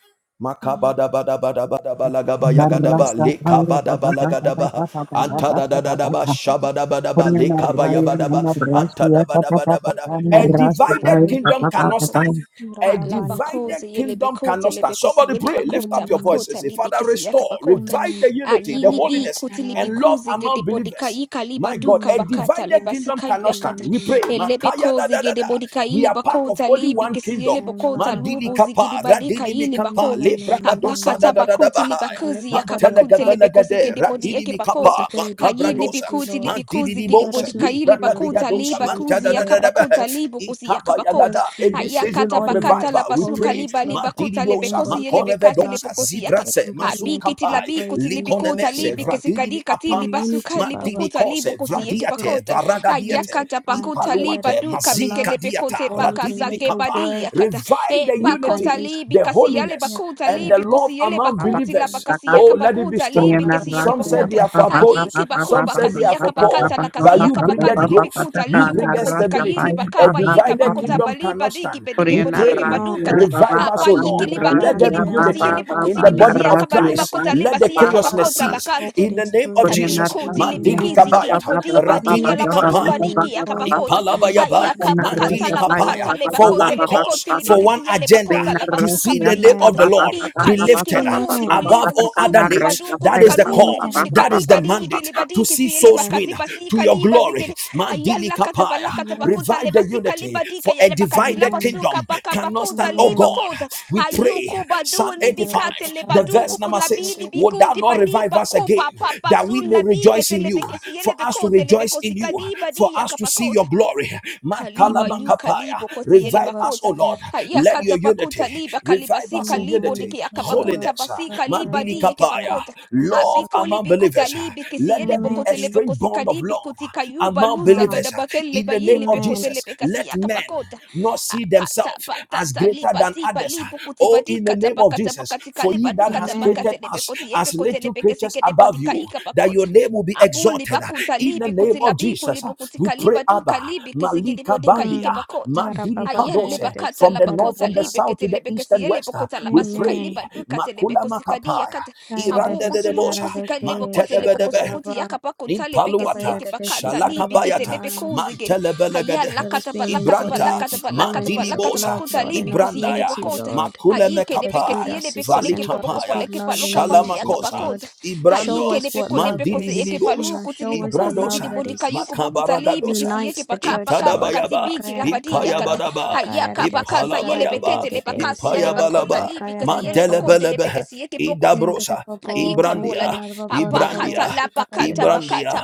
S3: Mm,
S1: Makabadabadabadabadabalagabayagadaba,
S5: Narasa Kaya Papa Papa Papa
S1: lekabadabalagadabaha,
S5: Papa
S3: you love
S5: Papa Papa
S1: antadadadadaba,
S5: Papa
S3: me,
S1: shabadabadaba,
S3: Jesus,
S5: Oriana
S3: but
S5: Raya
S1: lekabayabadaba,
S5: Nama Rasia Papa Papa
S4: Di
S1: antadabadabadabada.
S3: I
S4: bali
S5: Pana
S1: A
S3: know that
S4: kuzi,
S5: Rasia
S3: you
S4: gidi
S1: divided
S3: are
S5: Kaya
S4: badu ka,
S3: never-
S1: kingdom
S5: Papa
S4: eke
S1: cannot
S5: Papa
S4: bakuzi.
S1: stand.
S3: you don't
S1: A
S4: Ha
S3: love
S4: la
S3: our neighbor.
S1: divided
S4: bakoze yele
S1: kingdom
S4: bekote
S1: cannot
S4: le
S1: stand.
S4: bekosi
S1: Somebody
S4: yele
S1: pray, lift up
S4: bakota
S1: your
S3: Mm,
S1: voice and
S4: bakota
S1: say,
S4: libi
S1: Father,
S4: kisi yaka
S1: restore,
S4: bakota.
S1: revive
S3: Amen.
S1: the
S4: A
S3: Da,
S1: unity, the
S4: yili
S3: da, da,
S4: bi
S1: holiness,
S4: kuti libi
S3: da.
S1: and love
S4: kuzi
S1: among
S4: gede bodika
S1: believers.
S4: yika liba
S1: My God,
S4: duka
S3: Mm,
S1: a
S3: The
S4: bakata
S1: divided
S4: le
S3: holiness,
S1: kingdom
S4: basika
S3: the
S1: cannot stand.
S4: yakata.
S1: We
S3: unity,
S1: pray.
S4: Ele
S1: Makaya da
S4: bekozi
S1: da da da.
S4: gede bodika
S1: We
S4: yili
S1: are part of
S4: bakota
S1: only
S3: of
S4: libi
S3: the
S1: one
S4: kisi yele
S1: kingdom.
S3: and
S4: bakota
S3: love.
S1: Mandili
S4: lubu
S1: kapa,
S4: zigidi badika
S1: radini
S4: yili
S1: mikapa,
S3: Amen.
S4: bakota.
S3: Amen.
S1: lebra
S4: Ha
S3: Amen.
S1: kadosa da
S4: bakata
S3: Amen.
S1: da da da
S4: bakuti liba
S1: bahaya.
S3: Now let
S4: kuzi
S3: the
S4: yaka
S3: body of
S4: bakunte
S3: Christ
S4: le bekosi
S1: Mantelegadelegade,
S3: take
S4: gede
S3: this
S4: bodi
S1: ratidi
S4: eke bakota.
S1: bikapa,
S3: responsibility
S4: Ha yili bi
S1: makabradosa,
S3: seriously,
S4: kuti
S3: Lord.
S4: libi
S1: mantidi
S4: kuzi gede
S3: Let
S1: dibosa,
S3: us know
S4: bodika yili
S1: libra
S3: you
S4: bakota
S3: represent
S1: kadigadosa,
S4: liba
S3: you
S4: kuzi
S3: everywhere
S4: yaka
S3: that we
S1: mantadadadadabaha,
S3: go.
S4: bakota libu kusi yaka
S3: Let
S4: bakota.
S3: us
S1: ikabayagada. In this
S3: be the
S1: season
S4: Ayakata
S1: of
S4: bakata
S3: embodiment
S1: revival,
S3: of
S4: la
S1: we
S4: basuka
S1: pray.
S3: holiness,
S4: liba
S3: Lord.
S4: liba
S3: Let us
S1: Mantidi
S4: kuta
S3: be the
S1: bosa,
S4: lebekosi
S3: embodiment of
S4: yelebekate
S3: love.
S1: makorevedosa,
S3: Let us
S4: lebekosi
S3: be
S4: yakata.
S3: the
S1: zidrase,
S3: embodiment of
S4: Abikiti
S3: your
S1: mazukapai,
S3: grace
S4: labikuti
S3: and your
S4: libikuta
S3: mercy,
S1: likonemese,
S3: Lord.
S1: vradini mi
S4: libikesikadika
S3: And
S1: apanda,
S4: tilibasuka
S3: unity, Baba.
S1: mantidi
S4: libukuta
S1: kose,
S4: libukusi
S3: Let us put our
S1: vradiate,
S4: yekibakota.
S3: separateness
S1: varagadiate.
S4: Ayakata
S3: aside, Baba.
S4: bakuta
S3: Let
S4: liba
S3: us
S1: Ipaluate,
S3: put
S4: duka
S3: the love
S1: Mazika Diata,
S4: bekelebekote
S3: before anything.
S1: Radidi
S3: Let
S4: bakasake
S3: your
S1: Bikapa.
S3: word
S4: badiyakata.
S1: Revive
S4: E
S1: the
S3: be the
S4: bakota
S1: unity,
S3: foundation,
S4: libi
S1: the
S4: kasi
S3: Lord.
S4: yale
S3: Yeah.
S1: holiness,
S4: bakuta
S1: and the
S4: libi
S1: love
S4: kosi yele
S1: among
S5: Papa
S4: bakuti la
S1: believers.
S5: Papa
S4: bakasi
S1: Oh,
S4: yaka
S1: let it be
S4: bakuta
S1: strong.
S4: libi kesi
S1: Some
S5: Papa,
S4: yekibakota.
S1: said they are for Apollos,
S4: Ayiki
S1: some
S4: bakuba
S1: said they are
S4: kasiyaka
S1: for Paul,
S4: bakata la
S1: but you
S4: kasiyaka
S1: bring that
S4: bakati
S3: Mm.
S1: growth,
S4: libikuta
S1: you
S4: liyu
S1: bring that
S4: kopoposika yili
S1: stability. A
S4: bakapa yika
S1: divided
S4: bakota
S3: Mm.
S1: kingdom
S4: baliba
S1: cannot
S4: diki
S1: stand.
S4: pedeke
S1: We
S4: podieke
S1: pray,
S3: No.
S4: padukata.
S1: revive us,
S4: Apa
S1: O
S4: yiki
S1: Lord.
S3: Baba
S1: Let
S4: libaduki
S1: there be
S3: Nakaya
S4: libukusiye
S1: unity
S3: Baba
S1: in
S4: libukusi
S1: the
S3: Kia
S1: body
S4: libisia
S1: of
S3: Baba
S4: kabaluba
S1: Christ.
S4: kota
S1: Let the
S4: libasiya
S3: Baba,
S1: chaosness
S3: the way
S1: cease
S4: kabakota
S3: forward
S1: in the
S3: is
S1: name of
S3: through
S1: Jesus.
S3: unity.
S4: Kabikuti
S1: Mandili
S4: libikisi
S3: Amen.
S1: kabayata,
S4: gidibodi badi
S1: ratidi
S3: Unity is the
S4: yalabadu
S1: mikapa.
S3: only way
S4: badiki
S3: forward.
S4: yakabakota
S3: Unity
S1: Ipalabayaba,
S3: is the only
S4: ayakapakata
S1: Mantili
S3: way
S1: Kapaya,
S3: forward,
S4: labakata
S1: for
S3: Lord.
S4: lebakote
S1: one cause,
S4: lebekoti
S1: for one
S3: Yes.
S4: libikisi
S1: agenda,
S5: Korean
S4: yalebakota
S1: to
S4: labasuka
S1: see the
S5: Rasia,
S4: pedi
S5: pa
S1: name
S5: pa
S1: of
S4: yakata
S3: Amen.
S1: the
S5: pa pa
S1: Lord
S5: pa pa
S1: be
S5: pa pa
S1: lifted
S4: ikaikiti
S5: pa
S4: kuti
S5: pa
S3: Amen.
S1: above
S4: kulibu
S1: all other
S4: gusuku
S1: names.
S4: dibadu
S1: That is the
S4: kutikalubu
S1: call,
S4: zugudi
S3: Amen.
S1: that is the
S4: kadikadi
S1: mandate, to
S4: kilibadiki
S1: see souls
S3: Yes.
S1: win
S4: siyelebakati basi
S1: to your
S4: liba
S1: glory.
S4: zigidi
S1: Mandili
S4: ayalakata
S1: Kapaya,
S4: balakata
S3: Yes.
S4: bakuta
S1: revive the
S4: lebasika
S1: unity,
S4: libadika
S1: for a
S4: yalebakati
S1: divided
S3: Amen.
S4: labasuka
S1: kingdom cannot
S4: pakapakuta
S1: stand. Oh God,
S3: Amen.
S4: libakota
S1: we pray.
S4: Ayuku badu
S1: Psalm
S3: Baba
S1: 85,
S4: libikate
S3: Baba
S1: the
S3: Kaya
S4: lebadu
S3: Dada
S1: verse number
S4: kupulabi
S1: 6
S3: Dada.
S1: would
S4: libiku
S1: thou not
S4: dibali
S1: revive us
S4: bakuba
S1: again
S4: papa
S1: that we
S4: sul
S1: may
S4: labi
S1: rejoice in you,
S4: ketelebekesiele
S1: for us to
S4: bekote
S1: rejoice in you,
S4: lebekosikadi
S1: for
S4: badi
S1: us to see
S4: yakapakota.
S1: your glory?
S4: Kaliba
S3: Mm.
S4: yu
S1: Makalamakapaya.
S4: kalibo kosi yele
S3: Baba
S1: Revive
S3: Baba
S1: us, O
S4: bakota
S3: Kaya
S1: Lord.
S4: haya
S1: Let
S3: Dada.
S1: your
S4: bakuta
S1: unity
S4: liba kaliba
S1: revive
S4: si
S1: us in
S4: kalibo
S3: Amen.
S1: unity,
S4: diki
S3: Baba
S4: akabakuta
S1: holiness.
S4: basi
S3: Baba
S4: kaliba
S1: Mandili
S4: di
S3: Kaya
S4: yeke
S1: kapaya.
S4: bakota
S1: Love
S3: Dada.
S4: abiko
S1: among
S4: libikuta
S1: believers.
S4: libi kisi
S1: Let
S4: yele
S1: there be a
S4: bokote
S3: Amen.
S4: lepe
S1: strange
S4: kosi
S1: bond of
S4: kadibi
S1: love
S4: kuti kayuba
S1: among
S4: luza
S3: Wow.
S4: gada
S1: believers.
S4: bakele
S1: In the name
S4: bayili
S1: of
S4: bekote
S3: Amen.
S1: Jesus,
S4: lepe kasi
S1: let men
S4: yakabakota
S1: not not see
S4: akata
S1: themselves as
S4: patata
S1: greater
S4: liba
S1: than
S4: tiba
S1: others.
S4: libo kuti
S1: Oh,
S4: badi
S1: in the
S4: kata
S1: name of
S4: pakata
S1: Jesus,
S4: pakati
S1: for ye
S4: kaliba du
S1: that has
S4: kata
S3: Amen.
S1: created
S4: bakate lebe
S1: us
S4: koti yebe
S1: as
S4: kote
S1: little
S4: lepe kesi
S1: creatures
S4: kede bodi
S1: above you, that your name will be
S4: Abuli
S1: exalted.
S4: bakuta
S1: In the
S4: libi
S1: name of
S4: kutilabi
S1: Jesus,
S4: kulibu
S1: we pray,
S4: kutikaliba du
S1: Abba,
S4: kalibi kisigidi
S1: Malika
S4: bodika ike
S1: Bandia,
S3: Hmm.
S4: bakota.
S3: Yara
S1: Mandili
S3: baba kaya
S4: Ayele
S3: da
S1: Kadose,
S3: da
S4: bakata
S3: si
S1: from
S4: la
S1: the
S3: kara
S1: north,
S4: bakota
S1: from the
S3: baba.
S4: libi
S1: south to the
S4: kitelebe
S1: east and
S4: kesiyele
S1: west.
S4: bakota la
S1: We
S4: basuka
S1: pray,
S3: Amen.
S4: liba du katelebe
S1: Makula
S4: kosikadi
S1: Makapaya,
S4: yakata.
S3: Kaya da
S4: Abu
S1: Iranda
S3: da
S1: de
S3: si
S4: kutulubu
S3: yara
S1: Debosa,
S3: da ke
S4: kusikale
S1: Mante
S4: bokote
S1: de
S4: le
S3: shakara
S1: Bedebe,
S4: bokosukuti
S3: baba.
S4: yaka bakota lebe
S3: Baba
S1: Impaluata,
S4: kesiyeke
S3: yada da si
S4: bakata
S3: kara
S4: libi
S1: Shalakabayata,
S4: kitelebe
S3: baba.
S4: kuzigidi. Ayala
S1: Mantelebelegedehe,
S3: Let us
S4: kata
S3: be an
S4: balakata
S1: Ibranta,
S3: embodiment
S4: balakata
S3: of
S4: balakata
S3: holiness, of
S4: balakata
S1: Mandilibosa,
S3: love,
S4: bakota
S3: Lord, and
S4: libi
S3: of
S4: kusiyeke
S1: Ibrandaya,
S3: unity,
S4: bakota.
S3: Lord.
S4: Ayike
S3: Let us
S4: lebe
S1: Makulemekapa,
S3: greet our
S4: kesiyele
S3: sisters
S4: bekoleke
S3: and
S4: poloko
S3: brothers
S1: Valikapaya,
S3: with
S4: poleke
S3: love and
S4: paloka pasi
S3: unity,
S4: yaka
S1: Shalamakosa,
S4: bakota.
S3: Lord.
S1: Ibrando,
S3: Show
S4: Haite
S3: us what
S4: lepeko
S3: love
S4: lepeko
S3: is.
S4: seyeke
S3: You
S1: Mandilibilibosa,
S3: know,
S4: paluku
S3: show us the
S4: tilipukuzi
S3: love
S1: Ibradosa.
S3: that
S4: gidibodi
S3: is.
S4: kayuku bugu talibi
S1: Makabaragadosa.
S4: kisiyeke
S3: Unite the
S4: pakapa
S3: church,
S4: kapa
S3: Lord.
S1: Itadabayaba.
S4: katibiki
S3: Babakayara
S4: lapadia
S3: kayara
S4: kata
S1: Ipayabadaba.
S3: babakayara
S4: hayaka
S3: de
S4: pakasa
S3: sikara
S4: yele
S3: de de
S1: Ipalabayaba.
S4: pekete
S3: de
S4: le
S3: de
S4: pakasi yale
S3: siara
S4: bakota
S1: Ipayabalaba.
S4: libi
S3: babakayara
S4: kasi
S3: de
S4: yele bakote
S3: bosh.
S4: le
S1: Mandelebelebe.
S4: pekasi yeke pokote
S3: Yada de
S1: Idabrosa.
S3: babo,
S4: hayika
S3: thank you,
S1: Ibrandia.
S4: bolade
S3: Yada babo roro
S4: apakata
S1: Ibrandia.
S4: la
S3: sikara de
S4: pakata
S3: desh.
S1: Ibrandia.
S4: pakata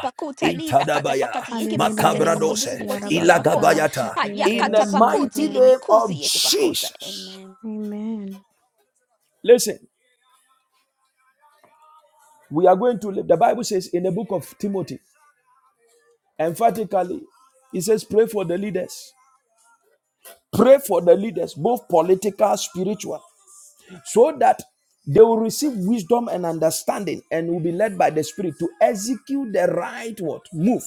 S4: libi kata
S1: Itadabaya.
S4: pakati
S3: Ali
S4: yeke
S3: de de
S4: pakate
S3: de
S4: le
S3: de de
S4: pakosi
S1: Makabradose.
S3: siara
S4: pakoti yeke pakota
S3: babaka
S1: Ilagabayata.
S3: shakira
S1: In
S3: de
S1: the
S4: hayakata
S3: siara
S4: pakoti
S1: mighty
S3: de.
S4: libi
S1: name of
S4: kusi yeke pakota
S1: Jesus.
S4: amen
S3: Amen.
S1: Listen, we are going to live. The Bible says in the book of Timothy, emphatically, it says, pray for the leaders. Pray for the leaders, both political, spiritual, so that they will receive wisdom and understanding and will be led by the Spirit to execute the right what move.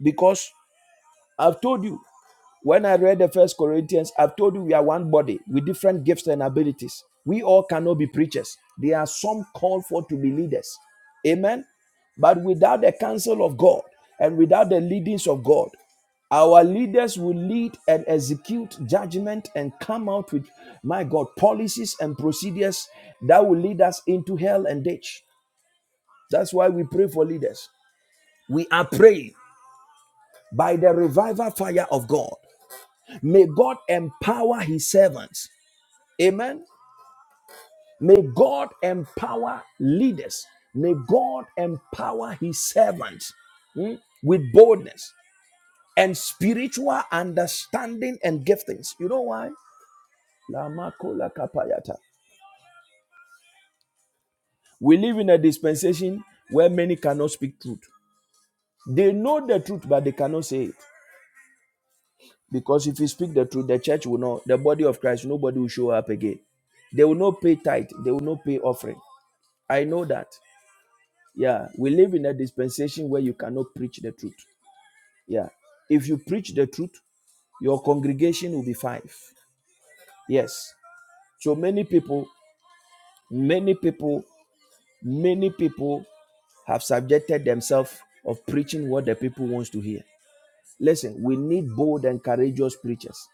S1: Because I've told you when I read the first Corinthians, I've told you we are one body with different gifts and abilities. We all cannot be preachers. There are some called for to be leaders. Amen. But without the counsel of God and without the leadings of God, our leaders will lead and execute judgment and come out with, my God, policies and procedures that will lead us into hell and ditch. That's why we pray for leaders. We are praying by the revival fire of God. May God empower his servants. Amen. May God empower leaders. May God empower his servants mm, with boldness and spiritual understanding and giftings. You know why? Lamakola kapayata. We live in a dispensation where many cannot speak truth. They know the truth, but they cannot say it. Because if you speak the truth, the church will not, the body of Christ, nobody will show up again. They will not pay tithe, they will not pay offering. I know that. Yeah, we live in a dispensation where you cannot preach the truth. Yeah. If you preach the truth, your congregation will be five. Yes. So many people, many people, many people have subjected themselves of preaching what the people wants to hear. Listen, we need bold and courageous preachers.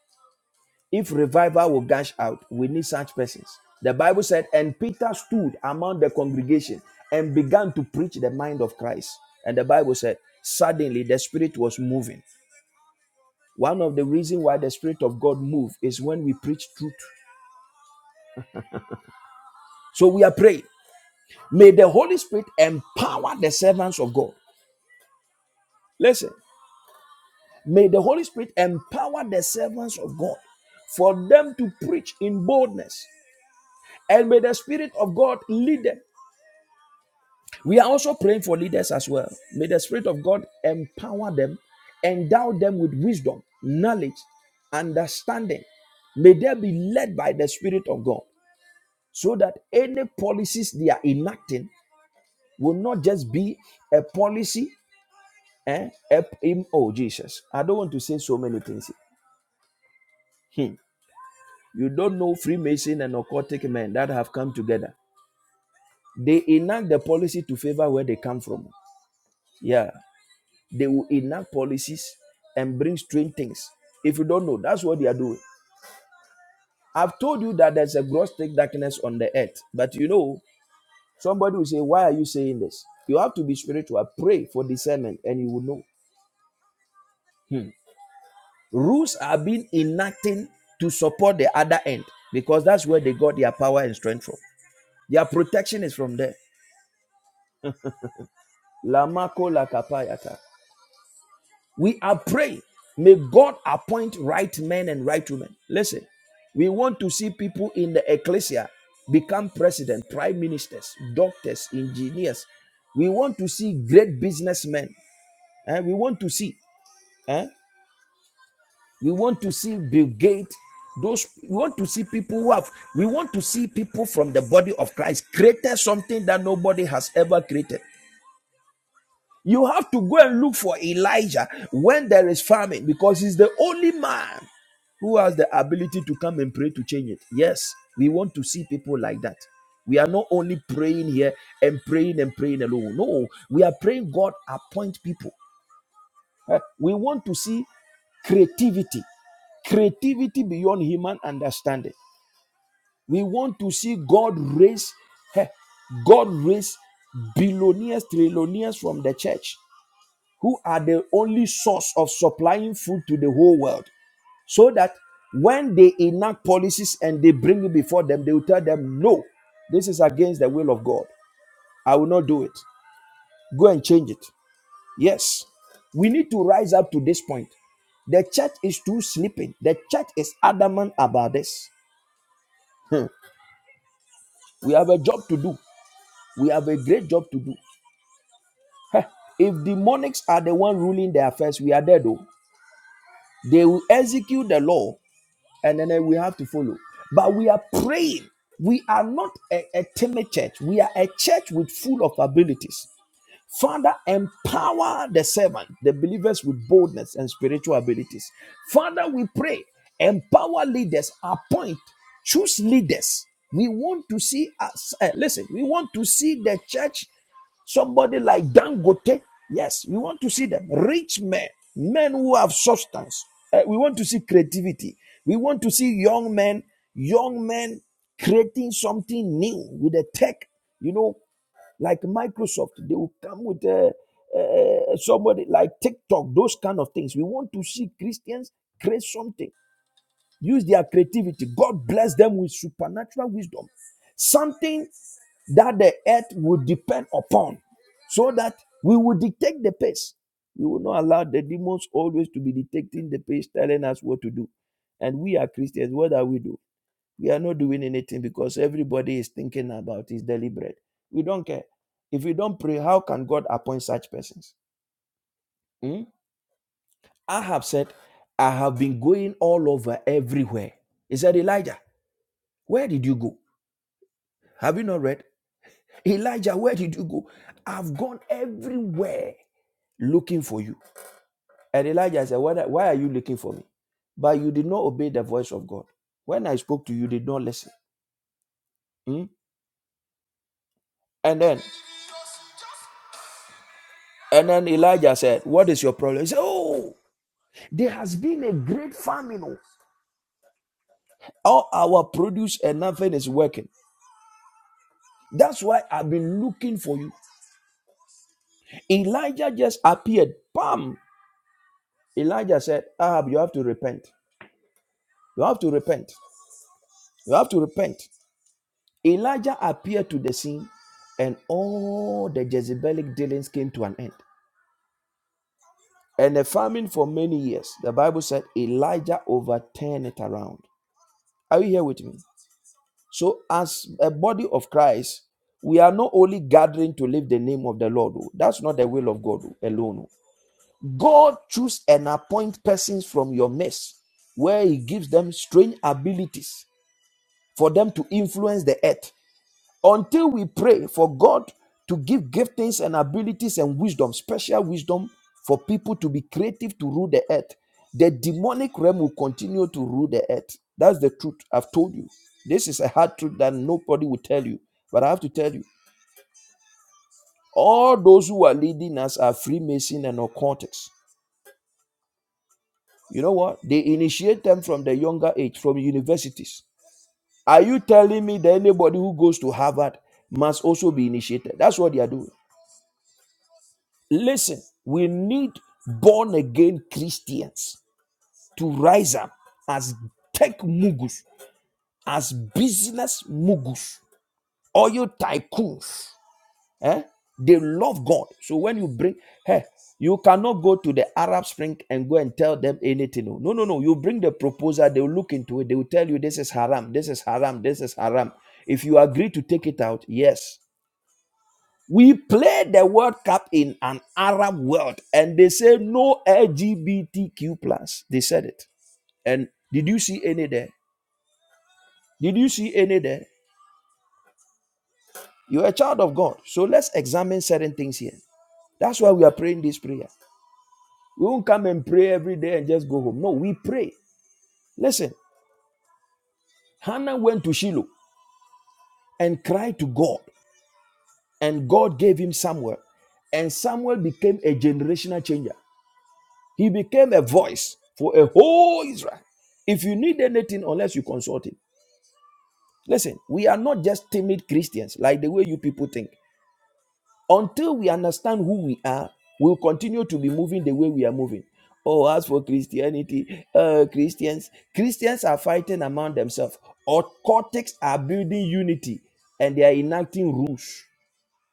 S1: If revival will gush out, we need such persons. The Bible said, and Peter stood among the congregation and began to preach the mind of Christ. And the Bible said, suddenly the Spirit was moving One of the reasons why the Spirit of God moves is when we preach truth. So we are praying. May the Holy Spirit empower the servants of God. Listen, may the Holy Spirit empower the servants of God for them to preach in boldness. And may the Spirit of God lead them. We are also praying for leaders as well. May the Spirit of God empower them, endow them with wisdom, knowledge, understanding. May they be led by the Spirit of God. so that any policies they are enacting will not just be a policy. Eh? Help him, Oh, Jesus. I don't want to say so many things. Hmm. You don't know Freemason and occultic men that have come together. They enact the policy to favor where they come from. Yeah. They will enact policies and bring strange things. If you don't know, that's what they are doing. I've told you that there's a gross thick darkness on the earth, but you know Somebody will say, Why are you saying this? You have to be spiritual. Pray for discernment and you will know. Hmm. Rules are being enacted to support the other end because that's where they got their power and strength from. Their protection is from there. Lamako lakapayata. We are praying. May God appoint right men and right women. Listen, we want to see people in the ecclesia become president, prime ministers, doctors, engineers. We want to see great businessmen. And we want to see. eh? We want to see Bill Gates. Those we want to see people who have. We want to see people from the body of Christ created something that nobody has ever created. You have to go and look for Elijah when there is famine because he's the only man who has the ability to come and pray to change it. Yes, we want to see people like that. We are not only praying here and praying and praying alone. No, we are praying God appoint people. Uh, We want to see creativity, creativity beyond human understanding. We want to see God raise, eh, God raise billionaires, trillionaires from the church, who are the only source of supplying food to the whole world, so that when they enact policies and they bring it before them, they will tell them, "No, this is against the will of God. I will not do it. Go and change it." Yes, we need to rise up to this point. The church is too sleeping. The church is adamant about this. Hmm. We have a job to do. We have a great job to do. Heh. If demonics are the one ruling their affairs, we are dead though. They will execute the law and then eh, we have to follow. But we are praying. We are not a, a timid church. We are a church with full of abilities. Father, empower the servant, the believers with boldness and spiritual abilities. Father, we pray, empower leaders, appoint, choose leaders. We want to see us, eh, listen, we want to see the church, somebody like Dangote. Yes, we want to see them, rich men, men who have substance. Eh, we want to see creativity. We want to see young men, young men creating something new with the tech, you know like Microsoft, they will come with uh, uh, uh, somebody like TikTok, those kind of things. We want to see Christians create something, use their creativity. God bless them with supernatural wisdom, something that the earth will depend upon, so that we will dictate the pace. We will not allow the demons always to be dictating the pace, telling us what to do. And we are Christians. What are we doing? We are not doing anything because everybody is thinking about is deliberate. We don't care. If we don't pray, how can God appoint such persons? Hmm? I have said, I have been going all over everywhere. He said, Elijah, where did you go? Have you not read? Elijah, where did you go? I've gone everywhere looking for you. And Elijah said, Why why are you looking for me? But you did not obey the voice of God. When I spoke to you, you did not listen. Hmm? And then And then Elijah said, What is your problem? He said, Oh, there has been a great famine. oh. All our produce and nothing is working. That's why I've been looking for you. Elijah just appeared. Bam! Elijah said, Ahab, you have to repent. You have to repent. You have to repent. Elijah appeared to the scene, and all the Jezebelic dealings came to an end. And the famine for many years, the Bible said Elijah overturned it around. Are you here with me? So, as a body of Christ, we are not only gathering to lift the name of the Lord. oh. That's not the will of God oh, alone. oh. God choose and appoint persons from your midst, where He gives them strange abilities for them to influence the earth until we pray for God to give giftings and abilities and wisdom, special wisdom for people to be creative to rule the earth, the demonic realm will continue to rule the earth. That's the truth I've told you. This is a hard truth that nobody will tell you, but I have to tell you. All those who are leading us are Freemason and occultists. You know what? They initiate them from the younger age, from universities. Are you telling me that anybody who goes to Harvard must also be initiated? That's what they are doing. Listen, we need born again Christians to rise up as tech mugus, as business mugus, oil tycoons. Eh? They love God. So when you bring, hey, you cannot go to the Arab Spring and go and tell them anything. No, no, no. no. You bring the proposal, they will look into it. They will tell you this is haram, this is haram, this is haram. If you agree to take it out, yes. We played the World Cup in an Arab world, and they say no LGBTQ plus. They said it. And did you see any there? Did you see any there? You're a child of God, so let's examine certain things here. That's why we are praying this prayer. We won't come and pray every day and just go home. No, we pray. Listen, Hannah went to Shiloh and cried to God, and God gave him Samuel, and Samuel became a generational changer. He became a voice for a whole Israel. If you need anything, unless you consult him. Listen, we are not just timid Christians like the way you people think. Until we understand who we are, we'll continue to be moving the way we are moving. Oh, as for Christianity, uh, Christians, Christians are fighting among themselves. Occultics are building unity and they are enacting rules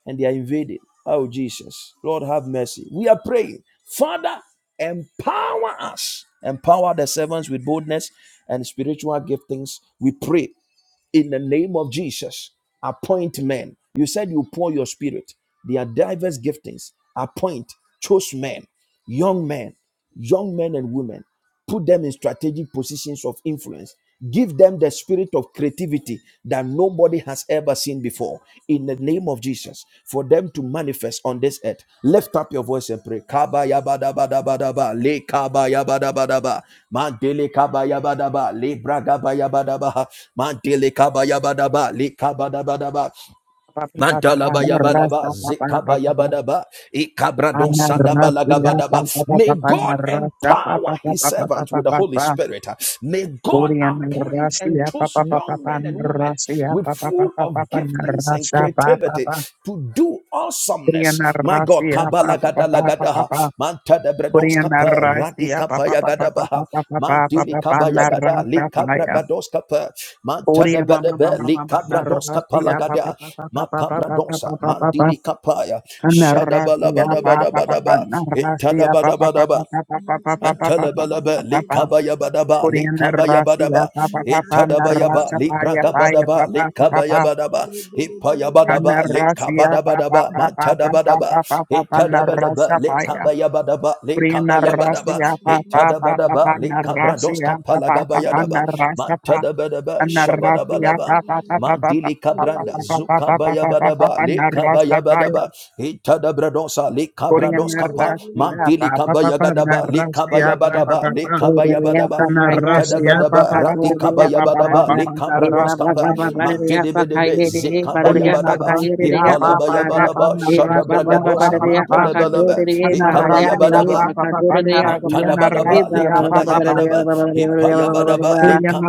S1: and they are invaded. Oh, Jesus. Lord, have mercy. We are praying. Father, empower us. Empower the servants with boldness and spiritual giftings. We pray in the name of Jesus. Appoint men. You said you pour your spirit. There are diverse giftings. Appoint, choose men, young men, young men and women. Put them in strategic positions of influence. Give them the spirit of creativity that nobody nobody has ever seen before in the name of Jesus for them to manifest on this earth. Lift up your voice and pray. Kaba yabadabadabadaba, le kaba yabadabadaba, mandele kaba yabadaba, le braga ba mandele kaba yabadaba, le kaba dabadaba. Mantalabayabadaba, zikabayabadaba, ikabradonsadabalagadaba. May God empower his servants with the Holy Spirit. May God appoint and choose young men and women with full of giftings and creativity to do awesomeness. My God. Lord. Kabalagadalagadaha. Manta de bredoska per Radi kapa yagadabaha. Mantili
S5: pa pa
S1: kapa yagada.
S5: narasa
S1: Likabragados kapa. Manta de
S5: Oria mama
S1: bedebe.
S5: mama mama
S1: Likabrados
S5: narrasia pa pa
S1: palagada,
S5: pa pa pa pa pa pa
S1: Makabradosa.
S5: pa pa pa pa
S1: Mandili kapaya.
S5: pa
S1: shadabala
S5: narrasia pa pa
S1: Shadabalabadabadabadaba.
S5: pa pa narrasia pa pa pa
S1: Intadabadabadaba.
S5: pa pa pa pa pa pa pa pa pa
S1: Antalabalaba,
S5: pa pa pa
S2: you.
S1: likabayabadaba,
S5: Oria narrasia
S1: likabayabadaba,
S5: pa
S2: Thank
S5: pa
S2: you.
S5: pa pa
S1: itadabayaba,
S5: narrasia pa ya pa ya
S1: librakabadaba,
S5: pa pa pa pa
S1: Likabaya
S5: pa
S1: badaba,
S5: pa
S1: ipayabadaba,
S5: narrasia pa pa
S1: likabadabadaba,
S5: pa pa pa pa pa
S1: matadabadaba,
S5: pa pa pa
S1: itadabadaba,
S5: narrasia pa ya
S1: Likabaya badaba,
S5: Oria
S1: likabayabadaba, badaba,
S5: narrasia pa pa pa pa pa
S1: itadabadaba, likabradoska
S5: narrasia pa pa pa pa
S1: palagabayadaba,
S5: narrasia pa
S1: matadabadaba,
S5: Papa,
S1: shabadabadaba. Mandili kabranda zukabayabadaba likabayabadaba itadabradosa likabradoskapa Mandili kabayagadaba,
S7: Yeah.
S1: likabayabadaba, likabayabadaba, antadabadaba, ratikabayabadaba, likabradoskapa, mantilibidebe, zikabayabadaba, ipalabayabadaba, shadabragadosa, mantelebelebe,
S2: Mandele Busia, Baba
S1: ikabayabadaba,
S2: Baba Baba, Leka
S1: Mantadabadaba,
S2: Panamate
S1: lekabayabadaba,
S2: Baba Baba Baba,
S1: hipayabadaba,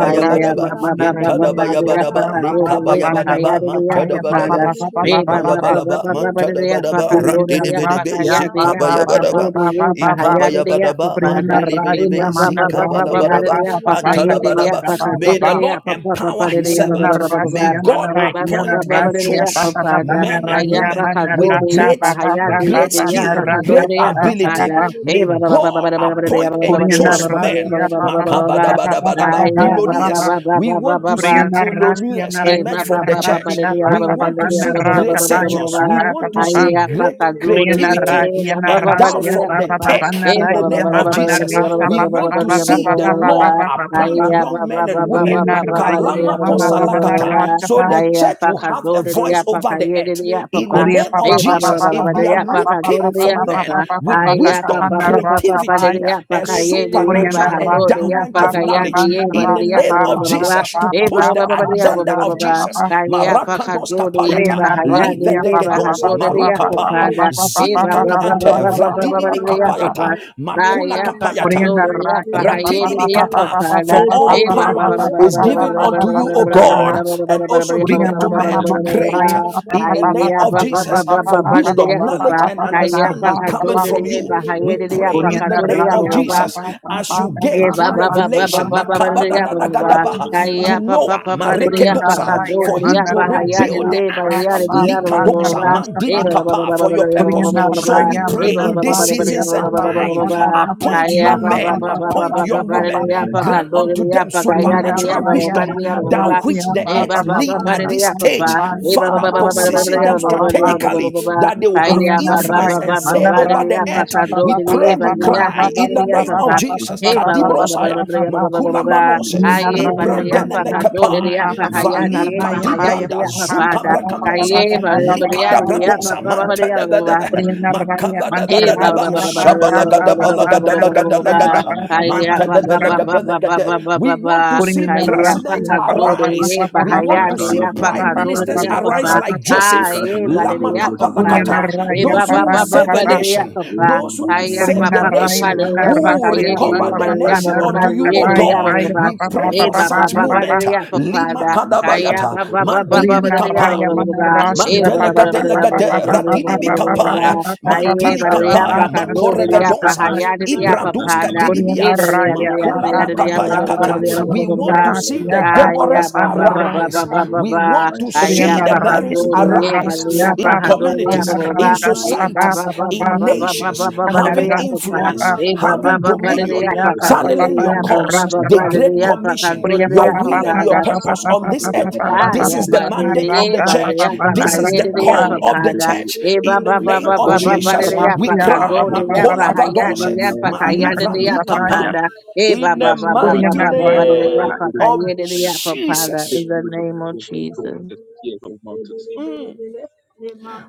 S2: Lebele Kapunamate
S1: hitadabayabadaba,
S2: Baba Baba,
S1: lekabayabadaba, mantadabadaba,
S2: Lebele Bele Bele,
S1: hipayabalaba,
S2: Le
S1: mantadabadaba,
S2: Mama
S5: Purina
S1: ratidibidebe,
S2: Baba
S5: ratia
S2: Baba,
S5: pa pa pa pa
S1: zikabayabadaba,
S5: pa pa
S2: Baba
S5: pa pa.
S2: Baba,
S1: ikabayabadaba,
S7: Father,
S5: Purina
S2: Baba
S7: Eh,
S5: ratia
S1: mandilibidebe,
S7: ba ba
S2: Mama,
S7: ba
S5: mana
S7: ba ba ba ba
S5: ratia
S7: de
S1: zikabalabadaba,
S2: Lebele
S7: de
S5: pa
S7: ya
S5: pa
S2: Bele
S7: pa
S5: pa
S7: ka
S5: pa
S2: Bele
S7: ye
S5: na
S7: de de
S2: Bele,
S7: ya
S1: antadabadaba.
S5: ratia
S7: pa
S5: pa
S7: ka
S5: pa
S7: do
S1: May
S2: Mandele
S7: de
S1: the
S5: pa.
S7: de ya
S1: Lord
S7: pa
S2: Busia,
S7: pa pa pa
S1: empower
S2: Baba
S7: de
S1: his
S7: de ya ba ba
S5: Purina
S7: ba
S1: servant.
S7: ba ba
S2: Baba,
S7: ba.
S1: May
S5: ratia
S1: God
S5: mana
S7: Eh, ba
S5: ratia
S7: ba ba
S1: appoint
S7: ba ba
S1: and
S7: de de
S5: ratia
S2: Leka
S7: ya
S5: pa
S7: pa
S1: choose
S2: Baba,
S5: pa pa
S7: pa
S5: pa
S7: da.
S2: Baba
S1: men
S7: Ka
S1: and
S7: ya
S2: Baba,
S7: pa
S1: women
S7: ka
S5: mana
S7: do
S1: with
S7: de ye
S5: ratia
S7: ba
S5: pa
S1: great,
S7: ha
S5: pa
S7: ya
S5: pa
S7: de ye
S5: pa
S2: Mandele
S1: great
S7: de
S5: pa
S7: de ya
S5: na
S7: pa
S1: skill,
S7: ka do
S5: ratia
S7: de
S1: great
S7: de
S5: pa
S7: ya
S5: pa
S7: pa
S5: pa
S7: pa
S5: pa
S1: ability.
S7: da.
S5: pa.
S7: Eh,
S1: May
S7: ba ba ba ba ba
S1: God
S7: ba de ba ba ba de ya
S1: appoint
S7: ba ba ba
S1: and
S7: ba de ya
S5: Purina
S7: ba
S2: Bestia,
S1: choose
S7: ba ba ba de ya
S1: men.
S7: ba
S5: ratia
S7: ba ba
S5: pa
S7: ba ba
S5: pa
S7: ba
S5: pa
S7: ba
S5: pa
S7: ba.
S5: pa pa pa pa
S7: Da
S5: pa
S1: Makabadabadabadaba.
S7: ya
S5: pa pa
S7: ba
S5: pa
S2: Sabah,
S7: ba
S5: pa.
S1: Billionaires.
S7: ba ba
S1: We
S7: ba ba
S2: Thank
S1: want
S7: ba
S1: to
S7: ba.
S1: see
S5: Purina ratia
S1: trillionaires
S5: na
S7: Hey,
S1: emerge
S5: ratia
S7: ba
S5: na
S7: ba
S1: from the
S7: ba ba ba
S1: church.
S7: de
S5: ratia
S7: de ba
S5: pa
S1: We
S5: pa
S7: ba
S5: pa
S7: ba
S1: want
S7: de
S5: pa
S1: to
S7: de ba
S5: na
S1: see
S7: ba ba ba
S1: great
S5: ratia
S7: ba ba ba ba
S1: surgeons.
S5: pa
S1: We
S7: ba.
S5: pa pa
S1: want to
S5: pa pa.
S1: see
S7: Aye, apa
S1: great
S7: ka go de de
S5: Priyanara,
S1: creativity
S7: ba ba ba
S1: and
S5: Yanara,
S7: ba
S1: down
S7: de
S5: Sia,
S7: de
S1: from
S7: ba
S1: the
S5: Papa,
S7: ba.
S5: Papa,
S1: tech
S7: Hey,
S5: Nara,
S1: in
S7: ba
S1: the
S7: ba ba
S1: name
S7: ba ba
S1: of
S7: ba
S5: Yamama,
S7: ba de
S1: Jesus.
S7: de
S5: Nara,
S7: ba ba ba
S1: We
S5: Papa,
S7: ba ba
S1: want
S7: ba
S5: Papa,
S1: to
S7: de de ba
S5: Papa,
S1: see
S7: ba
S1: the
S7: ba
S5: Papa,
S7: ba ba.
S5: Papa,
S1: Lord
S5: Papa,
S7: Aye,
S5: Papa,
S1: appoint
S7: ba ba
S1: young
S7: ba
S1: men
S7: ba
S1: and
S7: ba
S1: women
S7: ba ba
S5: Priyanara,
S7: ba de de ba
S1: Kalama
S7: ba ba
S5: Yamama,
S7: ba
S5: Mama,
S7: ba ba
S1: kosalakata.
S7: ba.
S5: Nara,
S1: So
S5: Chapa,
S1: the
S7: Aye,
S1: church
S7: apa
S1: will
S7: ka
S1: have a
S7: go de de
S1: voice
S7: apa
S1: over
S7: ka
S1: the
S7: ye de
S1: earth.
S7: de ba
S1: In
S7: ba.
S1: the
S5: Korea,
S1: name of
S5: Papa,
S7: Hey, ba
S5: Papa,
S7: ba
S1: Jesus,
S7: ba
S5: Papa,
S7: ba ba
S1: if
S7: de
S1: they
S7: de
S1: are
S5: Papa, Papa,
S7: apa ka go de
S1: looking
S7: de
S5: Papa, Papa,
S1: for
S2: you.
S7: ba ba.
S1: men
S5: Papa, Papa,
S1: with
S5: Papa,
S7: Aye, apa
S5: Takaha,
S1: wisdom,
S7: pa pa
S5: Nara,
S7: pa pa pa de de
S1: creativity,
S5: Sapaya,
S7: apa
S1: a
S7: ka ye de ye ba
S1: supernatural
S7: ha
S5: Priyanara,
S7: do de
S2: Lebelebelebele.
S5: Sia,
S1: endowment
S7: apa
S1: of
S7: ka
S5: Papa,
S7: ya
S5: Papa,
S7: de
S1: knowledge,
S7: ba
S1: in
S7: de
S5: Nara,
S1: the
S7: de
S1: name
S7: ba
S5: Sapa,
S7: ba
S1: of
S7: ba ba
S5: Papa,
S7: ba.
S1: Jesus,
S5: Papa,
S1: to
S7: Eba
S5: Papa,
S1: push
S7: ba
S1: the
S7: ba ba
S5: Papa,
S7: ba ba
S1: agenda
S7: ba
S5: Nara,
S7: ba
S1: of
S7: ba.
S1: Jesus,
S5: Papa,
S7: Kaya pa
S1: Marakados
S7: kadode
S1: kapayata,
S7: eba
S5: Priyanara,
S7: hayade
S5: Ya,
S7: eba
S5: Papa, Papa,
S1: livedegedosa,
S7: hadode de de
S5: Papa,
S7: ya
S5: Papa,
S1: marukapai,
S5: Papa,
S7: papada.
S5: Papa,
S7: Eba
S5: Papa,
S7: ba ba
S5: Papa, Papa, Papa,
S2: Leka
S7: ba ba
S2: baba
S1: zilikadiante,
S7: ba
S5: Papa,
S7: ba ba
S2: baba
S7: ba
S5: Papa,
S1: vradinimi
S7: de
S5: Papa,
S2: baba
S7: ya
S5: Papa, Papa,
S2: baba
S1: kapayata,
S7: papada.
S2: ya.
S1: makula
S2: Leka
S7: Kaya
S2: ya
S7: pa
S2: baba
S1: kapayata.
S2: baba
S7: kadode de
S2: ya.
S7: ya
S2: Le
S7: pa
S5: Raya,
S2: baba
S7: hayade de
S2: baba
S7: de ya
S2: ya.
S1: Ratidibikapa,
S2: Le
S1: for
S7: papada.
S2: bele
S1: all
S7: Eba
S2: bele
S7: ba
S1: power
S7: ba ba
S2: bele.
S7: ba ba
S1: is
S7: ba ba
S2: Le
S7: ba
S1: given
S7: ba
S2: mama
S1: unto you,
S2: mama
S1: O
S7: ba ba
S1: God, and also
S2: mama. Le
S1: given to
S7: ba ba
S8: Divine
S2: baba
S1: man
S2: ya.
S1: to
S2: Le
S7: ba ba
S1: create
S2: baba baba
S1: in
S2: ya.
S1: the name
S7: Aya
S1: of
S7: ba
S2: Le
S7: ba ba
S1: Jesus.
S2: papa
S7: ba
S2: ya.
S7: ba
S1: For
S7: ba de ya
S1: wisdom,
S2: Le
S1: knowledge,
S2: baba
S7: papa.
S1: and
S2: baba
S7: Kaya
S2: ya.
S7: pa
S1: understanding
S2: Le
S1: cometh
S7: kadode de
S1: from
S2: bele
S1: you.
S7: eba
S2: bele
S1: We
S2: bele.
S7: hayade de ya
S1: pray
S7: pa
S1: in
S2: Leka
S1: the
S7: kadode
S2: ya
S7: de
S1: name
S7: ya
S1: of
S2: baba
S7: ba
S2: baba
S7: ba.
S1: Jesus
S2: ya.
S1: as you
S2: Leka
S1: gave
S7: Eh, ba
S1: through
S2: baba
S7: ba
S2: ya.
S7: ba
S2: Le
S7: ba ba
S1: revelation
S2: baba
S7: ba ba
S2: baba
S7: ba
S2: ya.
S7: da ya ba ba
S2: Le
S7: ba
S2: bele
S1: makabadadadadadabaha,
S2: kaya
S1: to
S7: Ayya, pa
S2: mama.
S7: pa
S1: Noah,
S7: pa pa
S2: Le
S7: da
S2: baba
S7: ya pa
S2: baba
S7: ka
S2: ya.
S1: marekedosa,
S7: do da
S1: for him
S7: ya
S1: to
S7: pa
S2: Lantele
S7: ha ya da
S1: rebuild
S2: bosia
S1: the
S8: blueprints
S7: ya ba de
S1: ark,
S7: ya
S2: kaya
S7: da ya
S2: mama.
S7: ba ba ba
S2: Le baba
S7: ba
S1: likadosa,
S7: ba.
S2: baba ya.
S7: eh ba ba ba
S1: mandilikapa,
S7: ba ba
S1: for
S7: ba
S1: your
S7: da ya ba ba ba
S1: purpose.
S7: ba ba ba ba.
S1: So we pray
S7: eh ba
S2: Nebele
S7: ba
S1: in
S7: ba ba
S1: this
S7: ba
S2: bele
S7: da ba da
S2: bele
S1: season
S7: ya
S1: seasons
S7: ba ba
S2: bele
S1: and
S7: ba ba ba
S2: bele.
S7: ba ba
S1: time.
S7: ba
S1: Appoint
S2: Meka
S7: Ayya,
S2: ba
S1: young
S7: ba
S2: ba
S7: ba
S1: men,
S7: ba
S2: ba
S7: ba
S8: of
S2: ba
S7: ba
S2: ba
S1: appoint
S7: ba
S8: God,
S2: ya.
S7: ba
S1: young
S7: ba
S8: of
S7: da
S1: women,
S7: ya pa
S2: Meka
S8: prevention
S7: ka
S1: grant
S8: for
S2: ba
S7: do da
S2: ya
S1: unto
S8: God,
S2: ma
S7: ya
S1: them
S2: ya
S7: pa ka
S2: ke
S8: divine
S7: ya
S2: ba
S7: da
S2: ba
S8: blueprints
S7: ya
S8: of
S1: supernatural
S7: ba
S2: ya.
S7: ba
S5: Priyanaraya
S7: ba da
S1: wisdom,
S8: purposes for
S7: ya ba
S8: God,
S7: ba ba
S2: Meka
S1: thou
S7: ba
S2: ya
S1: which
S5: manarasya
S2: ma
S1: the
S8: divine
S2: ma
S5: pa
S7: eh ba
S1: earth
S5: pa
S2: ya
S7: ba
S5: pa
S2: ke
S7: ba
S5: pa
S1: need
S2: ba
S8: blueprints
S7: ba
S2: ba
S7: da
S1: at this
S2: ba
S7: ya pa
S2: ba
S5: narasa
S2: ba
S1: stage.
S8: Very
S7: pa
S5: pa
S2: ba
S8: good
S2: ya.
S7: eh ba ba
S5: pa
S8: wisdom
S7: ba
S1: Father,
S8: that
S7: ba
S5: pa
S7: ba ba
S5: pa
S7: da ba
S2: Nebele
S8: everyone
S7: da
S8: can
S1: position
S5: pa
S8: do.
S7: ya
S2: bele
S1: them
S5: pa
S7: ba
S5: pa
S7: ba
S8: We
S5: pa
S8: very
S2: bele.
S7: ba da
S5: pa
S7: ya
S8: Thank
S7: ba ba ba
S1: strategically
S7: ba
S2: Nema
S8: you. to make
S7: ba
S8: a
S1: that
S2: ma
S1: they
S2: ma
S1: will
S8: blessing.
S1: have
S2: ma
S7: Ayya,
S8: I
S2: ya
S7: ba
S8: would
S7: ba
S2: ke
S8: make
S7: ba
S1: influence
S2: ba
S8: our
S5: Priyanaraya
S1: and
S7: ba
S2: ba
S7: ba
S8: faith
S1: say
S2: ba
S7: ba
S8: and
S2: ya.
S7: da
S8: to
S1: over the
S7: ya
S8: be
S2: Ba
S5: manarasya
S7: pa
S1: earth.
S2: ya
S5: pa
S8: patient
S7: ka
S5: pa
S2: ba
S8: with
S7: do
S5: pa
S8: you.
S7: da
S1: We
S2: ba
S5: pa
S2: ba
S5: pa
S1: pray,
S7: ya ba
S2: ya.
S5: pa
S1: we
S8: So
S7: da
S8: we
S7: ya
S5: pa pa pa
S8: want to
S7: ha
S1: cry
S8: ask
S7: da
S5: pa
S1: in
S8: you
S1: the
S8: to
S7: ya
S5: pa
S2: Nebele
S1: name
S7: pa
S2: ka
S5: pa
S8: help
S7: pa
S1: of
S5: pa pa pa
S2: ba
S8: us with
S2: ya
S1: Jesus.
S5: pa
S7: Hey,
S2: ma
S5: pa
S7: ba
S2: ya
S5: pa
S7: ba
S8: wisdom,
S7: ba
S2: ke
S8: with
S7: ba ba
S2: ba.
S5: pa
S1: Kadibrosaya,
S7: ba ba
S5: pa pa pa
S7: ba ba ba ba ba.
S1: Makula
S7: ba.
S8: unified
S1: Manose,
S8: ability.
S7: Aye,
S2: Nebele
S7: ba
S5: Priyanaraya
S8: We
S7: de
S2: bele
S7: ya
S8: can't
S7: pa
S2: bele.
S7: ka
S8: do it.
S7: do de
S5: manarasya
S8: We
S7: de ya
S1: Ibrandenemekepai,
S5: pa
S8: should
S7: pa
S5: pa
S8: be
S2: Nema
S5: pa
S7: ha
S8: ready
S5: pa
S8: to
S2: ma
S7: ya de
S2: ma
S1: Vali
S7: ye
S8: stand up.
S7: ba
S8: We
S2: ma ma
S5: naraya
S7: ha
S5: pa
S2: ya.
S7: ya de
S5: ya
S7: de
S1: Kadibranda,
S5: pa
S7: ya
S5: pa
S7: pa
S5: pa pa
S7: pa
S2: Ba
S5: pa
S7: da.
S2: ba
S8: can't
S1: Zukabra
S8: be
S5: pa
S2: ba
S5: pa
S8: bound
S2: ba
S5: pa
S8: by
S5: pa
S1: Katonsa,
S8: the
S7: Aye,
S2: ba ba.
S5: pa
S7: ba de
S5: pa pa pa
S8: idea,
S7: ba
S8: but
S7: de
S8: we
S7: ya
S5: pa
S1: Likada
S7: de
S8: need
S7: de
S8: to
S5: pa
S8: be
S7: ya pa
S5: pa
S1: Brantonsa,
S7: pa
S2: Meka
S7: ba
S5: pa
S7: ba
S8: prepared.
S7: de
S2: ba
S1: Manta
S7: ya
S2: ya
S7: ba
S2: ma
S7: ba.
S8: We
S2: ma ma
S8: can't be
S2: ya.
S5: Priyanaraya
S8: bound by
S7: Hey, ba-
S8: the We
S2: Nebele
S7: ba- ba-
S2: ka
S5: manarasya
S8: can't
S7: ba- ba-
S5: pa
S2: ba
S7: ba-
S8: be bound
S2: ya
S7: ba-
S8: by
S5: pa
S8: the We
S2: ma
S7: ba-
S5: pa
S8: can't
S2: ma
S8: be
S7: ba-
S5: pa
S7: ba- ba-
S5: pa
S7: ba- ba- ba- ba- ba-
S5: narasa pa pa pa
S8: bound
S2: Mama,
S7: Kaya
S8: by
S5: pa
S8: the We can't
S7: ba- ba-
S5: pa
S7: ba- ba- ba- ba- ba- ba-
S1: we
S7: ba- ba.
S1: want to see
S5: Raya,
S8: be
S7: Kaya pa
S1: presidents
S8: bound
S7: ka
S8: by
S7: do
S8: the
S7: de ye
S1: arise. We want
S7: ya
S1: to see
S8: Rashala
S7: pa
S8: Baburu
S7: ka
S1: prime
S7: do
S8: Bosha
S1: ministers
S8: Bere
S7: ya pa pa.
S1: arise
S8: Bosaya,
S1: like
S7: Ah,
S1: Joseph.
S7: ye
S8: Ekatala
S7: ba de
S1: Lama
S8: Baburu
S7: ya pa
S8: Bosha
S7: pa
S8: Bere,
S7: da. Ye
S1: Those
S7: ba- ba-
S1: who
S8: Ebala
S7: ba- ba-
S1: save
S7: ba
S1: a
S8: Bala,
S7: de ya
S1: nation,
S7: pa pa.
S1: those
S8: Ebala
S1: who
S7: Kaya
S8: Bala
S1: save
S7: pa-
S1: the
S8: Bala,
S7: pa- pa- pa
S1: nation,
S7: de ya pa
S1: who
S8: Ekatala
S7: ka ye
S8: Baburu
S7: de
S8: Bere
S1: recover
S7: ba
S1: the
S7: de ya ba
S1: nation
S8: Abasata,
S7: ba ba
S1: unto
S7: de de
S1: you,
S7: ye
S1: O
S7: ya ba
S8: Ekatala
S1: God.
S7: ba ba
S8: Bala
S7: ba.
S1: We pray
S8: Baburu
S1: for
S7: ba-
S8: Bosha
S1: such
S7: ba- ba- ba
S8: Bere,
S7: de
S1: movement.
S7: ya pa pa
S1: Lima
S7: da.
S8: Ekatala Baburu
S7: Kaya
S8: Bosha
S1: kadabayata.
S7: ba- ba-
S8: Bere
S7: ba- ba-
S1: Mandidi
S7: ba
S8: Abasata,
S7: de ya ba
S1: bikapa.
S7: ba ba ba ba.
S8: Ebala Bala
S7: ba- ba-
S8: Bala Bala,
S7: ba- ba de ya ba ba ba
S1: Mantelekatelekate,
S7: ba de ya
S1: ratini
S7: ba
S8: Ekatala
S7: ba
S8: Bala
S7: ba ba.
S1: mikapaya,
S8: Bala,
S7: Aye,
S1: mantili
S7: but
S8: Ekaya
S7: the
S1: kapaya,
S7: Mariapa
S8: Baburu Bosha
S7: Cando,
S1: makore
S7: the
S8: Bere
S7: Yapa,
S1: vedosa,
S8: Bosaya,
S7: Hayada, the Yapa
S8: Ekatala
S1: ibradus
S8: Bala
S7: pada
S8: Bala,
S1: kadinibia,
S7: he the Yada, the Yada,
S1: makula
S7: the
S8: Ekatala
S7: Yada,
S8: Baburu
S1: makapaya
S8: Bosha
S1: kata.
S7: the
S8: Bere,
S1: We want
S7: Yada,
S1: to see the Deborahs
S7: Ayaba baba
S1: arise.
S7: baba
S8: Thank
S1: We
S8: you.
S7: baba
S1: want to see the
S7: Ayapa
S5: Priyanaraya,
S1: Marys
S7: Cando, the Yaba, the
S5: Manarasiya,
S1: arise
S2: mama,
S8: It's
S2: mama,
S1: in
S7: Yapa,
S5: Papa,
S7: Hando,
S5: Papa,
S7: the Yapa
S1: communities, in
S7: Baba,
S5: Narasa, Papa,
S7: Eba
S1: societies,
S7: baba
S5: Papa, Papa,
S7: baba
S1: in
S7: baba
S1: nations,
S7: baba baba the
S1: having
S7: Yapa,
S5: Narasiya,
S7: Pa.
S2: mama,
S1: influence,
S5: Papa,
S2: mama,
S7: Eba
S5: Papa,
S7: baba
S1: having
S7: baba
S2: Amen.
S7: the
S1: dominion,
S5: Narasiya,
S7: Yapa
S5: Papa,
S7: Cando,
S1: channeling
S5: Papa,
S7: the
S1: your
S7: Yapa,
S1: cause,
S7: Baba,
S5: Narasa,
S1: the
S5: Papa,
S7: Baba, the
S1: great
S7: Yapa
S1: commission,
S7: Cando,
S5: Priya,
S7: the
S1: your
S5: Papa,
S7: Yapa
S1: will
S5: Papa,
S1: and your
S7: Pana.
S5: Papa,
S1: purpose
S5: Papa,
S1: on this
S5: Papa,
S1: earth.
S5: Papa, Papa,
S1: This
S7: Aya
S1: is the
S5: Papa,
S7: ba de de
S1: mandate of
S7: e
S1: the
S5: Narasa,
S7: ba
S5: Papa,
S7: de
S1: church.
S7: ya
S5: Papa,
S7: pa ka
S1: This is
S7: ye
S1: the
S7: de
S5: Narasa,
S7: de ya
S1: call
S7: pa
S5: Paya,
S1: of
S7: pa
S1: the
S7: da
S1: church.
S7: e ba
S1: In the
S7: ba ba
S1: name
S7: ba
S1: of
S7: ba ba
S5: Priya,
S7: ba de
S1: Jesus,
S7: de ya
S1: we
S7: pa
S5: Narasiya,
S7: ka
S5: Papa,
S1: cry,
S7: do de
S5: Papa,
S7: ya
S5: Papa,
S7: pa
S1: Makola
S7: ha
S5: Papa,
S7: ya de
S5: Papa,
S7: ya
S1: Vadose,
S7: pa
S5: Papa,
S7: ka ya de de
S1: Malivra
S7: ya
S5: Narasa,
S1: di
S7: pa pa
S1: Kapa.
S5: Paya,
S7: da e ba
S1: In
S7: ba
S1: the
S7: ba ba
S5: Priya,
S7: ba
S1: mighty
S7: ba ba ba de
S5: Narasa,
S7: de ya
S1: name
S7: pa
S5: Paya,
S7: ka
S1: of
S7: ye de de
S2: Amen.
S7: ya pa pa da in
S1: Jesus,
S7: the
S8: victory that
S7: name
S8: can
S7: of
S8: be controlling
S7: Jesus.
S8: the fear of mountains. Lord.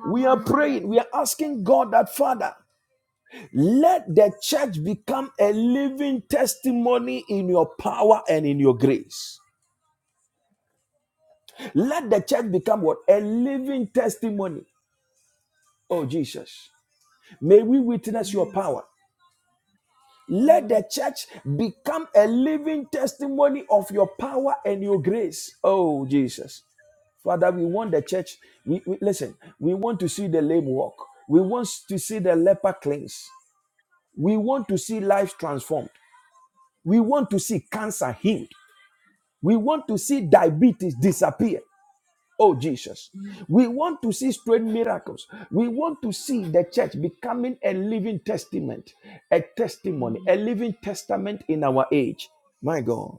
S1: we are praying, we are asking God that Father. Let the church become a living testimony in your power and in your grace. Let the church become what? A living testimony. Oh, Jesus. May we witness your power. Let the church become a living testimony of your power and your grace. Oh, Jesus. Father, we want the church. We, we- listen, we want to see the lame walk. We want to see the leper cleansed. We want to see lives transformed. We want to see cancer healed. We want to see diabetes disappear. Oh, Jesus. We want to see strange miracles. We want to see the church becoming a living testament, a testimony, a living testament in our age. My God.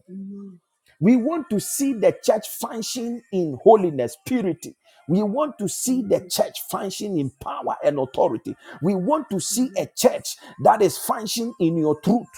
S1: We want to see the church function in holiness, purity. We want to see the church function in power and authority. We want to see a church that is functioning in your truth.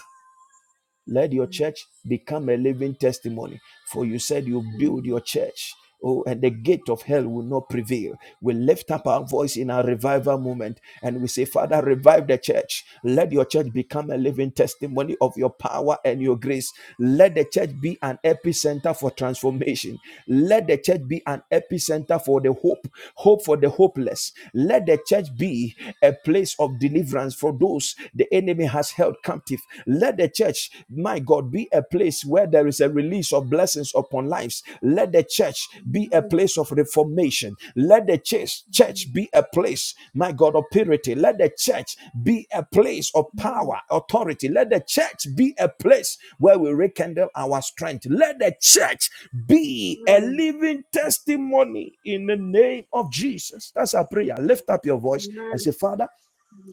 S1: Let your church become a living testimony. For you said you build your church. Oh, and the gate of hell will not prevail. We lift up our voice in our revival moment and we say, Father, revive the church. Let your church become a living testimony of your power and your grace. Let the church be an epicenter for transformation. Let the church be an epicenter for the hope, hope for the hopeless. Let the church be a place of deliverance for those the enemy enemy has held captive. Let the church, my God, be a place where there is a release of blessings upon lives. Let the church be a place of reformation. Let the church, church be a place, my God, of purity. Let the church be a place of power, authority. Let the church be a place where we rekindle our strength. Let the church be a
S2: Amen.
S1: living testimony in the name of Jesus. That's our prayer. Lift up your voice and say,
S2: Amen.
S1: Father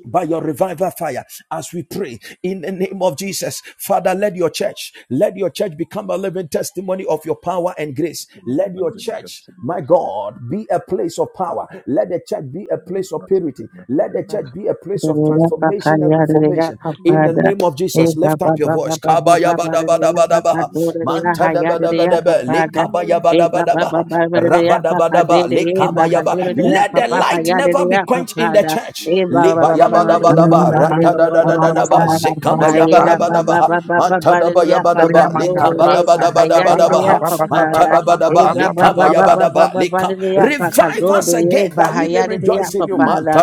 S1: by your revival fire as we pray in the name of Jesus. Father, let your church, let your church become a living testimony of your power and grace. Let your
S8: London
S1: church,
S8: customer.
S1: my God, be a place of power. Let the church be a place of purity. Let the church be a place of transformation and reformation. In the
S2: Amen.
S1: name of Jesus, lift up your voice. Kabayabadabadabadabaha.
S3: Amen. Sikara
S1: Mantadabadabadaba.
S3: babakayara
S2: Amen.
S3: de
S1: Lekabayabadabadabaha. Rabadabadaba.
S2: Ba, ba, ba, ba, ba, ba,
S1: Lekabayaba.
S2: ba,
S3: siara
S1: Let the
S2: ba, ba,
S1: light
S3: babakayara
S2: ya.
S3: de
S1: never be quenched
S3: sikara
S1: in the
S3: de.
S1: church.
S2: Mandele, bele, bele, bele,
S3: Amen.
S2: bele,
S5: Mama,
S2: bele,
S5: Mama,
S2: bele.
S5: Mama, Mama,
S3: Amen.
S5: Narasa, Paya,
S3: Sikara babakayara
S2: Mandele, besi, ya, ka, ba, ba, ba, ba, ba,
S5: Kuriyamana
S2: ba, ba,
S5: rasa
S2: ba.
S5: pa pa pa
S3: de
S5: pa pa
S2: Ile,
S5: pa pa
S2: ka,
S5: pa
S2: ba,
S3: sikara de
S2: ba,
S5: pa pa
S2: ya,
S5: pa pa
S2: ke,
S3: siara
S5: pa pa
S3: de.
S5: pa
S2: ba, ba, ba,
S5: pa pa.
S2: ba, ya. Ile,
S1: Revive
S3: Another
S2: bele,
S1: us
S3: good
S2: bele,
S1: again
S3: people
S1: that
S2: bele.
S1: we
S3: are
S1: may rejoice in you,
S7: Father.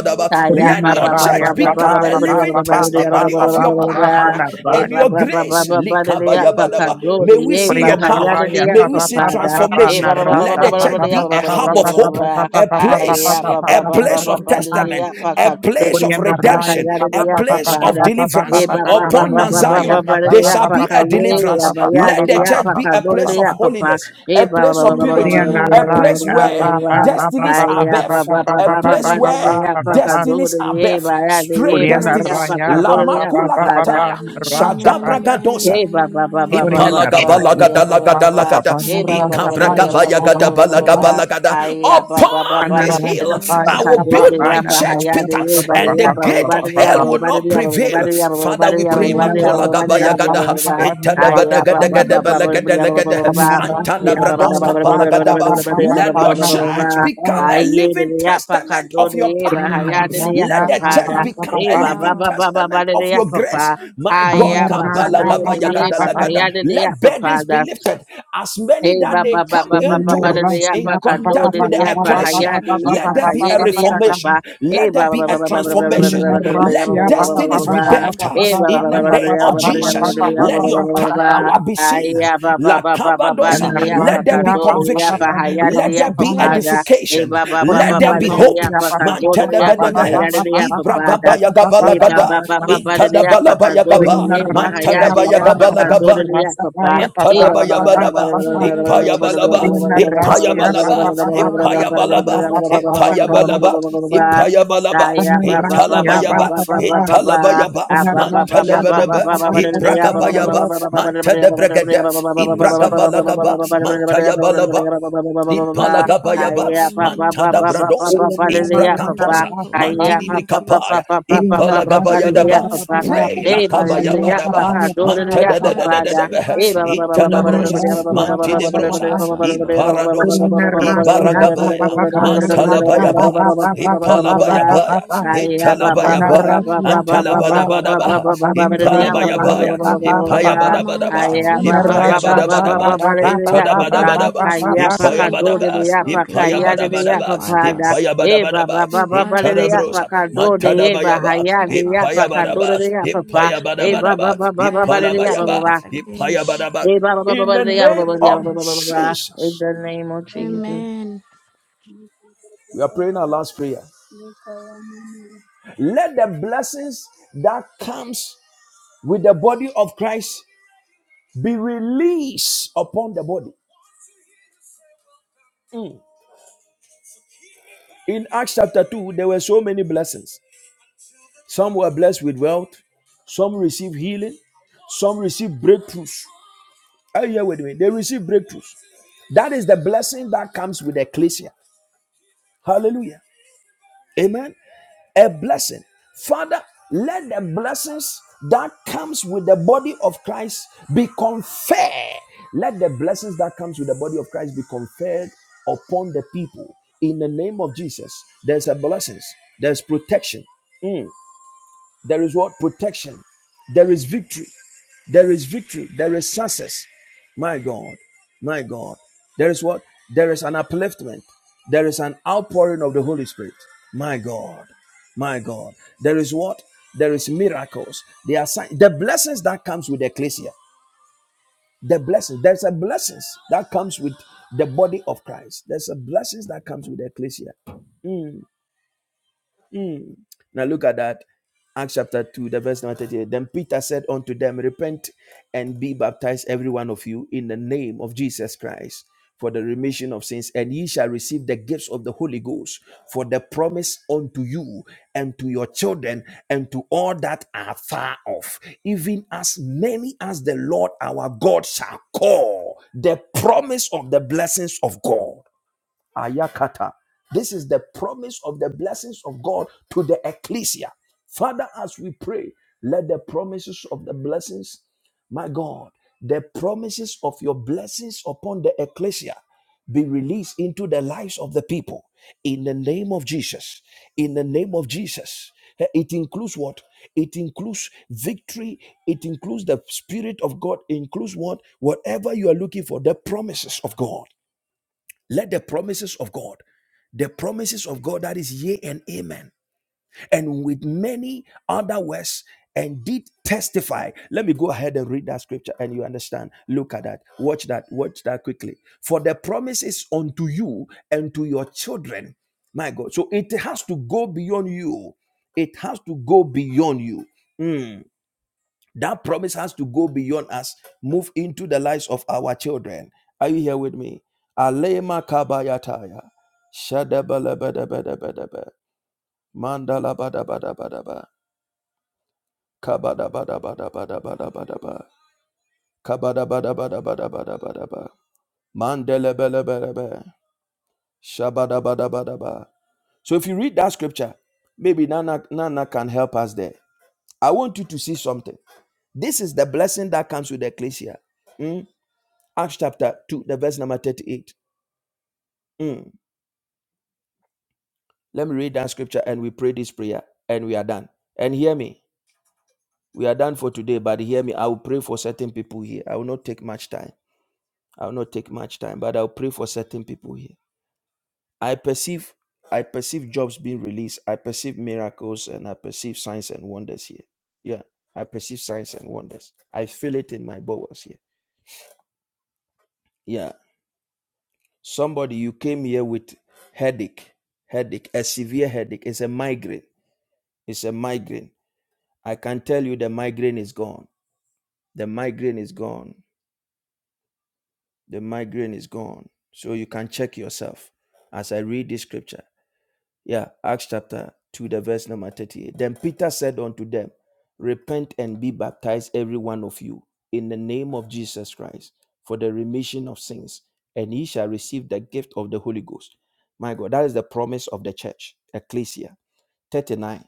S2: Ile, ka,
S3: Thank
S2: ba,
S1: Let
S2: ba,
S3: you,
S5: Kuriyana
S7: Papa,
S2: ba, ba,
S1: your
S5: Raya,
S2: ba,
S1: church
S3: Jesus. Thank
S2: ya.
S1: become
S3: you,
S1: a living
S2: Ile, ka,
S1: testimony
S2: ya,
S5: Oriana
S1: of
S2: ne,
S1: your
S2: ne,
S3: are
S2: ya, ke,
S1: power
S3: just
S2: ba, ba,
S3: keeping me
S1: and
S5: raya,
S2: ba,
S1: your
S2: ba,
S3: living
S2: ya.
S3: just
S1: grace.
S3: to get
S2: Ile,
S3: power.
S2: bele,
S3: That
S2: bele,
S1: May we
S2: bele,
S1: see your
S2: bele.
S5: Kuriyana
S1: power.
S3: you are
S5: raya
S1: May we
S2: Mandele,
S5: pa
S3: just
S1: see
S5: pa
S1: see
S5: pa
S2: besi,
S5: pa
S2: ya,
S5: pa
S3: um,
S5: pa
S2: ka,
S5: na
S1: transformation.
S2: ba,
S3: I'm
S2: ba, ba,
S1: Let
S3: not
S5: rasa
S1: the
S2: ya.
S5: pa
S3: giving
S5: pa
S1: church
S5: pa
S1: be
S5: pa
S1: a
S5: pa pa
S1: hub of
S5: pa
S3: testimony.
S1: hope,
S5: pa pa
S1: a
S5: pa pa pa. pa pa pa pa pa
S1: place,
S5: pa
S2: Baba,
S1: a
S3: That
S1: place of
S3: those who
S1: testament, a
S3: for
S5: pa pa pa pa. Kuriyana
S1: place of
S5: raya pa pa pa
S1: redemption,
S5: pa
S1: a
S5: pa pa pa pa
S1: place
S5: pa
S1: of
S5: pa pa
S1: deliverance.
S3: Oh,
S5: pa pa
S1: Upon
S5: na
S1: Mount
S5: raya
S1: Zion,
S3: amen.
S5: pa pa
S1: there
S5: pa pa
S1: shall
S5: pa
S1: be
S5: pa
S1: a
S5: pa pa pa pa pa pa
S1: deliverance. Let the
S5: pa pa
S1: church
S5: pa
S1: be a
S5: pa pa
S1: place of
S5: pa.
S1: holiness, a place of purity,
S5: Kuriyana
S3: Amen.
S1: a place
S5: raya
S1: where
S5: pa pa pa pa
S1: destinies
S5: pa
S1: are
S5: pa pa pa
S7: Aya
S5: pa pa
S7: ba
S1: birth,
S5: pa pa
S7: ba ba
S1: a
S5: pa
S7: ba ba
S1: place
S7: ba de
S5: pa
S7: de
S1: where
S3: Yes.
S5: pa
S7: ya
S5: pa
S7: pa
S5: pa
S7: ka
S5: pa.
S7: do
S1: destinies
S7: de
S1: are
S7: ye
S1: birth,
S7: ba ya de ye
S1: strange
S7: ba
S5: Oriana
S7: de ya
S1: destinies.
S3: Yes.
S7: pa ka
S5: Raya,
S7: do de
S5: Papa,
S7: ya pa
S1: Lamakula
S5: Papa,
S7: ka da
S5: Papa,
S1: kataya,
S5: Rasha
S3: Amen.
S5: Paya.
S3: Amen.
S1: shadabragadosa.
S7: ye ba
S3: Amen.
S7: ba
S3: Amen.
S7: ba ba ba ba
S5: Oriana
S3: Amen.
S7: ba ba ba de
S5: Raya,
S7: ya ba ba ba
S5: Papa,
S7: ba ba
S5: Papa,
S1: Impalagabalagadalagadalagada,
S5: Papa,
S3: How
S7: ye ba
S3: about
S7: ba ba
S3: your
S7: ba
S5: Rasha
S7: ba de
S5: Paya,
S7: ya ba ba
S3: church?
S7: ba de
S5: Papa,
S7: ya
S5: Papa,
S7: ba ba ba ba
S3: Your
S5: Papa,
S7: ba
S3: place
S1: ikabragabayagadabalagabalagada.
S3: where there
S7: aya ba
S3: is,
S7: ba ba
S1: Upon
S7: ba
S5: Ana
S7: ba
S1: this
S5: Rasha
S1: hill,
S3: there is
S7: Papa,
S1: I
S5: Paya,
S3: some
S1: will
S5: Papa,
S1: build
S5: Papa,
S1: my
S3: power.
S5: Ana
S1: church,
S5: Rasha,
S1: Peter,
S5: Papa, Papa,
S1: and the
S5: Papa,
S1: gate of
S5: Papa,
S1: hell
S5: Papa.
S1: will not prevail. Father, we pray.
S5: Oriana
S3: Amen.
S5: Rasya,
S1: Makolagabayagada,
S5: Papa, Papa, Ana Rasha Paya.
S3: Made of the blood
S1: itadabadagadagadabalagadalegada,
S3: of
S5: Ana Rasya Paya, Papa,
S1: antadabradoskapalagadaba.
S3: that
S5: Papa,
S3: your
S1: Let
S5: Papa,
S1: your
S5: Ana
S3: church
S1: church
S5: Rasha
S1: become
S5: Paya.
S1: a living testament of your power.
S5: Oriana
S3: may
S1: Let
S5: Raya,
S3: be
S1: the church
S5: Papa,
S3: testimony of
S5: Papa,
S1: become
S3: your
S1: a
S5: Papa,
S1: living
S3: power,
S1: testament of your grace. My God,
S3: may
S5: Ana
S3: be testimony
S1: Kabala
S3: of
S5: Rasha,
S3: your
S5: Papa,
S1: Gabayagada
S5: Papa,
S3: grace,
S1: Lagada
S5: Papa,
S3: Lord.
S1: lifted. Let burdens be lifted. As many
S7: Hey,
S1: that
S7: ba
S1: they
S7: ba ba
S3: Yes,
S1: come
S7: ba ba ba ba
S1: into
S7: da da ya
S1: in
S7: ba
S5: Rasia,
S7: ka
S3: Lord,
S7: do
S3: I
S1: contact
S7: da
S1: with
S7: da
S1: the
S3: can
S7: ya
S3: it
S7: ba ha
S3: is
S7: ya
S3: to
S1: ecclesia,
S7: da
S3: good
S7: ya
S1: let
S7: ba
S1: there
S7: ka
S3: thing.
S1: be
S7: ye
S1: a
S7: da da ya ba
S1: reformation.
S7: ba. Hey,
S1: Let there
S7: ba ba
S1: be
S7: ba ba
S1: a
S3: Let
S7: ba
S3: there
S7: ba ba
S3: be a
S7: ba ba ba
S1: transformation.
S7: ba ba da da ya ba ba
S1: Let
S3: reaffirmation,
S7: ba ba ba ba ba
S1: destinies be
S7: ba.
S3: transformation.
S1: birthed
S7: Hey, ba ba ba
S1: in
S7: ba
S1: the
S7: ba da da
S1: name
S7: ya ba
S1: of
S7: ba ba da ya ba ba
S1: Jesus.
S7: da da ya ba ba
S1: Let
S7: ba
S3: Amen.
S1: your
S7: ba ba ba ba.
S1: power be
S7: Ay,
S1: seen.
S7: ya ba ba
S1: La
S7: ba ba ba ba da
S1: Cabadosa.
S7: da ya ba
S1: Let
S3: Amen.
S7: ka
S1: there be
S7: do da da ya ba
S1: conviction.
S7: ha ya da da
S1: Let
S7: ya
S1: there
S7: ba
S1: be
S7: ba da.
S3: Yes.
S7: Hey,
S1: edification.
S7: ba ba ba
S1: Let
S7: ba
S1: there
S7: ba da
S1: be
S7: da
S3: Yes.
S7: ya
S1: hope.
S7: ba ka
S1: Man
S7: do da da ya ba ka
S1: tadabadabaha.
S7: ya
S3: Amen.
S7: da da ya ba ba da. Hey, ba
S1: Ibragabayagabalagada.
S3: But
S7: ba ba
S3: I have
S7: ba ba
S3: a
S7: da da ya ba
S3: secret
S1: Itadabalaba
S3: of
S7: ka
S3: what
S7: do da
S1: yagaba,
S7: da
S3: I
S7: ya
S3: had
S7: ba ha
S1: mantada
S7: ya
S3: is,
S7: da ya
S3: but let
S7: ba
S3: you.
S7: ka do
S1: bayagaba
S7: da da ya ba ba.
S1: Antadabayabadaba,
S3: Be a living
S1: Ipayabalaba,
S3: testimony of your grace
S1: Ipayabalaba,
S3: and your power, Lord.
S1: Ipayabalaba,
S3: Let your church be a living
S1: Ipayabalaba,
S3: testimony
S1: Ipayabalaba,
S3: of your
S5: Anarrasia
S3: grace and
S5: pa
S1: Italabayaba,
S3: your
S5: pa pa
S3: power,
S5: pa,
S3: Lord. Lord,
S1: Italabayaba,
S3: your
S5: anarrasia
S3: church
S5: pa
S3: be
S5: pa
S3: a
S1: Mantadabadaba,
S5: pa pa
S3: living
S5: pa pa,
S3: testimony,
S1: Ibrakabayaba,
S5: anarrasia pa,
S1: Mantadabregada,
S3: grace and your power,
S1: Ibrakabalagaba,
S3: Lord. Lord,
S1: Mantayabalaba,
S3: Speak
S1: Ipalagabayaba,
S3: revival in the name of
S1: Mantada
S3: Jesus.
S1: Bradosa,
S5: oria mana
S3: Speak
S5: mana mana
S1: Ibrakantosa,
S3: revival
S5: Rasia,
S3: in
S5: pa,
S3: the
S1: Mantidi
S3: name of Jesus.
S1: Brikapaya,
S5: oria
S3: Speak
S5: anarrasia
S1: Ipalagabayadaba,
S5: pa
S3: revival
S5: pa
S3: in the
S5: pa pa
S1: Pray
S3: name
S5: pa
S3: of
S5: pa,
S3: Jesus.
S5: anarrasia pa
S1: Lakabayabadaba,
S5: ya pa
S3: Father,
S5: pa pa
S1: Mantada
S5: pa pa,
S3: revive
S7: Papa,
S3: us,
S7: Hey,
S3: revive us,
S5: oria
S3: revive
S1: Itadabrosa,
S3: us,
S5: anarrasia
S3: revive
S5: pa
S3: us,
S5: pa pa
S1: Mantidebrosa,
S5: pa,
S3: revive us, Lord.
S5: oria
S1: Iparadosa,
S5: anarrasia pa pa pa
S1: Ibaragabaya,
S5: pa,
S3: We
S5: anarrasia
S3: did a
S5: pa pa
S3: secret.
S1: Mantalabayaba,
S5: pa pa pa pa pa pa pa
S1: Ipalabayabaya,
S5: pa,
S3: Remind
S2: baba
S3: us
S1: Italabayabaya,
S5: anarrasia pa pa pa pa
S1: Antalabadabadaba,
S5: pa pa pa, anarrasia pa ya
S1: Ipalabayabaya,
S5: pa pa pa pa pa.
S1: Ipayabadabadaba,
S3: that we are the
S5: Anarrasa
S3: church,
S5: pa pa
S1: Ipayabadabadaba,
S3: Lord.
S5: pa pa pa pa pa
S3: We
S5: pa
S3: are
S1: Itadabadabadaba,
S3: the
S5: pa pa pa
S3: church. So
S1: Ipayabadaba,
S3: revive us, Lord. Revive us.
S1: Ipayabadabadaba,
S3: Revive us.
S1: Ipayabadabadaba,
S3: Revive us,
S1: Itadabrosa,
S3: Lord. Amen.
S1: Mantadabayaba, Ipayabadaba, Ipayabadabadaba, Ipalabayaba, Ipayabadaba.
S7: in
S1: In the name of
S7: the
S1: Jesus.
S7: name of Jesus.
S1: We are praying our last prayer. Let the blessings that comes with the body of Christ be released upon the body. In Acts chapter 2, there were so many blessings. Some were blessed with wealth, some received healing, some received breakthroughs. Are you here with me? They received breakthroughs. That is the blessing that comes with the ecclesia. Hallelujah. Amen. A blessing. Father, let the blessings that comes with the body of Christ be conferred. Let the blessings that comes with the body of Christ be conferred upon the people. In the name of Jesus, there's a blessings. There's protection. Mm. There is what? Protection. There is victory. There is victory. There is success. My God. My God. There is what? There is an upliftment. There is an outpouring of the Holy Spirit. My God. My God. There is what? There is miracles. There are sign- the blessings that comes with ecclesia. The blessings. There's a blessings that comes with the body of Christ. There's a blessings that comes with ecclesia. Now look at that. Acts chapter 2, the verse number 38. Then Peter said unto them, Repent and be baptized, every one of you, in the name of Jesus Christ for the remission of sins, and ye shall receive the gifts of the Holy Ghost, for the promise unto you and to your children and to all that are far off, even as many as the Lord our God shall call. The promise of the blessings of God. Ayakata. This is the promise of the blessings of God to the ecclesia. Father, as we pray, let the promises of the blessings, my God, the promises of your blessings upon the ecclesia be released into the lives of the people in the name of Jesus. In the name of Jesus. Eh, It includes what? It includes victory. It includes the Spirit of God. It includes what? Whatever you are looking for, the promises of God. Let the promises of God, the promises of God that is yea and amen, and with many other words, and did testify. Let me go ahead and read that scripture and you understand. Look at that. Watch that. Watch that quickly. For the promise is unto you and to your children. My God. So it has to go beyond you. It has to go beyond you. Mm. That promise has to go beyond us, move into the lives of our children. Are you here with me? Alema kabayataya. Shadabalabadabadabadaba. Mandalabadabadabadaba. Kabadabadabadabadabadabadaba. Kabadabadabadabadabadabadaba. Mandelebelebelebe. Shabadabadabadaba. So if you read that scripture, maybe Nana, Nana can help us there. I want you to see something. This is the blessing that comes with the ecclesia. Hmm? Acts chapter 2, the verse number 38. Mm. Let me read that scripture and we pray this prayer and we are done. And hear me. We are done for today, but hear me. I will pray for certain people here. I will not take much time. I will not take much time, but I'll pray for certain people here. I perceive I perceive jobs being released. I perceive miracles and I perceive signs and wonders here. Yeah. I perceive signs and wonders. I feel it in my bowels here. Yeah. Somebody you came here with headache, headache, a severe headache. It's a migraine It's a migraine. I can tell you the migraine is gone. The migraine is gone. The migraine is gone. So you can check yourself as I read this scripture. Yeah, Acts chapter 2, the verse number 38. Then Peter said unto them, Repent and be baptized, every one of you, in the name of Jesus Christ, for the remission of sins, and ye shall receive the gift of the Holy Ghost. My God, that is the promise of the church, Ecclesia 39.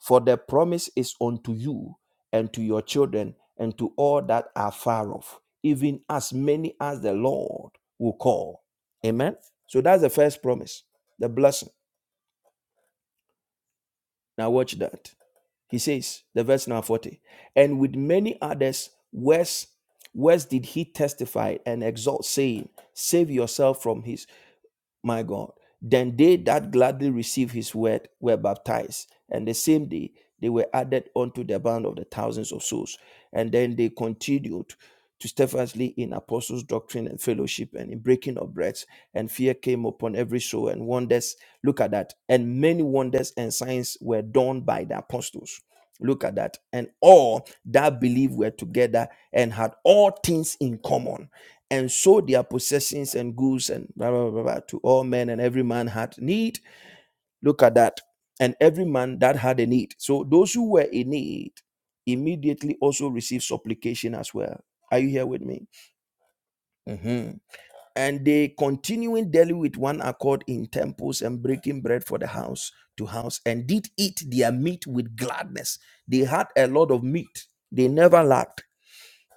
S1: For the promise is unto you and to your children and to all that are far off, even as many as the Lord will call. Amen. So that's the first promise, the blessing. Now watch that. He says, the verse now 40. And with many others, worse, worse did he testify and exhort, saying, Save yourself from his my God. Then they that gladly received his word were baptized, and the same day they were added unto the band of the thousands of souls. And then they continued to steadfastly in apostles' doctrine and fellowship and in breaking of breads, and fear came upon every soul, and wonders. Look at that. And many wonders and signs were done by the apostles. Look at that. And all that believed were together and had all things in common and sold their possessions and goods and blah, blah, blah, blah to all men, and every man had need. Look at that. And every man that had a need. So those who were in need immediately also received supplication as well. Are you here with me? Mhm. And they continuing daily with one accord in temples and breaking bread for the house to house and did eat their meat with gladness. They had a lot of meat. They never lacked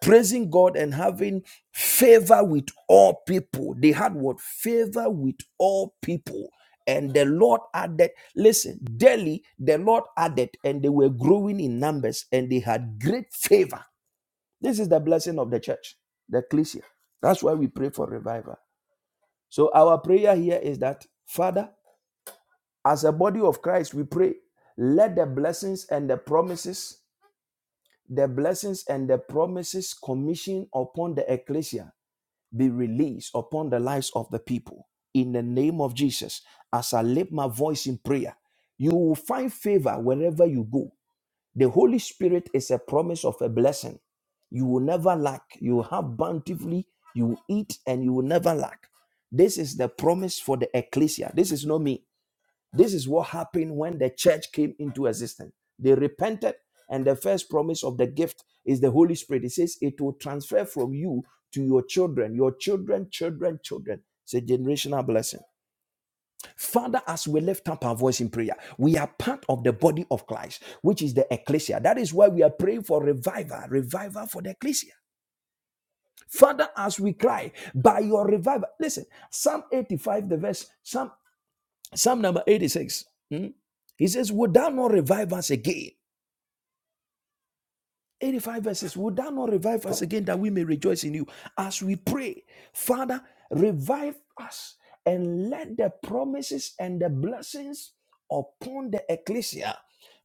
S1: praising God and having favor with all people. They had what? Favor with all people. And the Lord added, listen, daily the Lord added, and they were growing in numbers and they had great favor. This is the blessing of the church, the ecclesia. That's why we pray for revival. So our prayer here is that, Father, as a body of Christ, we pray, let the blessings and the promises, the blessings and the promises commission upon the ecclesia be released upon the lives of the people in the name of Jesus. As I lift my voice in prayer, you will find favor wherever you go. The Holy Spirit is a promise of a blessing. You will never lack. You will have bountifully. You will eat and you will never lack. This is the promise for the ecclesia. This is not me. This is what happened when the church came into existence. They repented, and the first promise of the gift is the Holy Spirit. It says it will transfer from you to your children, your children, children, children. It's a generational blessing. Father, as we lift up our voice in prayer, we are part of the body of Christ, which is the ecclesia. That is why we are praying for revival, revival for the ecclesia. Father, as we cry, by your revival, listen, Psalm 85, the verse, Psalm Psalm number 86. hmm, He says, Would thou not revive us again? 85 verses. Would thou not revive us again that we may rejoice in you? As we pray, Father, revive us and let the promises and the blessings upon the ecclesia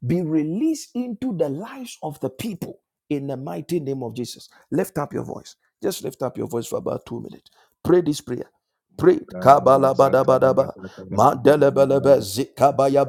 S1: be released into the lives of the people in the mighty name of Jesus. Lift up your voice. Just lift up your voice for about two minutes. Pray this prayer prayed kabalabadabadaba mandelebelebe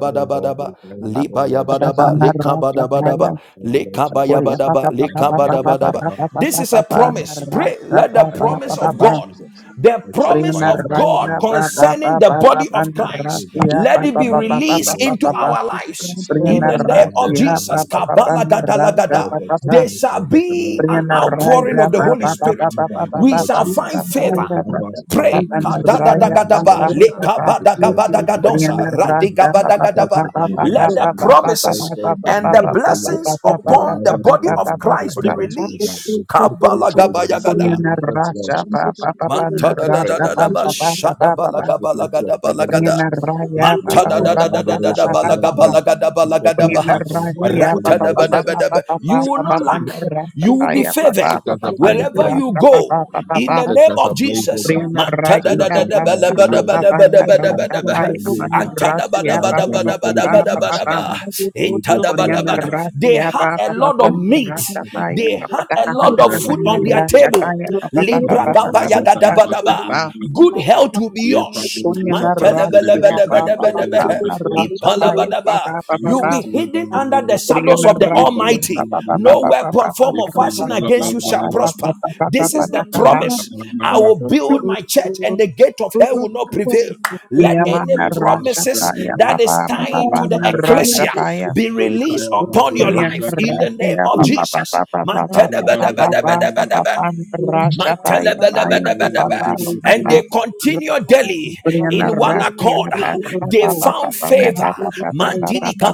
S8: Oh Lord, we pray
S5: Korea,
S8: for Lord Jesus.
S1: libayabadaba likabadabadaba
S8: Take a
S1: bada bada
S8: night
S1: ba.
S8: off, Lord
S1: libaya bada ba lekabada bada ba lekabaya
S8: Jesus.
S1: bada ba
S5: Papa
S8: Let
S5: papa
S8: me
S5: papa
S8: be
S1: lekabada
S5: papa
S1: bada ba.
S8: revived
S5: papa
S8: unto
S5: papa
S8: the
S1: this is a
S5: papa
S8: people, Lord
S1: promise
S8: Jesus.
S5: nara,
S1: pray let
S5: papa
S1: the
S8: Let it
S1: promise
S8: burn,
S5: papa
S1: of
S8: Lord
S5: papa
S1: god
S8: Jesus.
S1: the
S8: Let your
S1: promise
S5: prima,
S8: fire
S1: of
S8: burn, O
S1: god
S5: Raya,
S8: Lord
S5: papa,
S8: Jesus.
S1: concerning the
S5: papa,
S8: We
S1: body
S5: papa,
S1: of
S8: burn them
S1: christ
S8: full burn.
S5: rasia,
S1: let
S8: We
S1: it
S5: papa,
S1: be
S5: papa, papa,
S1: released
S8: Lord
S1: into
S8: Jesus.
S5: papa,
S1: our
S8: The
S1: lives in
S5: prima,
S1: the
S8: signs,
S1: name of
S8: wonders,
S5: rasia,
S8: and
S1: jesus
S5: papa,
S8: miracles, O
S5: papa,
S8: God.
S1: Kabala gada la
S5: rasa,
S1: kabalagadalagada
S8: Because of
S5: papa,
S1: there
S8: signs,
S1: shall
S8: wonders, and
S2: you.
S1: be an
S8: miracles,
S5: prima,
S8: O God.
S1: outpouring
S2: Thank
S5: raya,
S1: of
S2: you.
S1: the
S8: For
S5: papa,
S8: the
S1: holy
S5: papa,
S8: entire
S1: spirit
S5: papa, papa,
S8: revival,
S1: we
S8: Lord
S5: papa,
S1: shall find
S8: Jesus.
S5: papa,
S1: favor
S8: Revive us,
S5: papa,
S8: O
S1: Pray.
S8: Lord
S5: papa,
S8: Jesus.
S5: raya,
S8: Revive us, Lord
S1: Kadadadagadaba,
S8: Jesus.
S5: papa,
S8: We call for the
S6: you.
S5: Rasta
S1: lekabadagadagadosa,
S8: Ignorant Kingdom. We
S6: Thank
S8: call
S1: radigabadagadaba.
S8: for the
S1: Let
S8: Lions of
S1: the
S8: the We call
S1: promises
S8: for the
S1: and the
S8: Blood of the Lord.
S1: blessings upon the
S8: Revive us, O
S1: body
S8: God.
S1: of Christ be
S8: Revive us, O God
S1: released.
S8: take control by the
S1: Kabalagabayagada.
S8: seven mountains, Lord Jesus.
S1: Matada da
S8: Pray,
S1: da da da
S8: Lord
S1: ba
S8: Jesus,
S1: shada
S8: with
S1: balaga
S8: frequency
S1: balaga
S8: of
S1: da
S8: heaven,
S1: balaga
S8: Lord
S1: da.
S8: Jesus.
S1: Matada da
S8: Magaya
S1: da da da da
S8: Bandoro
S1: da
S8: Shataya
S1: balaga
S8: Bayan.
S1: balaga da
S8: Set
S1: balaga da
S8: our
S1: ba.
S8: heart on fire for you,
S1: Ratada
S8: Lord
S1: ba da ba da
S8: Jesus.
S1: ba. You
S8: Set
S1: will not lack. You will be favored
S8: set us ablaze,
S1: wherever
S8: Lord.
S1: you go. In the
S8: Set
S1: name
S8: us
S1: of
S8: ablaze, O
S1: Jesus.
S8: God. Set
S1: Matada da
S8: us
S1: da
S8: on
S1: da ba
S8: fire
S1: la
S8: for
S1: ba
S8: you,
S1: da
S8: O
S1: ba la
S8: God.
S1: ba da ba da
S8: Let
S1: ba
S8: us
S1: da ba.
S8: burn for you, O God.
S1: Antada ba
S8: Let
S1: da ba
S8: us
S1: da
S8: burn
S1: ba
S8: with
S1: da ba
S8: Holy
S1: da ba
S8: Ghost
S1: da ba da
S8: passion, O
S1: ba.
S8: God. Holy
S1: Itada
S8: Ghost
S1: ba da
S8: fire,
S1: ba
S8: O
S5: Koriander
S1: da.
S8: God.
S1: They
S5: rasia apa
S1: had a
S5: apa apa
S1: lot
S5: apa
S1: of
S6: you.
S1: meat.
S5: rasa
S8: Revive
S5: pa
S8: us, O
S5: apa
S1: They
S5: pa
S8: Lord.
S1: had
S5: pa ta
S1: a
S5: ka ha
S1: lot
S6: Thank
S5: ta
S1: of
S5: ka
S8: Revive
S5: ha
S8: us,
S1: food
S8: O
S5: na
S1: on
S8: Lord
S1: their
S5: rasa
S8: Jesus.
S5: pa
S1: table.
S5: apa apa
S1: Libra
S5: apa
S8: Magaya Bandoro
S1: kabaya da da
S8: Shataya
S5: apa apa apa pa pa pa rasa apa
S8: Bayan.
S1: Good health will be
S8: You
S5: pa
S8: partly
S1: yours.
S8: lose up
S5: Koriander
S8: by the big
S5: rasia apa
S8: kind
S5: apa
S8: of
S5: apa
S1: Mantelebelebelebelebe.
S5: apa na
S8: the
S5: rasa pa apa
S1: Ipalabadaba.
S5: apa apa apa apa
S8: eight
S1: You'll
S5: pa
S1: be
S8: collection of
S1: hidden under the
S8: balabala,
S1: shadows of
S5: Koriander
S1: the
S8: we
S5: rasia
S1: Almighty.
S5: apa apa apa
S1: No
S8: balabala,
S5: apa apa apa
S1: weapon,
S5: apa
S1: form,
S8: we
S1: or
S8: kind
S5: apa
S8: of
S1: fashion
S5: apa apa apa
S1: against
S8: balabala,
S1: you shall
S5: apa apa apa apa apa pa
S8: we
S1: prosper.
S5: pa pa
S1: This
S5: pa
S1: is
S5: ta
S1: the
S5: ka
S8: balabala, we
S5: ha
S1: promise. I
S8: balabala,
S1: will build my church, and the gate of hell will not prevail. Let
S5: Ia ma
S1: any
S5: na rasa pa
S1: promises
S5: apa
S1: that
S5: apa
S1: is
S5: apa apa pa
S1: tying
S5: pa
S8: we
S1: to the
S5: na
S1: ecclesia
S8: balabala,
S5: rasa
S1: be
S8: we
S1: released
S8: kaya upon
S1: upon
S8: the
S1: your
S8: rebels
S1: life
S8: up
S1: in the
S8: and
S1: name
S5: Koriandrasia
S1: of
S5: pa pa pa
S1: Jesus.
S5: pa pa pa
S1: Man,
S5: pa pa
S6: you.
S5: pa pa
S8: Kalabala,
S5: pa pa pa pa
S6: Thank
S5: Rasha pa ya pa
S8: we
S5: ya
S8: kaya
S5: pa pa
S8: upon the rebels, we balabala, we balabala, we kaya upon
S5: pa
S8: the rebels up and we balabala, we
S5: pa pa
S1: and
S5: pa
S1: they continue daily in
S2: Thank
S1: one
S5: Koriandrasia
S1: accord.
S5: pa
S2: you.
S5: pa pa
S1: They
S5: pa pa pa pa
S1: found
S5: pa
S1: favor.
S5: pa pa pa pa pa pa pa pa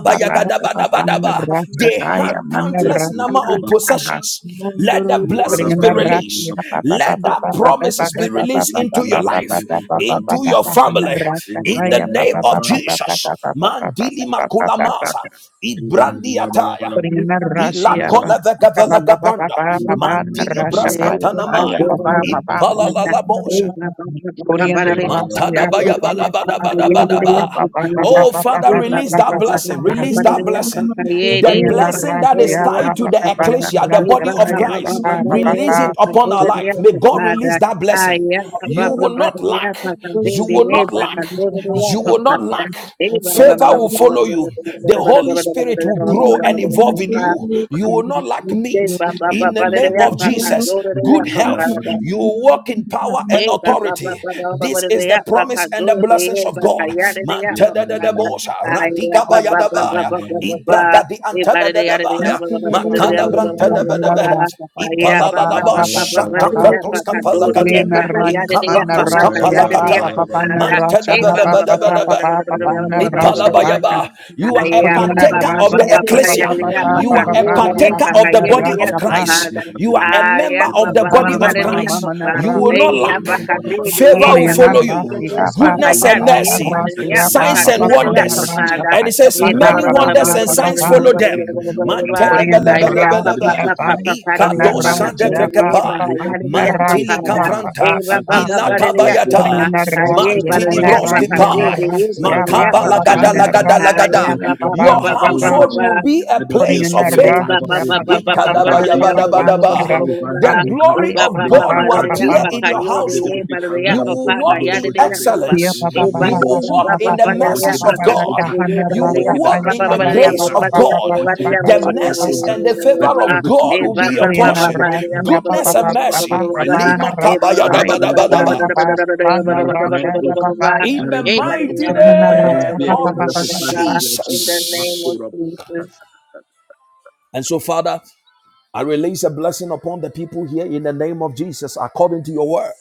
S5: pa pa pa pa Rasha
S1: They
S5: pa
S1: had
S5: ya mana
S1: countless
S5: Rasha
S1: number
S5: pa
S1: of
S5: pa pa ha
S1: possessions. Let the blessings be
S5: Koriandrasia
S1: released.
S5: pa pa pa
S1: Let
S5: pa
S1: the
S5: pa pa pa pa
S1: promises be
S5: pa pa
S1: released
S5: pa
S1: into
S5: pa
S1: your
S5: pa pa pa pa pa
S1: life,
S5: pa pa pa
S1: into your
S5: pa
S1: family.
S5: Rasha pa
S1: In the
S5: ya pa
S1: name
S5: pa pa
S1: of
S5: pa pa pa pa pa
S1: Jesus.
S5: pa pa pa
S1: Mandili
S5: pa pa pa pa
S1: makulamasa. Ibrandi
S8: balabala, we
S1: ataya
S8: balabala,
S5: Purina
S1: ila
S8: we
S5: Rashiapa,
S1: kola vega
S8: balabala,
S1: gavanda,
S5: Papa
S6: you.
S5: Papa
S1: gabanda
S5: Papa
S8: Ekaya
S5: Papa
S1: mandili bras
S8: bana
S5: Rashapaya Paya
S1: kantanamaya
S5: Paya Papa Papa
S1: ipala la la bosha.
S5: Purina Rasia Papa Papa Papa Papa
S1: Matadabayabadabadabadaba.
S5: Papa Papa
S1: Oh,
S5: Papa
S1: Father,
S5: Papa
S1: release that
S5: Papa
S1: blessing.
S5: Papa
S1: Release that blessing.
S6: Thank
S1: The
S5: Purina
S1: blessing that is
S5: Rasia
S1: tied to
S5: Papa
S1: the
S5: Papa
S1: ecclesia, the body of
S5: Rashapaya
S1: Christ.
S5: Papa
S1: Release it
S5: Papa
S1: upon our life. May God release that blessing. You will not lack. You will not lack. You will not lack. Favor will follow you. The Holy Spirit will grow and evolve in
S7: Eba
S1: you. You will not lack
S2: Thank
S7: Yes,
S1: meet
S7: ba- ba- ba-
S1: in the
S7: ba- da- da-
S1: name
S7: da-
S1: of
S7: pa pa
S1: Jesus.
S7: do- da- da-
S1: Good
S7: da- pa. ba-
S1: health.
S7: da-
S1: You will walk in power and
S7: Hey, ba ba ba
S1: authority.
S7: ba ba ba ba
S1: This
S7: de
S1: is the
S7: ya ba
S1: promise
S7: ka
S1: and the
S7: do de
S1: blessings
S7: ye
S1: of
S7: ba ka
S1: God.
S7: ya de de ya ba ba ba
S1: Mantadadadabosha,
S7: ay ya ba ba ba ba ba ba ba ba e ba de de ya de de ya ba ba ba ba de de
S5: Papa
S7: ya ba ba ba ba ba ba
S5: Papa
S7: ba ba ay
S5: Rashapaya
S7: ya ba
S5: Papa
S7: ba ba
S5: Papa
S7: ba ba
S5: Papa
S7: ba de de
S5: Papa
S7: ya ba ka do de ye
S5: Purina
S7: ba ha ya
S5: Raya
S7: de de ya
S5: Mana
S7: ba
S2: you.
S7: ba ka ya
S5: Rasia
S7: de de ya
S5: Papa
S7: ba
S8: bana
S5: Papa
S7: ba da e
S5: Rasha
S7: ba ba
S5: Papa
S7: ba ba ba
S5: Papa
S7: ba de de
S5: Papa Papa
S6: you.
S7: ya ba ba ba ba
S6: Thank
S7: ba ba ba
S5: Rashapaya
S1: Ipalabayaba. You are
S7: ay
S1: a
S7: ya ba
S5: Oriana
S7: ba
S1: partaker
S7: ba
S1: of
S7: ba
S1: the
S5: Rasia,
S7: ba ba de
S5: Papa,
S1: ecclesia.
S5: Papa,
S7: de ya ba
S5: Papa,
S1: You
S7: ka
S1: are
S5: Papa,
S1: a
S7: do de
S5: Papa,
S7: ye
S1: partaker
S7: ba
S5: Papa,
S1: of
S7: ka
S1: the
S7: ye de de
S1: body
S7: ya
S1: of
S5: Narasa,
S7: ba ba
S1: Christ.
S7: da
S1: You are a
S7: ay ya
S1: member
S7: ba
S1: of the
S7: ba ba
S1: body
S7: ba
S5: Mama,
S1: of
S7: de
S8: bana
S7: de
S5: Mama,
S7: ya
S1: Christ.
S5: Mama,
S7: ba
S1: You
S5: Nara,
S8: Oh,
S1: will not
S7: Hey,
S1: lack.
S7: apakadere,
S1: Favor
S7: eh,
S1: will
S5: Oriana
S1: follow you,
S7: pakadere,
S8: ignite
S7: eh,
S5: Rasia,
S8: this fire
S5: Papa,
S1: goodness and
S7: pakayade,
S8: inside.
S5: Papa,
S7: eh,
S1: mercy,
S8: Set
S7: badere, eh,
S8: us
S5: Narasia,
S1: signs
S5: Papa,
S8: ablaze,
S1: and
S8: O
S7: pakadore,
S5: Papa,
S8: Father,
S7: eh,
S8: Lord
S1: wonders.
S5: Narasa,
S8: Jesus.
S7: papada.
S1: And it
S5: Papa,
S1: says,
S8: Set
S7: Eh,
S8: us
S7: ba- ba-
S1: Many
S5: Papa,
S7: ba- ba-
S8: ablaze,
S7: ba- ba-
S8: O
S7: ba- ba-
S1: wonders and
S5: Papa,
S8: you.
S7: ba- ba-
S2: Thank
S1: signs
S5: Papa,
S6: you.
S1: follow
S7: ba-
S8: Oh,
S1: them.
S7: ba- ba-
S8: Lord
S1: Man,
S7: ba- ba.
S5: Oriana
S7: Ay, eh, pa- pa-
S5: Rasia,
S7: pa- pa- pa-
S5: Papa,
S7: padere, eh,
S1: Ikadosa
S7: pakadore,
S5: Narasia,
S8: Jesus, as
S7: eh,
S1: devrekepa,
S5: Papa,
S8: the day
S5: Papa,
S8: of
S7: pakayade, eh,
S8: Pentecost,
S1: mantili
S5: Narasa,
S8: O
S7: papada.
S8: God,
S5: Papa,
S1: kavranta,
S7: Eh,
S8: let
S7: ba- ba-
S8: your
S5: Papa,
S7: ba-
S8: fire
S7: badere,
S8: fall,
S7: eh,
S8: O
S7: papa.
S1: ilakabayata,
S8: God.
S5: Oriana
S7: Ay,
S8: Set
S7: eh,
S8: us
S5: Rasia,
S8: on
S1: mantili
S7: badere,
S8: fire
S7: eh,
S8: for
S5: Manara,
S8: you, O
S1: broskipa,
S8: God.
S5: Iana
S7: pakadere, eh,
S8: Set us
S5: Rasia,
S7: badere,
S8: on
S7: eh,
S1: makaba
S5: Papa,
S8: fire for you,
S5: Papa,
S1: lagada
S7: papada.
S8: O God.
S1: lagada
S5: Narasa,
S7: Ay,
S8: Let
S7: eh,
S1: lagada.
S8: there be
S7: ba-
S8: a
S7: ba-
S5: Papa,
S7: ba-
S1: Your
S7: ba-
S8: revival,
S5: Papa,
S8: O
S7: ba-
S5: Papa,
S7: ba-
S8: Lord
S7: ba-
S1: household
S7: ba.
S1: will
S8: Jesus.
S1: be a
S8: Let there be a
S1: place of
S5: Oriana
S8: family
S7: In the
S1: favor.
S8: revival,
S5: Rasia,
S8: O God.
S5: Papa, Papa,
S8: Let there
S5: Papa,
S8: be a
S5: Papa,
S8: national
S5: Rasia,
S8: revival,
S1: The
S8: O
S5: Paya,
S8: God.
S1: glory
S5: Paya,
S1: of
S5: Papa,
S1: God will
S5: Papa,
S1: appear
S8: Lebakatura
S5: Papa,
S1: in your
S2: you.
S8: bakasande
S1: household.
S8: lebekekanda
S1: You will walk
S8: rabakotundo
S1: in
S8: robosande.
S5: Pia,
S8: In
S1: excellence.
S8: the
S5: Papa,
S1: You
S5: Papa,
S8: name of
S1: will
S5: Papa,
S1: walk
S8: Jesus,
S1: in
S5: Papa,
S1: the
S8: I
S5: Papa,
S8: work in
S1: mercies
S5: Papa,
S8: the
S1: of
S8: hearts
S5: Papa,
S8: of
S1: God.
S8: God,
S5: Kahana,
S1: You
S8: I work
S5: Rasa,
S1: will
S8: in the
S1: walk
S5: Paya,
S8: hearts
S1: in
S8: of
S1: the
S5: Papa,
S8: men, O
S5: Papa,
S1: grace
S8: God, I
S1: of
S5: Papa, Papa,
S1: God.
S5: Papa,
S8: work in the
S1: The
S8: hearts of
S5: Papa,
S8: men,
S5: Papa,
S8: O
S1: mercies
S8: God.
S1: and
S5: Papa,
S1: the
S8: Let
S1: favor of
S8: every
S1: God
S8: sleeping
S1: will be your
S8: giant be
S5: Oriana
S1: portion.
S8: awakened, O
S5: Rasia,
S8: God.
S5: Papa,
S1: Goodness and
S5: Papa,
S8: Spark
S5: Papa,
S8: the
S1: mercy.
S8: fire,
S5: Papa,
S8: O God.
S1: Lima
S5: Rasa,
S8: Let it
S5: Paya,
S8: burn, O
S5: Papa,
S1: kabayadabadabadaba.
S8: Lord
S5: Papa,
S8: Jesus.
S5: Papa,
S8: Let it
S5: Rasa,
S8: burn, O
S5: Papa,
S8: God.
S5: Paya,
S1: In
S8: Let
S1: the
S8: it burn, O
S1: mighty
S8: God.
S5: Oriana
S8: Let us
S1: name
S5: Rasa,
S8: be a
S1: of
S5: Papa, Papa,
S8: carrier of
S5: Papa,
S8: presence,
S5: Papa,
S8: Lord Jesus.
S7: name of
S1: Jesus.
S8: Makura
S7: Jesus.
S1: And so, Father, I release a blessing upon the people here in the name of Jesus, according to your word.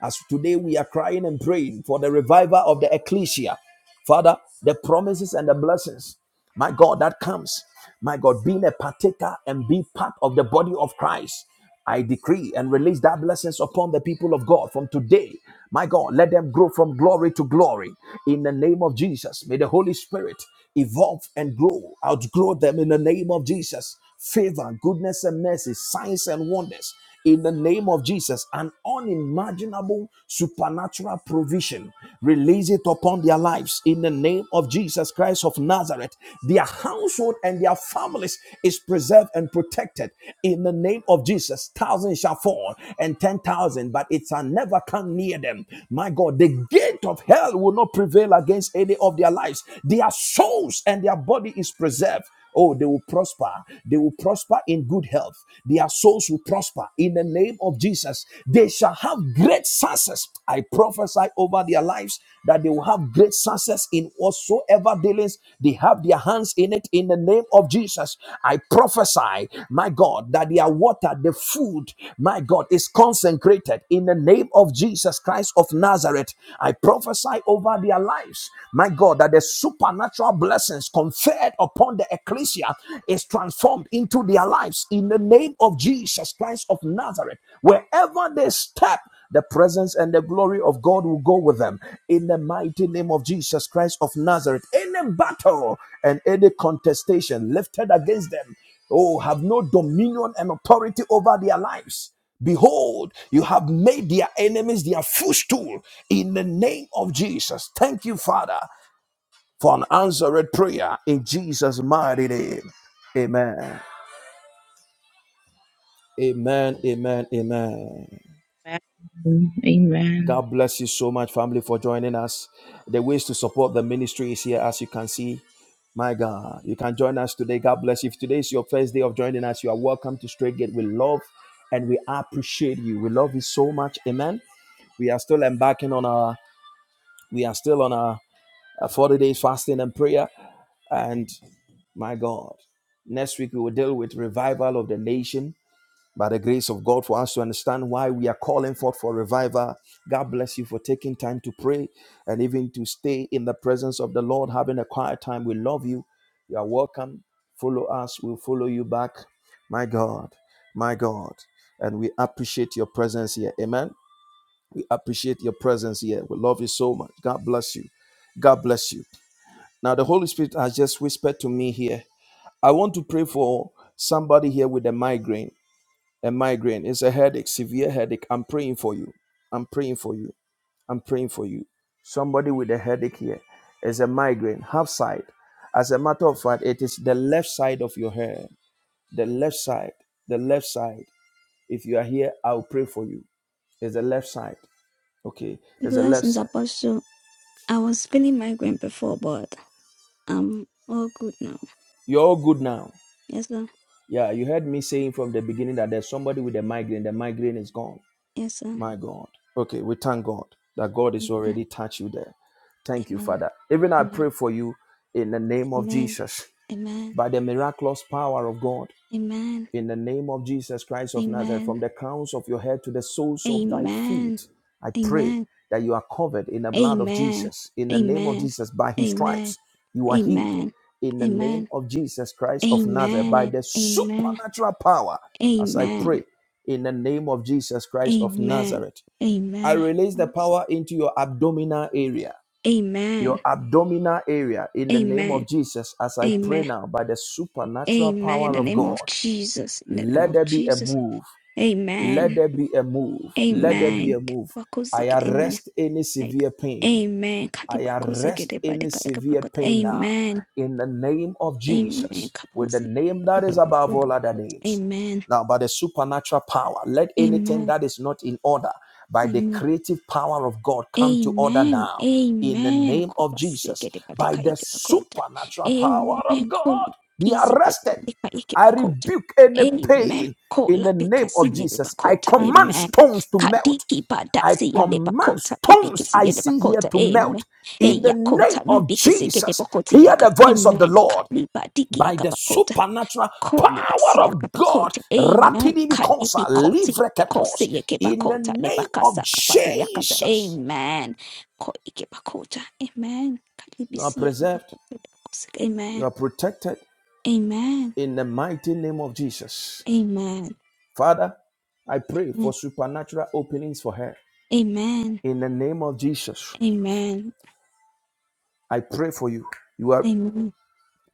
S1: As today we are crying and praying for the revival of the ecclesia. Father, the promises and the blessings, my God, that comes, my God, being a partaker and be part of the body of Christ. I decree and release that blessings upon the people of God from today. My God, let them grow from glory to glory in the name of Jesus. May the Holy Spirit evolve and grow, outgrow them in the name of Jesus favor, goodness, and mercy, signs and wonders in the name of Jesus, an unimaginable supernatural provision. Release it upon their lives in the name of Jesus Christ of Nazareth. Their household and their families is preserved and protected in the name of Jesus. Thousands shall fall and ten thousand, but it shall never come near them. My God, the gate of hell will not prevail against any of their lives. Their souls and their body is preserved Oh, they will prosper. They will prosper in good health. Their souls will prosper in the name of Jesus. They shall have great success. I prophesy over their lives that they will have great success in whatsoever dealings they have their hands in it in the name of Jesus. I prophesy, my God, that their water, the food, my God, is consecrated in the name of Jesus Christ of Nazareth. I prophesy over their lives, my God, that the supernatural blessing blessings conferred upon the ecclesia is transformed into their lives in the name of Jesus Christ of Nazareth. Wherever they step, the presence and the glory of God will go with them in the mighty name of Jesus Christ of Nazareth. Any battle and any contestation lifted against them, oh, have no dominion and authority over their lives. Behold, you have made their enemies their footstool in the name of Jesus. Thank you, Father for an answered prayer in Jesus' mighty name. Amen. Amen. Amen. Amen.
S7: Amen. Amen.
S1: God bless you so much, family, for joining us. The ways to support the ministry is here, as you can see. My God, you can join us today. God bless you. If today is your first day of joining us, you are welcome to Straight Gate. We love and we appreciate you. We love you so much. Amen. We are still embarking on our, we are still on our uh, 40 days fasting and prayer. And my God, next week we will deal with revival of the nation by the grace of God for us to understand why we are calling forth for revival. God bless you for taking time to pray and even to stay in the presence of the Lord, having a quiet time. We love you. You are welcome. Follow us. We'll follow you back. My God, my God. And we appreciate your presence here. Amen. We appreciate your presence here. We love you so much. God bless you. God bless you. Now, the Holy Spirit has just whispered to me here. I want to pray for somebody here with a migraine a migraine. It's a headache, severe headache. I'm praying for you. I'm praying for you. I'm praying for you. Somebody with a headache here is a migraine, half side. As a matter of fact, it is the left side of your head. The left side. The left side. If you are here, I'll pray for you. It's the left side. Okay. It's the left
S4: blessings
S1: side.
S4: apostle I was feeling migraine before but I'm all good now
S1: You're all good now.
S4: Yes, Lord.
S1: Yeah, you heard me saying from the beginning that there's somebody with a migraine. The migraine is gone.
S4: Yes, sir.
S1: My God. Okay, we thank God that God is
S4: Amen.
S1: already touched you there. Thank you,
S4: Amen.
S1: Father. Even I
S4: Amen.
S1: pray for you in the name of Jesus,
S4: Amen.
S1: by the miraculous power of God,
S4: Amen.
S1: in the name of Jesus Christ of Nazareth,
S4: Amen.
S1: from the crowns of your head to the soles of thy
S4: Amen.
S1: feet, I pray
S4: Amen. Amen.
S1: that you are covered in the blood of
S4: Amen.
S1: Jesus. In the name of
S4: Amen.
S1: Jesus, by his
S4: Amen.
S1: stripes, you are healed.
S4: Amen.
S1: In the name
S4: Amen.
S1: of Jesus Christ of
S4: Amen.
S1: Nazareth, by
S4: Amen.
S1: the supernatural power, as I
S4: Amen.
S1: pray, in the name of Jesus
S4: Amen.
S1: Christ of
S4: Amen. Amen.
S1: Nazareth. I
S4: Amen.
S1: release the power into your abdominal area.
S4: Amen.
S1: Your abdominal area, in the name of
S4: Amen.
S1: Jesus, as I pray now by the supernatural
S4: In
S1: power
S4: the
S1: of
S4: name
S1: God,
S4: of Jesus. In the name
S1: let
S4: of
S1: there be a
S4: Jesus.
S1: move. Let
S4: Amen.
S1: there be a move. Let there be
S4: Amen.
S1: a move. I
S4: Amen.
S1: arrest any
S4: Like,
S1: severe pain.
S4: Amen.
S1: I
S4: Kadibakoze
S1: arrest
S4: gedebade
S1: any severe
S4: kadakabakot.
S1: pain now
S4: Amen.
S1: in the name of
S4: Amen.
S1: Jesus, with the
S4: Kabose
S1: name that is above
S4: gedebakot.
S1: all other names.
S4: Amen.
S1: Now, by the supernatural power, let anything
S4: Amen.
S1: that is not in order by the
S4: Amen.
S1: creative power of God come to order
S4: Amen.
S1: now in the
S4: Amen.
S1: name of Jesus.
S4: Kovasikete
S1: By
S4: patika
S1: the
S4: ikipakota.
S1: supernatural power
S4: Amen.
S1: of God,
S4: Koli
S1: be
S4: kizi
S1: arrested.
S4: patika
S1: I
S4: ikipakota.
S1: rebuke any
S4: Amen.
S1: pain in the
S4: Kola
S1: name
S4: bikasi
S1: of
S4: yele
S1: Jesus. I
S4: pakota.
S1: command
S4: Amen.
S1: stones to melt
S4: Kadiki
S1: I
S4: padasi yele
S1: command
S4: pakota.
S1: stones
S4: Ibikisi
S1: I
S4: yele
S1: see here
S4: pakota.
S1: to melt
S4: Amen.
S1: in the
S4: Eya
S1: name
S4: kota
S1: of
S4: nibikisi kete
S1: Jesus.
S4: pakoti
S1: Hear the
S4: yakat.
S1: voice of the
S4: Amen.
S1: Lord
S4: Kali padiki
S1: by the supernatural power
S4: Kolibasia
S1: of God.
S4: Kapakota, Amen.
S1: Rapidly
S4: Kalibi
S1: consa
S4: Koti, Kosi
S1: livreketos in the
S4: Yakipakota,
S1: name of
S4: Lebakasa Kapadu Yakata,
S1: Jesus.
S4: Amen. Koikipakota, Amen.
S1: You are
S4: Kalibisia
S1: preserved,
S4: Kapakota, Kosi-
S1: you
S4: Amen.
S1: are protected
S4: Amen.
S1: in the mighty name of Jesus.
S4: Amen.
S1: Father, I pray for supernatural openings for her
S4: Amen.
S1: in the name of Jesus.
S4: Amen.
S1: I pray for you. You are.
S4: Amen.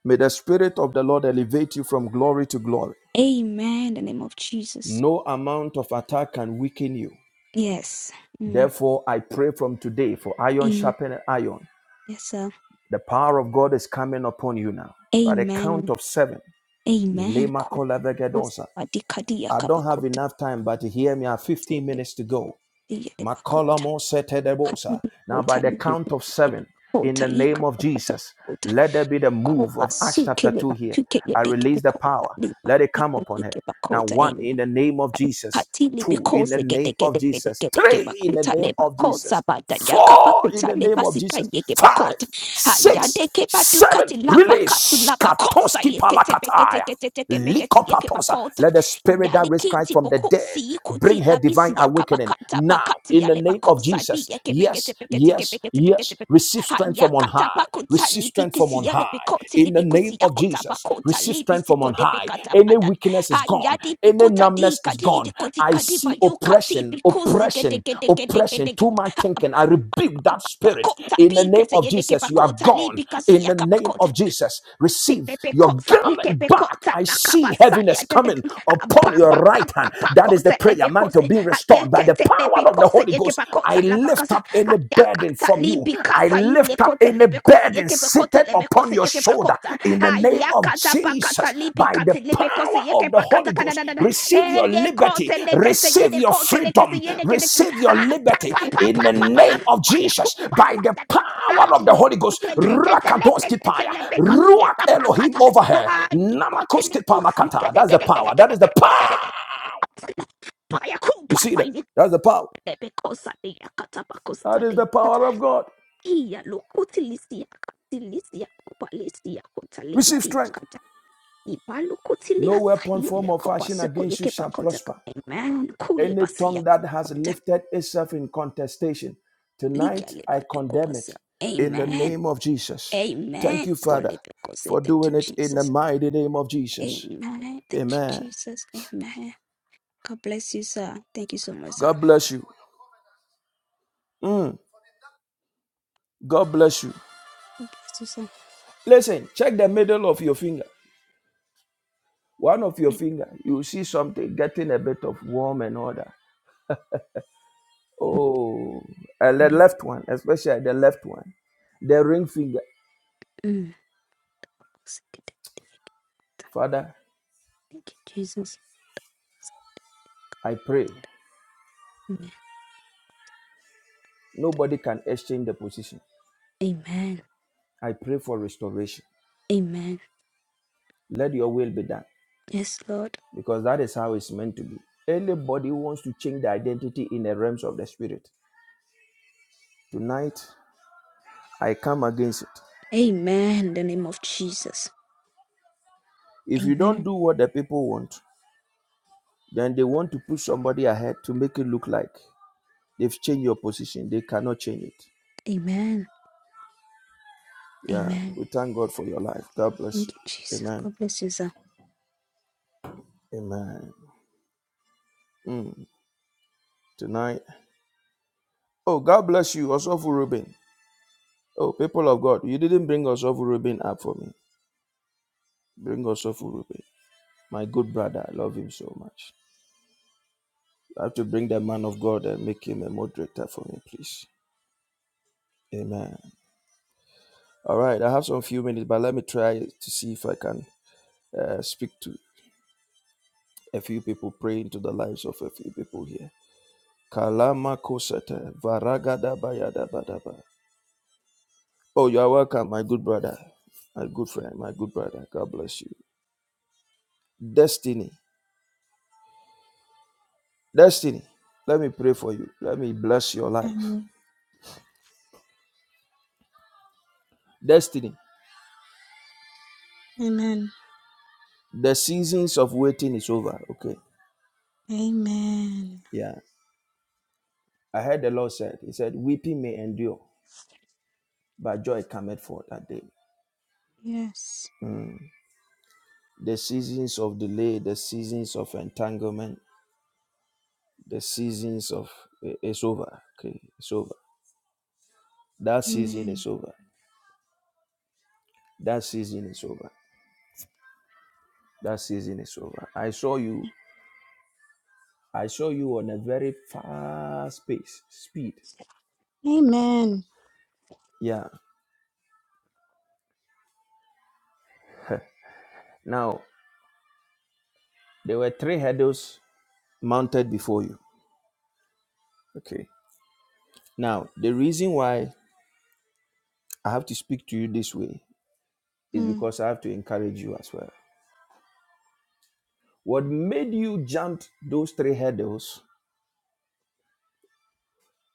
S1: May the Spirit of the Lord elevate you from glory to glory.
S4: Amen. The name of Jesus.
S1: No amount of attack can weaken you.
S4: Yes. Mm.
S1: Therefore, I pray from today for iron
S4: Amen.
S1: sharpened iron.
S4: Yes, sir.
S1: The power of God is coming upon you now. By the count
S4: Amen.
S1: of seven,
S4: Amen.
S1: Lema
S4: Kosi-
S1: Kola
S4: Kosi-
S1: Vegedosa.
S4: Kadi- Kadi
S1: I don't have
S4: Yakapakota,
S1: enough time, but hear me. I have 15 minutes to go.
S4: Lebakota.
S1: Makolomo setedebosa.
S4: Kanidi
S1: Now, by
S4: kota
S1: the count of
S4: libekele
S1: seven, in
S4: kota
S1: the name of
S4: ikata kata
S1: Jesus,
S4: kota
S1: let there be the move
S4: kopa
S1: of Acts chapter
S4: sukele
S1: 2
S4: ba
S1: here.
S4: tukele
S1: I
S4: dekele
S1: release the
S4: kota
S1: power.
S4: liba
S1: Let it come
S4: sika
S1: upon her.
S4: Kota, ba
S1: Now, one,
S4: kota
S1: in the name of Jesus.
S4: Katili
S1: Two, in
S4: because
S1: the
S4: they get the
S1: name
S4: get
S1: of
S4: the get the
S1: Jesus.
S4: get the
S1: Three,
S4: get
S1: in the
S4: bakuta
S1: name
S4: le
S1: of
S4: bakosa
S1: Jesus.
S4: bata yakapa
S1: Four, in
S4: kuta
S1: the
S4: le
S1: name of
S4: basika
S1: Jesus.
S4: yeke
S1: Five,
S4: bakota ha
S1: six,
S4: yade ke batu
S1: seven,
S4: kati la bakatu
S1: release.
S4: la bakosa
S1: Katoski
S4: yeke te peke te ke
S1: palakataya.
S4: te te ke peke te yeke
S1: Likopatosa.
S4: bakota
S1: Let the spirit that
S4: yali
S1: raised Christ
S4: kiti
S1: from the dead
S4: bokosi
S1: bring
S4: ikuti
S1: her
S4: la
S1: divine
S4: bisi
S1: awakening
S4: yakabakata
S1: now
S4: bakati
S1: in the
S4: yale
S1: name of
S4: bakosa bi
S1: Jesus.
S4: yeke peke te
S1: Yes,
S4: peke te ke
S1: yes,
S4: peke te peke te
S1: yes.
S4: peke
S1: Receive
S4: ha
S1: strength from on
S4: yakata
S1: high.
S4: bakuta
S1: Receive
S4: li
S1: strength from
S4: bikisi
S1: on
S4: yale
S1: high
S4: bikoti li
S1: in the name
S4: bikusi
S1: of
S4: yakota
S1: Jesus.
S4: bakota
S1: Receive
S4: li
S1: strength
S4: bisi
S1: from on
S4: kode
S1: high. Any weakness is gone,
S4: Hayati
S1: any
S4: pikuta di
S1: numbness is
S4: kadi
S1: gone.
S4: di koti
S1: I
S4: kadi ba
S1: see
S4: you kati
S1: oppression,
S4: pikuzi gede
S1: oppression,
S4: gede gede gede
S1: oppression to
S4: gede.
S1: my
S4: Ha- pa-
S1: thinking. I rebuke that
S4: pa-
S1: spirit
S4: Pakota
S1: in the name
S4: pikesi
S1: of
S4: yedeke
S1: Jesus. You are
S4: pakota li
S1: gone
S4: pikasi
S1: in the name of Jesus. Receive your
S4: Lepekotsa,
S1: garment back back.
S4: ikepekotsa,
S1: I see
S4: lakabasa, ya
S1: heaviness
S4: da da
S1: coming
S4: ah,
S1: upon
S4: pa
S1: your
S4: pa pa
S1: right
S4: pa
S1: hand.
S4: pa,
S1: That is the
S4: kotsa,
S1: prayer, man, to
S4: lepekotsa,
S1: be
S4: ah,
S1: restored by the
S4: yekete,
S1: power of the
S4: lepekotsa,
S1: Holy Ghost. I
S4: yekepakotsa,
S1: lift
S4: lapakasa,
S1: up
S4: ah,
S1: any burden
S4: yakatsa,
S1: from you. I
S4: lipikasa,
S1: lift up
S4: ilekotsa,
S1: any
S4: lepekotsa,
S1: burden
S4: yekepekotsa,
S1: seated upon
S4: lepekotsa,
S1: your shoulder
S4: yekepakotsa,
S1: in the
S4: ah,
S1: name of
S4: yakatsa, pakatsa,
S1: Jesus by the
S4: lipikatsa,
S1: power
S4: lepekotsa,
S1: of the Holy
S4: yekepakatsa,
S1: Ghost.
S4: kadadadada,
S1: Receive
S4: eh,
S1: your liberty.
S4: yekotsa, lekese,
S1: Receive your
S4: yedekotsa, lekese,
S1: freedom.
S4: yedekede,
S1: Receive your
S4: ah, pa
S1: liberty
S4: pa pa
S1: in
S4: pa
S1: the
S4: pa pa pa,
S1: name of
S4: fire,
S1: Jesus by
S4: kumbasa,
S1: the
S4: ya da da,
S1: power of
S4: ah,
S1: the Holy Ghost. Rakadoski paya. Ruach Elohim over her. Namakoski pamakata. That's the power. That is the power. You see that? That's the power. That is the power of God. Receive strength. No weapon, form, or fashion against you shall prosper.
S4: Amen. Kule
S1: Any
S4: basi ya
S1: tongue that has
S4: kapakuta.
S1: lifted itself in contestation, tonight I condemn it in the
S4: Amen.
S1: name of Jesus. Thank
S4: Amen.
S1: you, Father, for
S4: Thank
S1: doing
S4: you,
S1: it in the
S4: Jesus.
S1: mighty name of Jesus.
S4: Amen. Thank you,
S1: Amen.
S4: Jesus. Amen. God bless you, sir. Thank you so much, sir.
S1: God bless you. Mm, God bless you.
S4: God bless you, sir.
S1: Listen, check the middle of your finger. One of your finger, you see something getting a bit of warm and all that. Oh, and the
S4: Amen.
S1: left one, especially the left one, the ring finger.
S4: Mm.
S1: Father,
S4: Thank you, Jesus.
S1: I pray
S4: Amen.
S1: nobody can exchange the position.
S4: Amen.
S1: I pray for restoration.
S4: Amen.
S1: Let your will be done
S4: Yes, Lord.
S1: because that is how it's meant to be. Anybody who wants to change the identity in the realms of the spirit, tonight I come against it.
S4: Amen. In the name of Jesus.
S1: If you don't
S4: Amen.
S1: do what the people want, then they want to push somebody ahead to make it look like they've changed your position. They cannot change it.
S4: Amen.
S1: Yeah,
S4: Amen.
S1: we thank God for your life. God bless
S4: Thank you,
S1: you.
S4: Jesus.
S1: Amen.
S4: God bless you, sir.
S1: Amen. Mm, tonight. Oh, God bless you, Osofu Ruben. Oh, people of God, you didn't bring Osofu Ruben up for me. Bring Osofu Ruben. My good brother, I love him so much. I have to bring the man of God and make him a moderator for me, please. Amen. All right, I have some few minutes, but let me try to see if I can uh, speak to a few people, pray into the lives of a few people here. Kalama kosata varagada bayada badaba. Oh, you are welcome, my good brother, my good friend, my good brother. God bless you. Destiny, destiny. Let me pray for you. Let me bless your life.
S3: Amen.
S1: Destiny.
S3: Amen.
S1: The seasons of waiting is over. Okay.
S3: Amen.
S1: Yeah. I heard the Lord said, He said, Weeping may endure, but joy cometh for that day.
S3: Yes.
S1: The seasons of delay, the seasons of entanglement, the seasons of eh, it's over. Okay, it's over. That season
S3: Amen.
S1: is over. That season is over. That season is over. I saw you. I saw you on a very fast pace, speed.
S3: Amen.
S1: Yeah. Now there were three hurdles mounted before you. Okay. Now the reason why I have to speak to you this way is
S3: Mm,
S1: because I have to encourage you as well. What made you jump those three hurdles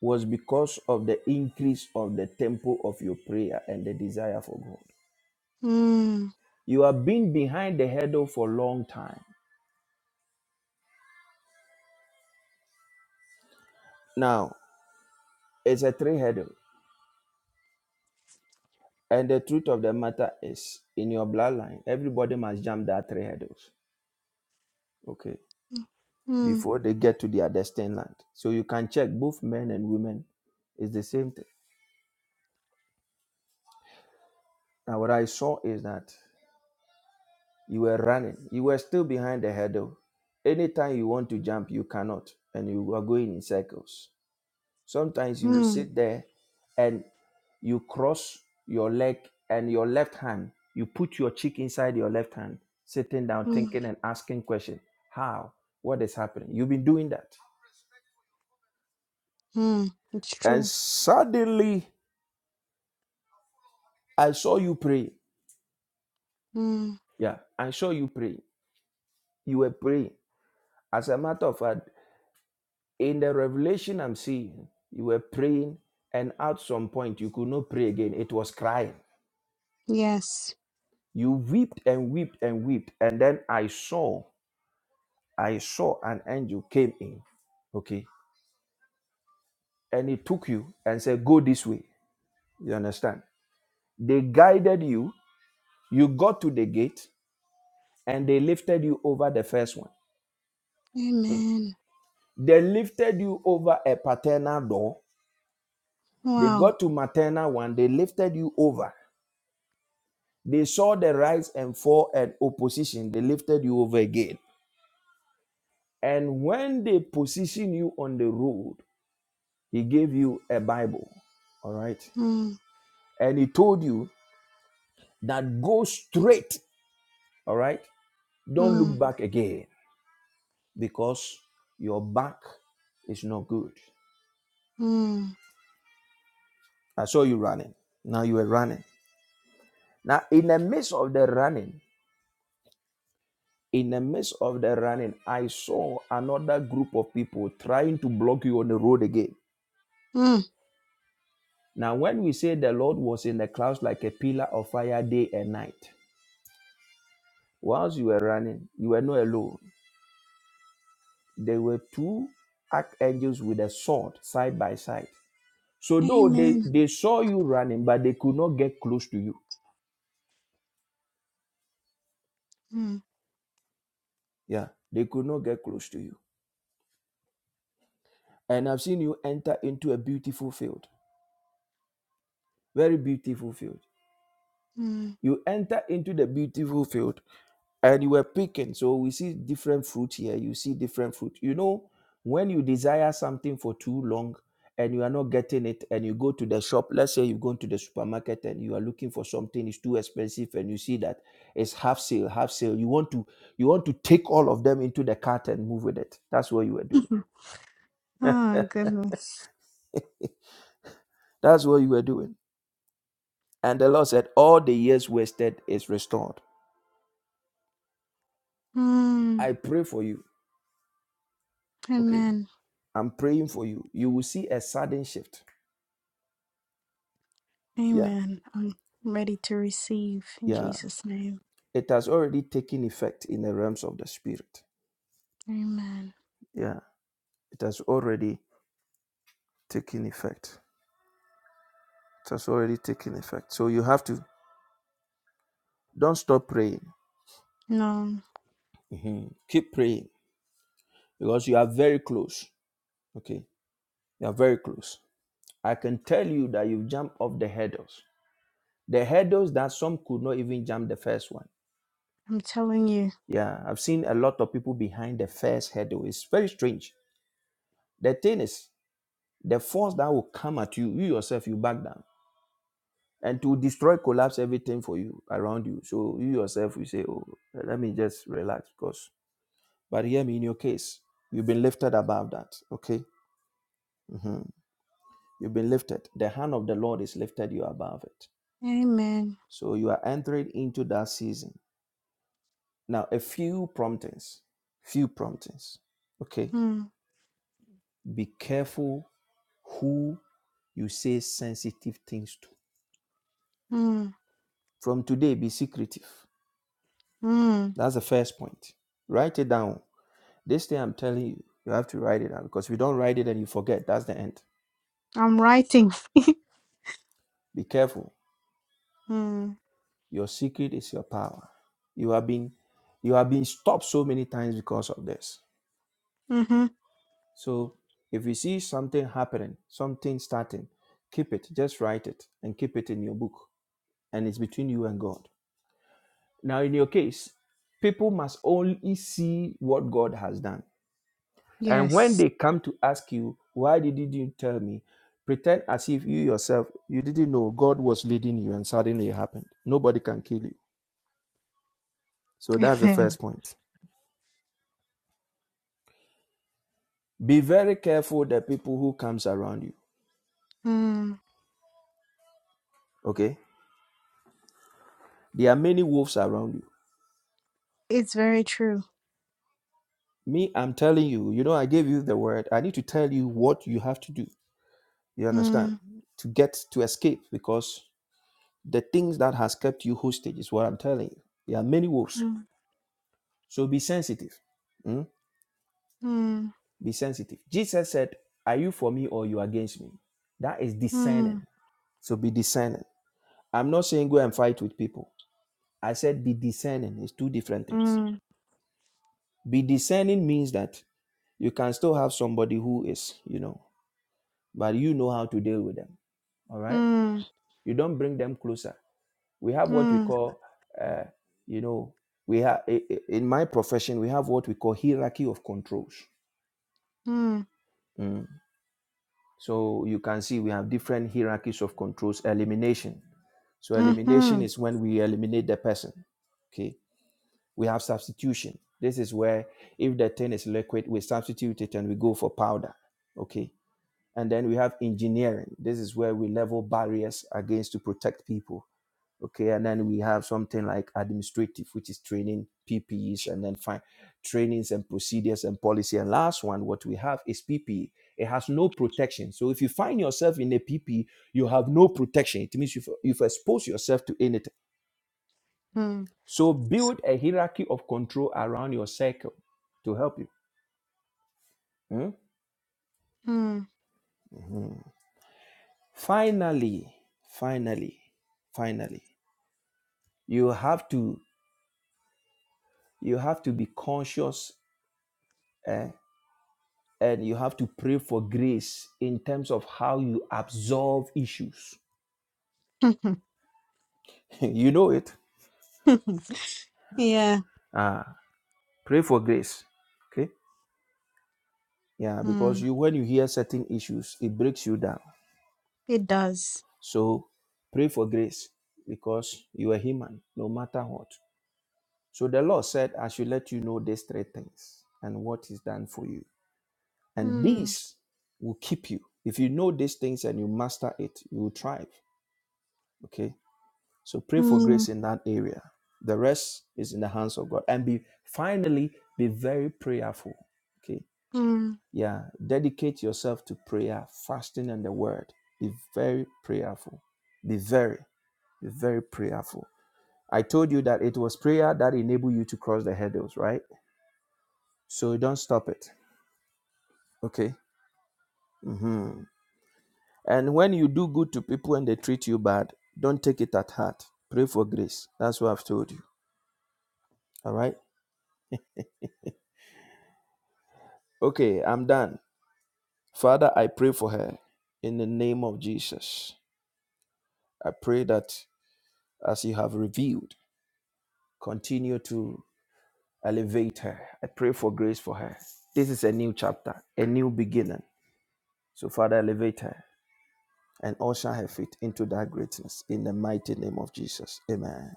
S1: was because of the increase of the tempo of your prayer and the desire for God.
S3: mm,
S1: You have been behind the hurdle for a long time. Now, it's a three hurdle. And the truth of the matter is, in your bloodline, everybody must jump that three hurdles, okay,
S3: mm.
S1: before they get to their destined land. So you can check both men and women, it's the same thing. Now, what I saw is that You were running. You were still behind the hurdle. Anytime you want to jump, you cannot, and you are going in circles. Sometimes you will
S3: Mm,
S1: sit there and you cross your leg and your left hand. You put your cheek inside your left hand, sitting down,
S3: mm,
S1: thinking and asking questions. How? What is happening? You've been doing that.
S3: mm. It's
S1: And
S3: true.
S1: suddenly, I saw you pray.
S3: Mm,
S1: Yeah, I saw you pray. You were praying. As a matter of fact, In the revelation I'm seeing, you were praying, and at some point you could not pray again. It was crying.
S3: yes.
S1: You wept and wept and wept, and then I saw, I saw an angel came in, okay, and he took you and said, "Go this way." You understand? They guided you. You got to the gate, and they lifted you over the first one. Mm.
S3: Amen.
S1: They lifted you over a paternal door. They
S3: Wow.
S1: got to maternal one. They lifted you over. They saw the rise and fall and opposition. They lifted you over again. And when they position you on the road, he gave you a Bible. All right.
S3: Mm,
S1: And he told you that go straight. All right. Don't look
S3: mm,
S1: back again because your back is not good.
S3: mm,
S1: I saw you running. Now you were running. Now, in the midst of the running, in the midst of the running, I saw another group of people trying to block you on the road again.
S3: mm.
S1: Now, when we say the Lord was in the clouds like a pillar of fire day and night, whilst you were running, you were not alone. There were two archangels with a sword side by side. So, though they,
S3: Amen.
S1: they saw you running, but they could not get close to you.
S3: Mm,
S1: Yeah, they could not get close to you. And I've seen you enter into a beautiful field, very beautiful field.
S3: mm.
S1: You enter into the beautiful field, and you were picking. So we see different fruit here. You see different fruit. You know, when you desire something for too long and you are not getting it, and you go to the shop, let's say you've gone to the supermarket and you are looking for something, it's too expensive, and you see that it's half sale, half sale. You want to you want to take all of them into the cart and move with it. That's what you were doing.
S3: Oh, goodness.
S1: That's what you were doing. And the Lord said, All the years wasted is restored.
S3: Mm,
S1: I pray for you. Okay.
S3: amen.
S1: I'm praying for you. You will see a sudden shift. Yeah.
S3: Amen. I'm ready to receive in
S1: Yeah.
S3: Jesus' name.
S1: it has already taken effect in the realms of the spirit.
S3: Amen.
S1: Yeah, it has already taken effect. It has already taken effect. So you have to don't stop praying.
S3: No,
S1: Mhm. Keep praying because you are very close. Okay, you are very close. I can tell you that you've jumped off the hurdles, the hurdles that some could not even jump the first one.
S3: I'm telling you.
S1: Yeah, I've seen a lot of people behind the first hurdle. It's very strange. The thing is, the force that will come at you, you yourself, you back down and to destroy collapse everything for you around you so you yourself will say oh let me just relax because but hear me in your case you've been lifted above that okay Mhm. you've been lifted the hand of the lord is lifted you above it
S3: Amen.
S1: so you are entering into that season now a few promptings few promptings okay
S3: Mm,
S1: be careful who you say sensitive things to
S3: mm,
S1: from today be secretive
S3: mm.
S1: that's the first point write it down This thing I'm telling you, you have to write it down because if you don't write it and you forget, that's the end.
S3: I'm writing.
S1: Be careful.
S3: Mm,
S1: Your secret is your power. You have been you have been stopped so many times because of this.
S3: mm-hmm.
S1: So if you see something happening, something starting, keep it. Just write it and keep it in your book. And it's between you and God. Now in your case, people must only see what God has done. And when
S3: Yes.
S1: they come to ask you, why didn't you tell me? Pretend as if you yourself you didn't know God was leading you and suddenly it happened. Nobody can kill you. So that's the
S3: Amen.
S1: first point. Be very careful the people who comes around you.
S3: Mm,
S1: Okay? There are many wolves around you.
S3: it's very true.
S1: Me, I'm telling you, you know, I gave you the word. I need to tell you what you have to do. You understand?
S3: Mm,
S1: To get to escape because the things that has kept you hostage is what I'm telling you. There are many wolves.
S3: mm,
S1: So be sensitive. Mm?
S3: mm,
S1: Be sensitive. Jesus said, Are you for me or you against me? That is discerning.
S3: mm,
S1: So be discerning. I'm not saying go and fight with people. I said be discerning. It's two different things.
S3: mm,
S1: Be discerning means that you can still have somebody who is, you know, but you know how to deal with them. All right.
S3: mm,
S1: You don't bring them closer. We have what we
S3: mm,
S1: call, uh, you know, we have in my profession we have what we call hierarchy of controls.
S3: mm,
S1: Mm. So you can see we have different hierarchies of controls. Elimination. So elimination
S3: mhm,
S1: is when we eliminate the person. Okay. We have substitution. This is where if the thing is liquid, we substitute it and we go for powder. Okay. And then we have engineering. This is where we level barriers against to protect people. Okay. And then we have something like administrative, which is training PPEs and then fine trainings and procedures and policy. And last one, what we have is PPE. It has no protection. So if you find yourself in a PPE, you have no protection. It means you've, you've exposed yourself to anything.
S3: mm,
S1: So build a hierarchy of control around your circle to help you. Mm?
S3: mm.
S1: Finally, finally, finally. you have to you have to be conscious eh, and you have to pray for grace in terms of how you absorb issues you know it
S3: Yeah,
S1: ah pray for grace okay yeah because
S3: mm,
S1: you when you hear certain issues it breaks you down
S3: it does.
S1: so pray for grace because you are human no matter what so the lord said i should let you know these three things and what is done for you and
S3: Mm,
S1: these will keep you if you know these things and you master it you will thrive Okay. So pray for
S3: mm,
S1: grace in that area. The rest is in the hands of God. And be finally be very prayerful. Okay.
S3: mm.
S1: Yeah. Dedicate yourself to prayer, fasting, and the word. Be very prayerful. Be very, be very prayerful. I told you that it was prayer that enabled you to cross the hurdles, right? So don't stop it. Okay. hmm And when you do good to people and they treat you bad, don't take it at heart. Pray for grace. That's what I've told you. All right. Okay, I'm done. Father, I pray for her in the name of Jesus. I pray that as you have revealed, continue to elevate her. I pray for grace for her. This is a new chapter, a new beginning. So, Father, elevate her and usher her feet into that greatness in the mighty name of Jesus. Amen.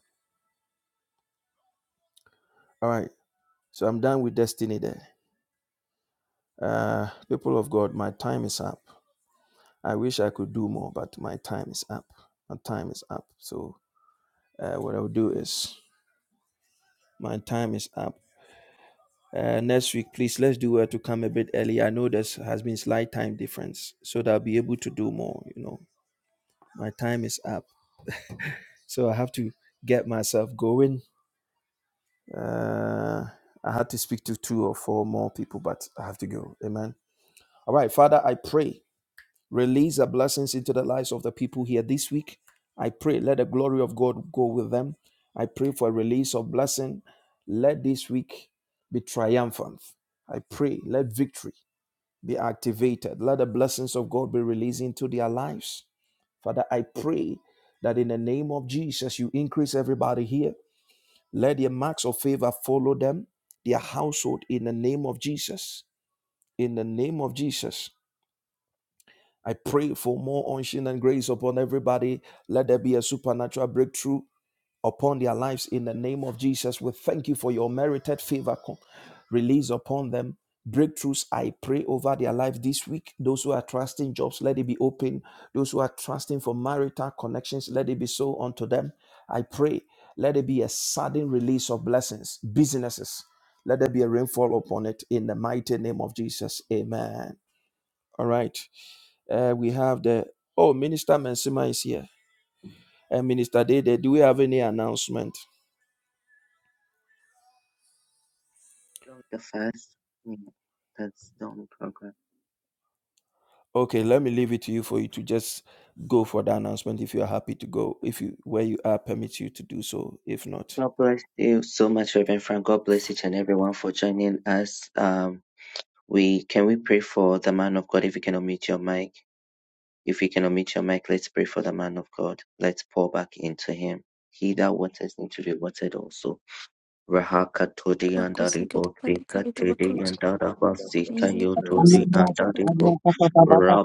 S1: All right. So, I'm done with destiny there. Uh, people of God, my time is up. I wish I could do more, but my time is up. My time is up. So, uh, what I'll do is my time is up. Uh, next week, please let's do well to come a bit early. I know there's has been slight time difference, so that I'll be able to do more. You know, my time is up, so I have to get myself going. Uh, I had to speak to two or four more people, but I have to go. Amen. All right, Father, I pray release the blessings into the lives of the people here this week. I pray let the glory of God go with them. I pray for a release of blessing. Let this week be triumphant. I pray let victory be activated. Let the blessings of God be released into their lives. Father, I pray that in the name of Jesus, you increase everybody here. Let your marks of favor follow them, their household, in the name of Jesus. In the name of Jesus. I pray for more unction and grace upon everybody. Let there be a supernatural breakthrough upon their lives in the name of Jesus. We thank you for your merited favor release upon them. Breakthroughs, I pray over their life this week. Those who are trusting jobs, let it be open. Those who are trusting for marital connections, let it be so unto them. I pray, let it be a sudden release of blessings, businesses. Let there be a rainfall upon it in the mighty name of Jesus. Amen. All right. Uh, we have the, oh, Minister Mensima is here. Uh, Minister Dede, do we have any announcement?
S9: That was fast. first. Yeah, that's the only program.
S1: Okay, let me leave it to you for you to just go for the announcement if you are happy to go, if you where you are permits you to do so, if not.
S9: God bless you so much, Reverend Frank. God bless each and everyone for joining us. Um, we can we pray for the man of God if you can unmute your mic. If you can unmute your mic, let's pray for the man of God. Let's pour back into him. He that waters need to be watered also. Rahakatodi and
S4: Bakosi kete
S9: Daribo,
S4: pati
S9: Sika
S4: kaya ke
S9: Tedi
S4: bakosi.
S9: and
S10: the
S9: Dadaba, Sika
S4: Inde
S8: bakasande.
S10: functions of
S9: Yotodi
S4: bakosi
S10: the
S4: kete
S9: and
S5: Rasa,
S4: pati
S10: cells
S5: Paya,
S9: Daribo,
S5: Papa, Papa, Papa,
S10: in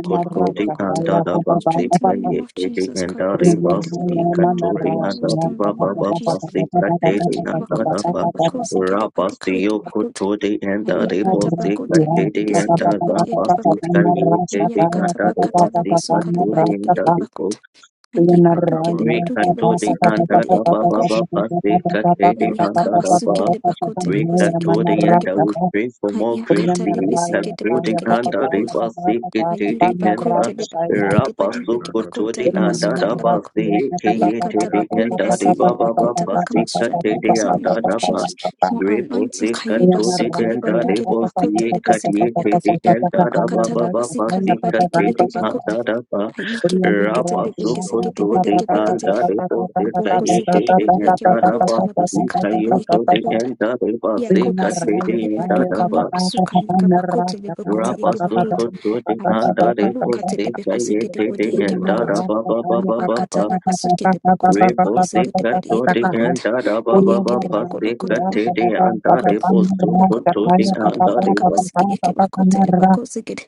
S10: the
S5: Rasa,
S9: and
S5: Paya,
S10: mitochondrial
S5: Papa,
S9: Dadaba, Sika
S5: Papa,
S4: Strength in the
S5: Papa,
S4: name of
S9: Yetedi
S4: Jesus.
S9: and Dariba, Sika
S4: All
S9: Todi
S4: Alma
S9: and
S4: wisdom in the
S9: Dariba,
S4: name of
S9: Baba,
S4: Jesus.
S9: Sika Tedi and
S4: Ikedibakota
S9: Dadaba,
S4: lebakosi gedibadika ekibakota.
S9: Rabasukotodi and Daribo,
S4: Ayakata
S9: Sika
S4: bakota
S9: Tedi
S4: libikisi
S9: and
S4: gedibodi
S9: Dadaba, Sika
S4: ekibakota.
S9: Yetedi and
S4: Ayakata
S9: Dariba,
S4: bakata
S9: Sika
S4: labasuka
S9: Todi
S4: libadiki
S9: and
S5: Raya,
S9: Daribo,
S4: ekibakota. Ayibatuke
S9: we cut
S4: lebatuke
S9: to the
S4: lebasike
S9: end of
S4: debodi
S9: the ba ba
S4: ekibakota.
S9: ba We cut to the end of the
S4: Ayakabasuke
S9: ba.
S4: lebakote
S9: We cut
S4: lebosike
S9: to
S4: debodi
S9: the end of
S4: ekibakota.
S9: the for more crazy.
S4: Ayakata
S9: We cut
S4: libisike
S9: to the
S4: debodika
S9: end of the
S4: ekibakota.
S9: ba. We cut to
S4: Ayidi
S9: the end of
S4: bakute de
S9: the
S4: basike de
S9: Rabba
S4: badi ike
S9: suku to
S4: bakota
S9: the
S4: la
S9: end of
S4: basuka
S9: the
S4: la
S9: ba.
S4: bako.
S9: We cut to
S4: Yakata
S9: the
S4: bakuli
S9: end of the
S4: basiye
S9: ba
S4: de
S9: ba ba
S4: bakota
S9: We
S4: bakama
S9: cut
S4: strength
S9: to
S4: my
S9: the
S4: grace in the
S9: end of
S4: name of
S9: the ba.
S4: Jesus. More anointing
S9: Rebosi
S4: kayi
S9: katodi
S4: basuka le
S9: enda
S4: baduke le bakota
S9: rebosi
S4: le basika
S9: kadiete
S4: yakata.
S9: di enda da ba
S4: Abakata
S9: ba
S4: la
S9: ba ba
S4: basika le
S9: si
S4: badike ike
S9: katedi
S4: bakota.
S9: anda da ba
S8: Thank
S4: Ayike
S8: you.
S4: de bekete
S9: raba
S4: de
S8: So
S4: bekesike
S8: the
S4: de
S9: sukoto di
S8: complaints
S4: bedeke
S8: there
S4: bekete de.
S9: anda
S8: because of the
S9: rebosi
S8: pandemic
S4: Aboko sike de
S9: kayete di
S8: changes
S4: badi ike
S9: enda da ba
S4: bakota la
S9: si
S4: basika le ba ike
S9: kayoto di
S5: Rasta,
S4: bakota.
S9: enda rebosi
S4: Yako basika
S9: katedi
S4: le
S9: and da
S4: baduka le
S9: ba
S4: basuka ike bakota le bakote
S9: raba
S4: ike bakota.
S9: sukoto di anda
S4: Ayikipa luka
S9: rebosi
S4: telebeko
S8: in
S4: seke de
S9: kayete di
S4: body
S5: Lord
S4: ekipa
S9: enda
S4: kot.
S9: da
S5: God,
S9: ba ba ba ba
S5: the
S9: ba
S4: Apakata la basuke de boko teleboko seke de
S9: Repostika
S4: body
S9: to the
S4: ekipa kot.
S9: anda da ba ba
S4: Ayeke
S9: ba
S4: de boko
S9: pastika
S4: lokotobo
S9: to the anda
S4: kodobo.
S9: reposto
S4: Lokotobo
S9: to the
S4: suko de
S9: anda
S4: balaka
S9: reba.
S4: basike ekipa kot telebako seke de.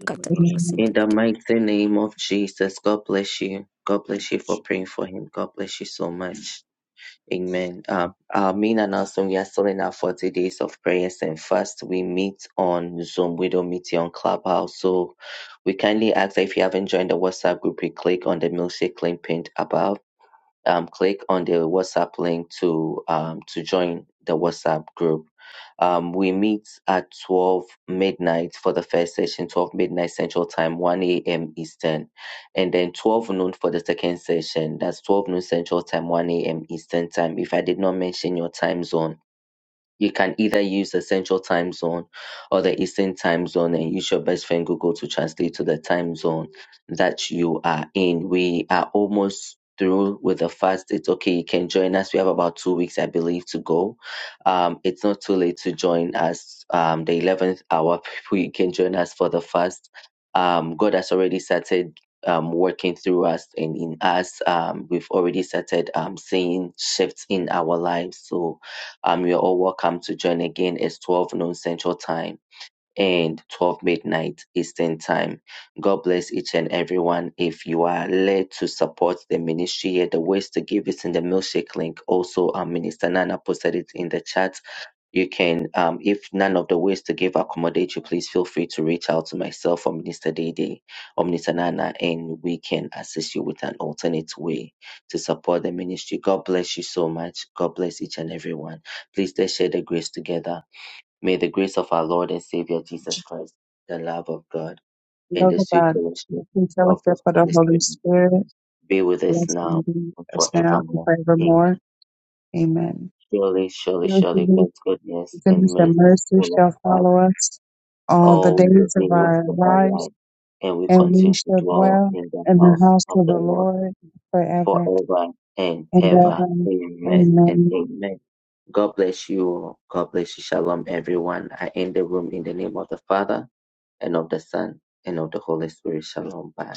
S8: the
S4: la
S8: regulation.
S9: In the
S4: basike
S9: mighty name of Jesus, God bless you. God bless you for praying for him. God bless you so much. Amen. Um, uh, me and Nelson, we are still in our 40 days of prayers and fast. We meet on Zoom. We don't meet here on Clubhouse. So we kindly ask that if you haven't joined the WhatsApp group, you click on the milkshake link pinned above um, click on the WhatsApp link to um, to join the WhatsApp group. Um, we meet at 12 midnight for the first session, 12 midnight Central Time, 1 a.m. Eastern, and then 12 noon for the second session. That's 12 noon Central Time, 1 a.m. Eastern Time. If I did not mention your time zone, you can either use the Central Time Zone or the Eastern Time Zone and use your best friend Google to translate to the time zone that you are in. We are almost through with the fast. It's okay. You can join us. We have about two weeks, I believe, to go. Um, it's not too late to join us. Um, the 11th hour, you can join us for the fast. Um, God has already started um, working through us and in us. Um, we've already started um, seeing shifts in our lives. So, um, you're all welcome to join again. It's 12 noon Central Time and 12 midnight Eastern Time. God bless each and everyone. If you are led to support the ministry, the ways to give is in the milkshake link. Also, our Minister Nana posted it in the chat you can, um, if none of the ways to give accommodate you, please feel free to reach out to myself or Minister Dede or Minister Nana, and we can assist you with an alternate way to support the ministry. God bless you so much. God bless each and every one. Please let's share the grace together. May the grace of our Lord and Savior Jesus Christ, the love of God, and the sweet fellowship
S5: true
S9: of the
S5: fellowship of the
S9: Holy
S5: Holy
S9: Spirit
S5: Spirit,
S9: be with us
S5: bless
S9: now
S5: and be
S9: and
S5: us now and
S9: forevermore. Amen.
S5: forevermore. Amen.
S9: Surely, surely,
S5: Your
S9: surely, God's goodness and
S5: goodness and
S9: mercy is
S5: mercy
S9: full
S5: shall
S9: of us
S5: follow us all the
S9: all the
S5: days of
S9: days
S5: our
S9: of our
S5: lives,
S9: life, and we
S5: and we
S9: continue to
S5: shall
S9: dwell
S5: dwell
S9: in the
S5: in the
S9: house
S5: house
S9: of
S5: of
S9: the
S5: the
S9: Lord
S5: Lord forever.
S9: forever and ever.
S5: Amen.
S9: Amen and
S5: Amen.
S9: amen. God bless you. all. God bless you. Shalom, everyone. I end the room in the name of the Father and of the Son and of the Holy Spirit. Shalom. Bye.